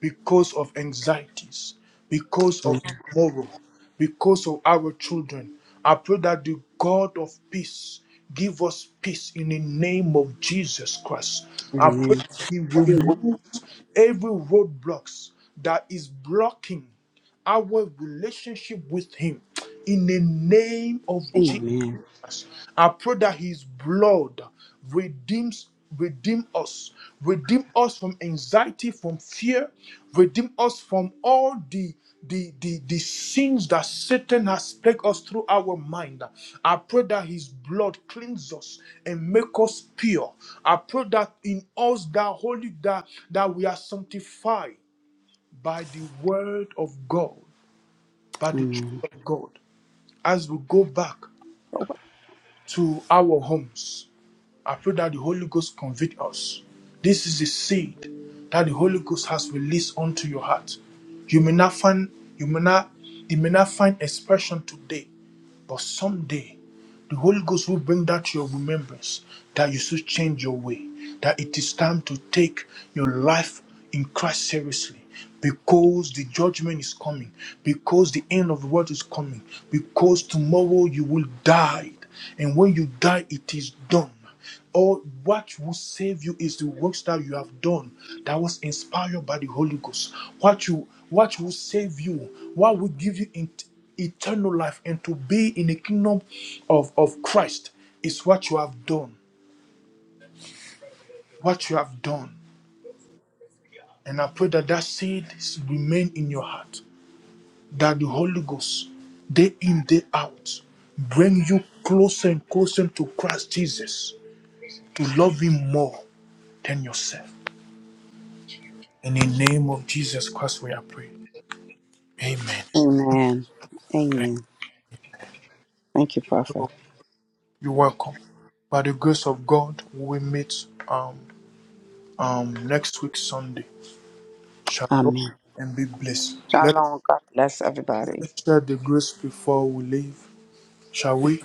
Speaker 1: because of anxieties, because of
Speaker 2: Amen.
Speaker 1: tomorrow, because of our children. I pray that the God of peace give us peace in the name of Jesus Christ. I pray
Speaker 2: Amen.
Speaker 1: that He removes every roadblocks that is blocking our relationship with Him in the name of Jesus
Speaker 2: Amen.
Speaker 1: us. I pray that His blood redeems, redeem us, redeem us from anxiety, from fear, redeem us from all the the, the, the sins that Satan has plagued us through our mind. I pray that his blood cleanse us and make us pure. I pray that in us that holy that, that we are sanctified by the word of God, by the truth
Speaker 2: Amen.
Speaker 1: of God. As we go back to our homes, I pray that the Holy Ghost convict us. This is the seed that the Holy Ghost has released onto your heart. You may not find you may not it may not find expression today, but someday the Holy Ghost will bring that to your remembrance that you should change your way, that it is time to take your life in Christ seriously. Because the judgment is coming, because the end of the world is coming, because tomorrow you will die, and when you die, it is done. Or what will save you is the works that you have done that was inspired by the Holy Ghost. What you what will save you, what will give you in- eternal life and to be in the kingdom of, of Christ is what you have done. What you have done. And I pray that that seed remain in your heart. That the Holy Ghost, day in, day out, bring you closer and closer to Christ Jesus to love Him more than yourself. in the name of Jesus Christ, we are praying. Amen.
Speaker 2: Amen.
Speaker 1: Amen.
Speaker 2: Amen. Thank you, Prophet.
Speaker 1: So you're welcome. By the grace of God, we meet um, um, next week, Sunday. Shalom
Speaker 2: Amen.
Speaker 1: and be blessed. Let us,
Speaker 2: Shalom. God bless
Speaker 1: let
Speaker 2: everybody.
Speaker 1: us share the grace before we leave, shall we?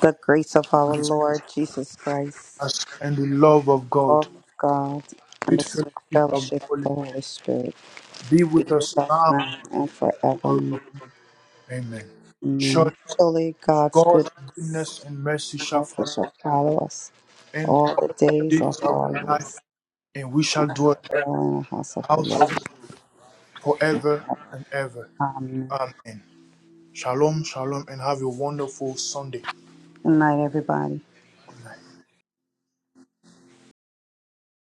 Speaker 2: The grace of our
Speaker 1: Grace,
Speaker 2: Lord Jesus Christ,
Speaker 1: us, and the love of God,
Speaker 2: love of God, and
Speaker 1: sweet
Speaker 2: the sweet
Speaker 1: fellowship of the
Speaker 2: fellowship of
Speaker 1: Holy
Speaker 2: the
Speaker 1: Spirit,
Speaker 2: Holy Spirit
Speaker 1: be
Speaker 2: be
Speaker 1: with
Speaker 2: with
Speaker 1: us
Speaker 2: us
Speaker 1: now.
Speaker 2: now and
Speaker 1: and
Speaker 2: forevermore.
Speaker 1: forever. Amen.
Speaker 2: Amen.
Speaker 1: Surely
Speaker 2: Surely God's
Speaker 1: God's
Speaker 2: goodness
Speaker 1: goodness and mercy
Speaker 2: and
Speaker 1: shall
Speaker 2: mercy
Speaker 1: follow us,
Speaker 2: shall follow us
Speaker 1: and
Speaker 2: all
Speaker 1: all
Speaker 2: the
Speaker 1: the
Speaker 2: days of
Speaker 1: days of
Speaker 2: our
Speaker 1: our life,
Speaker 2: lives.
Speaker 1: and we shall dwell
Speaker 2: We in the house of the
Speaker 1: house
Speaker 2: Lord.
Speaker 1: of the Lord forever and ever.
Speaker 2: Amen.
Speaker 1: Amen. Shalom, shalom, and have a wonderful Sunday.
Speaker 2: Good night, everybody.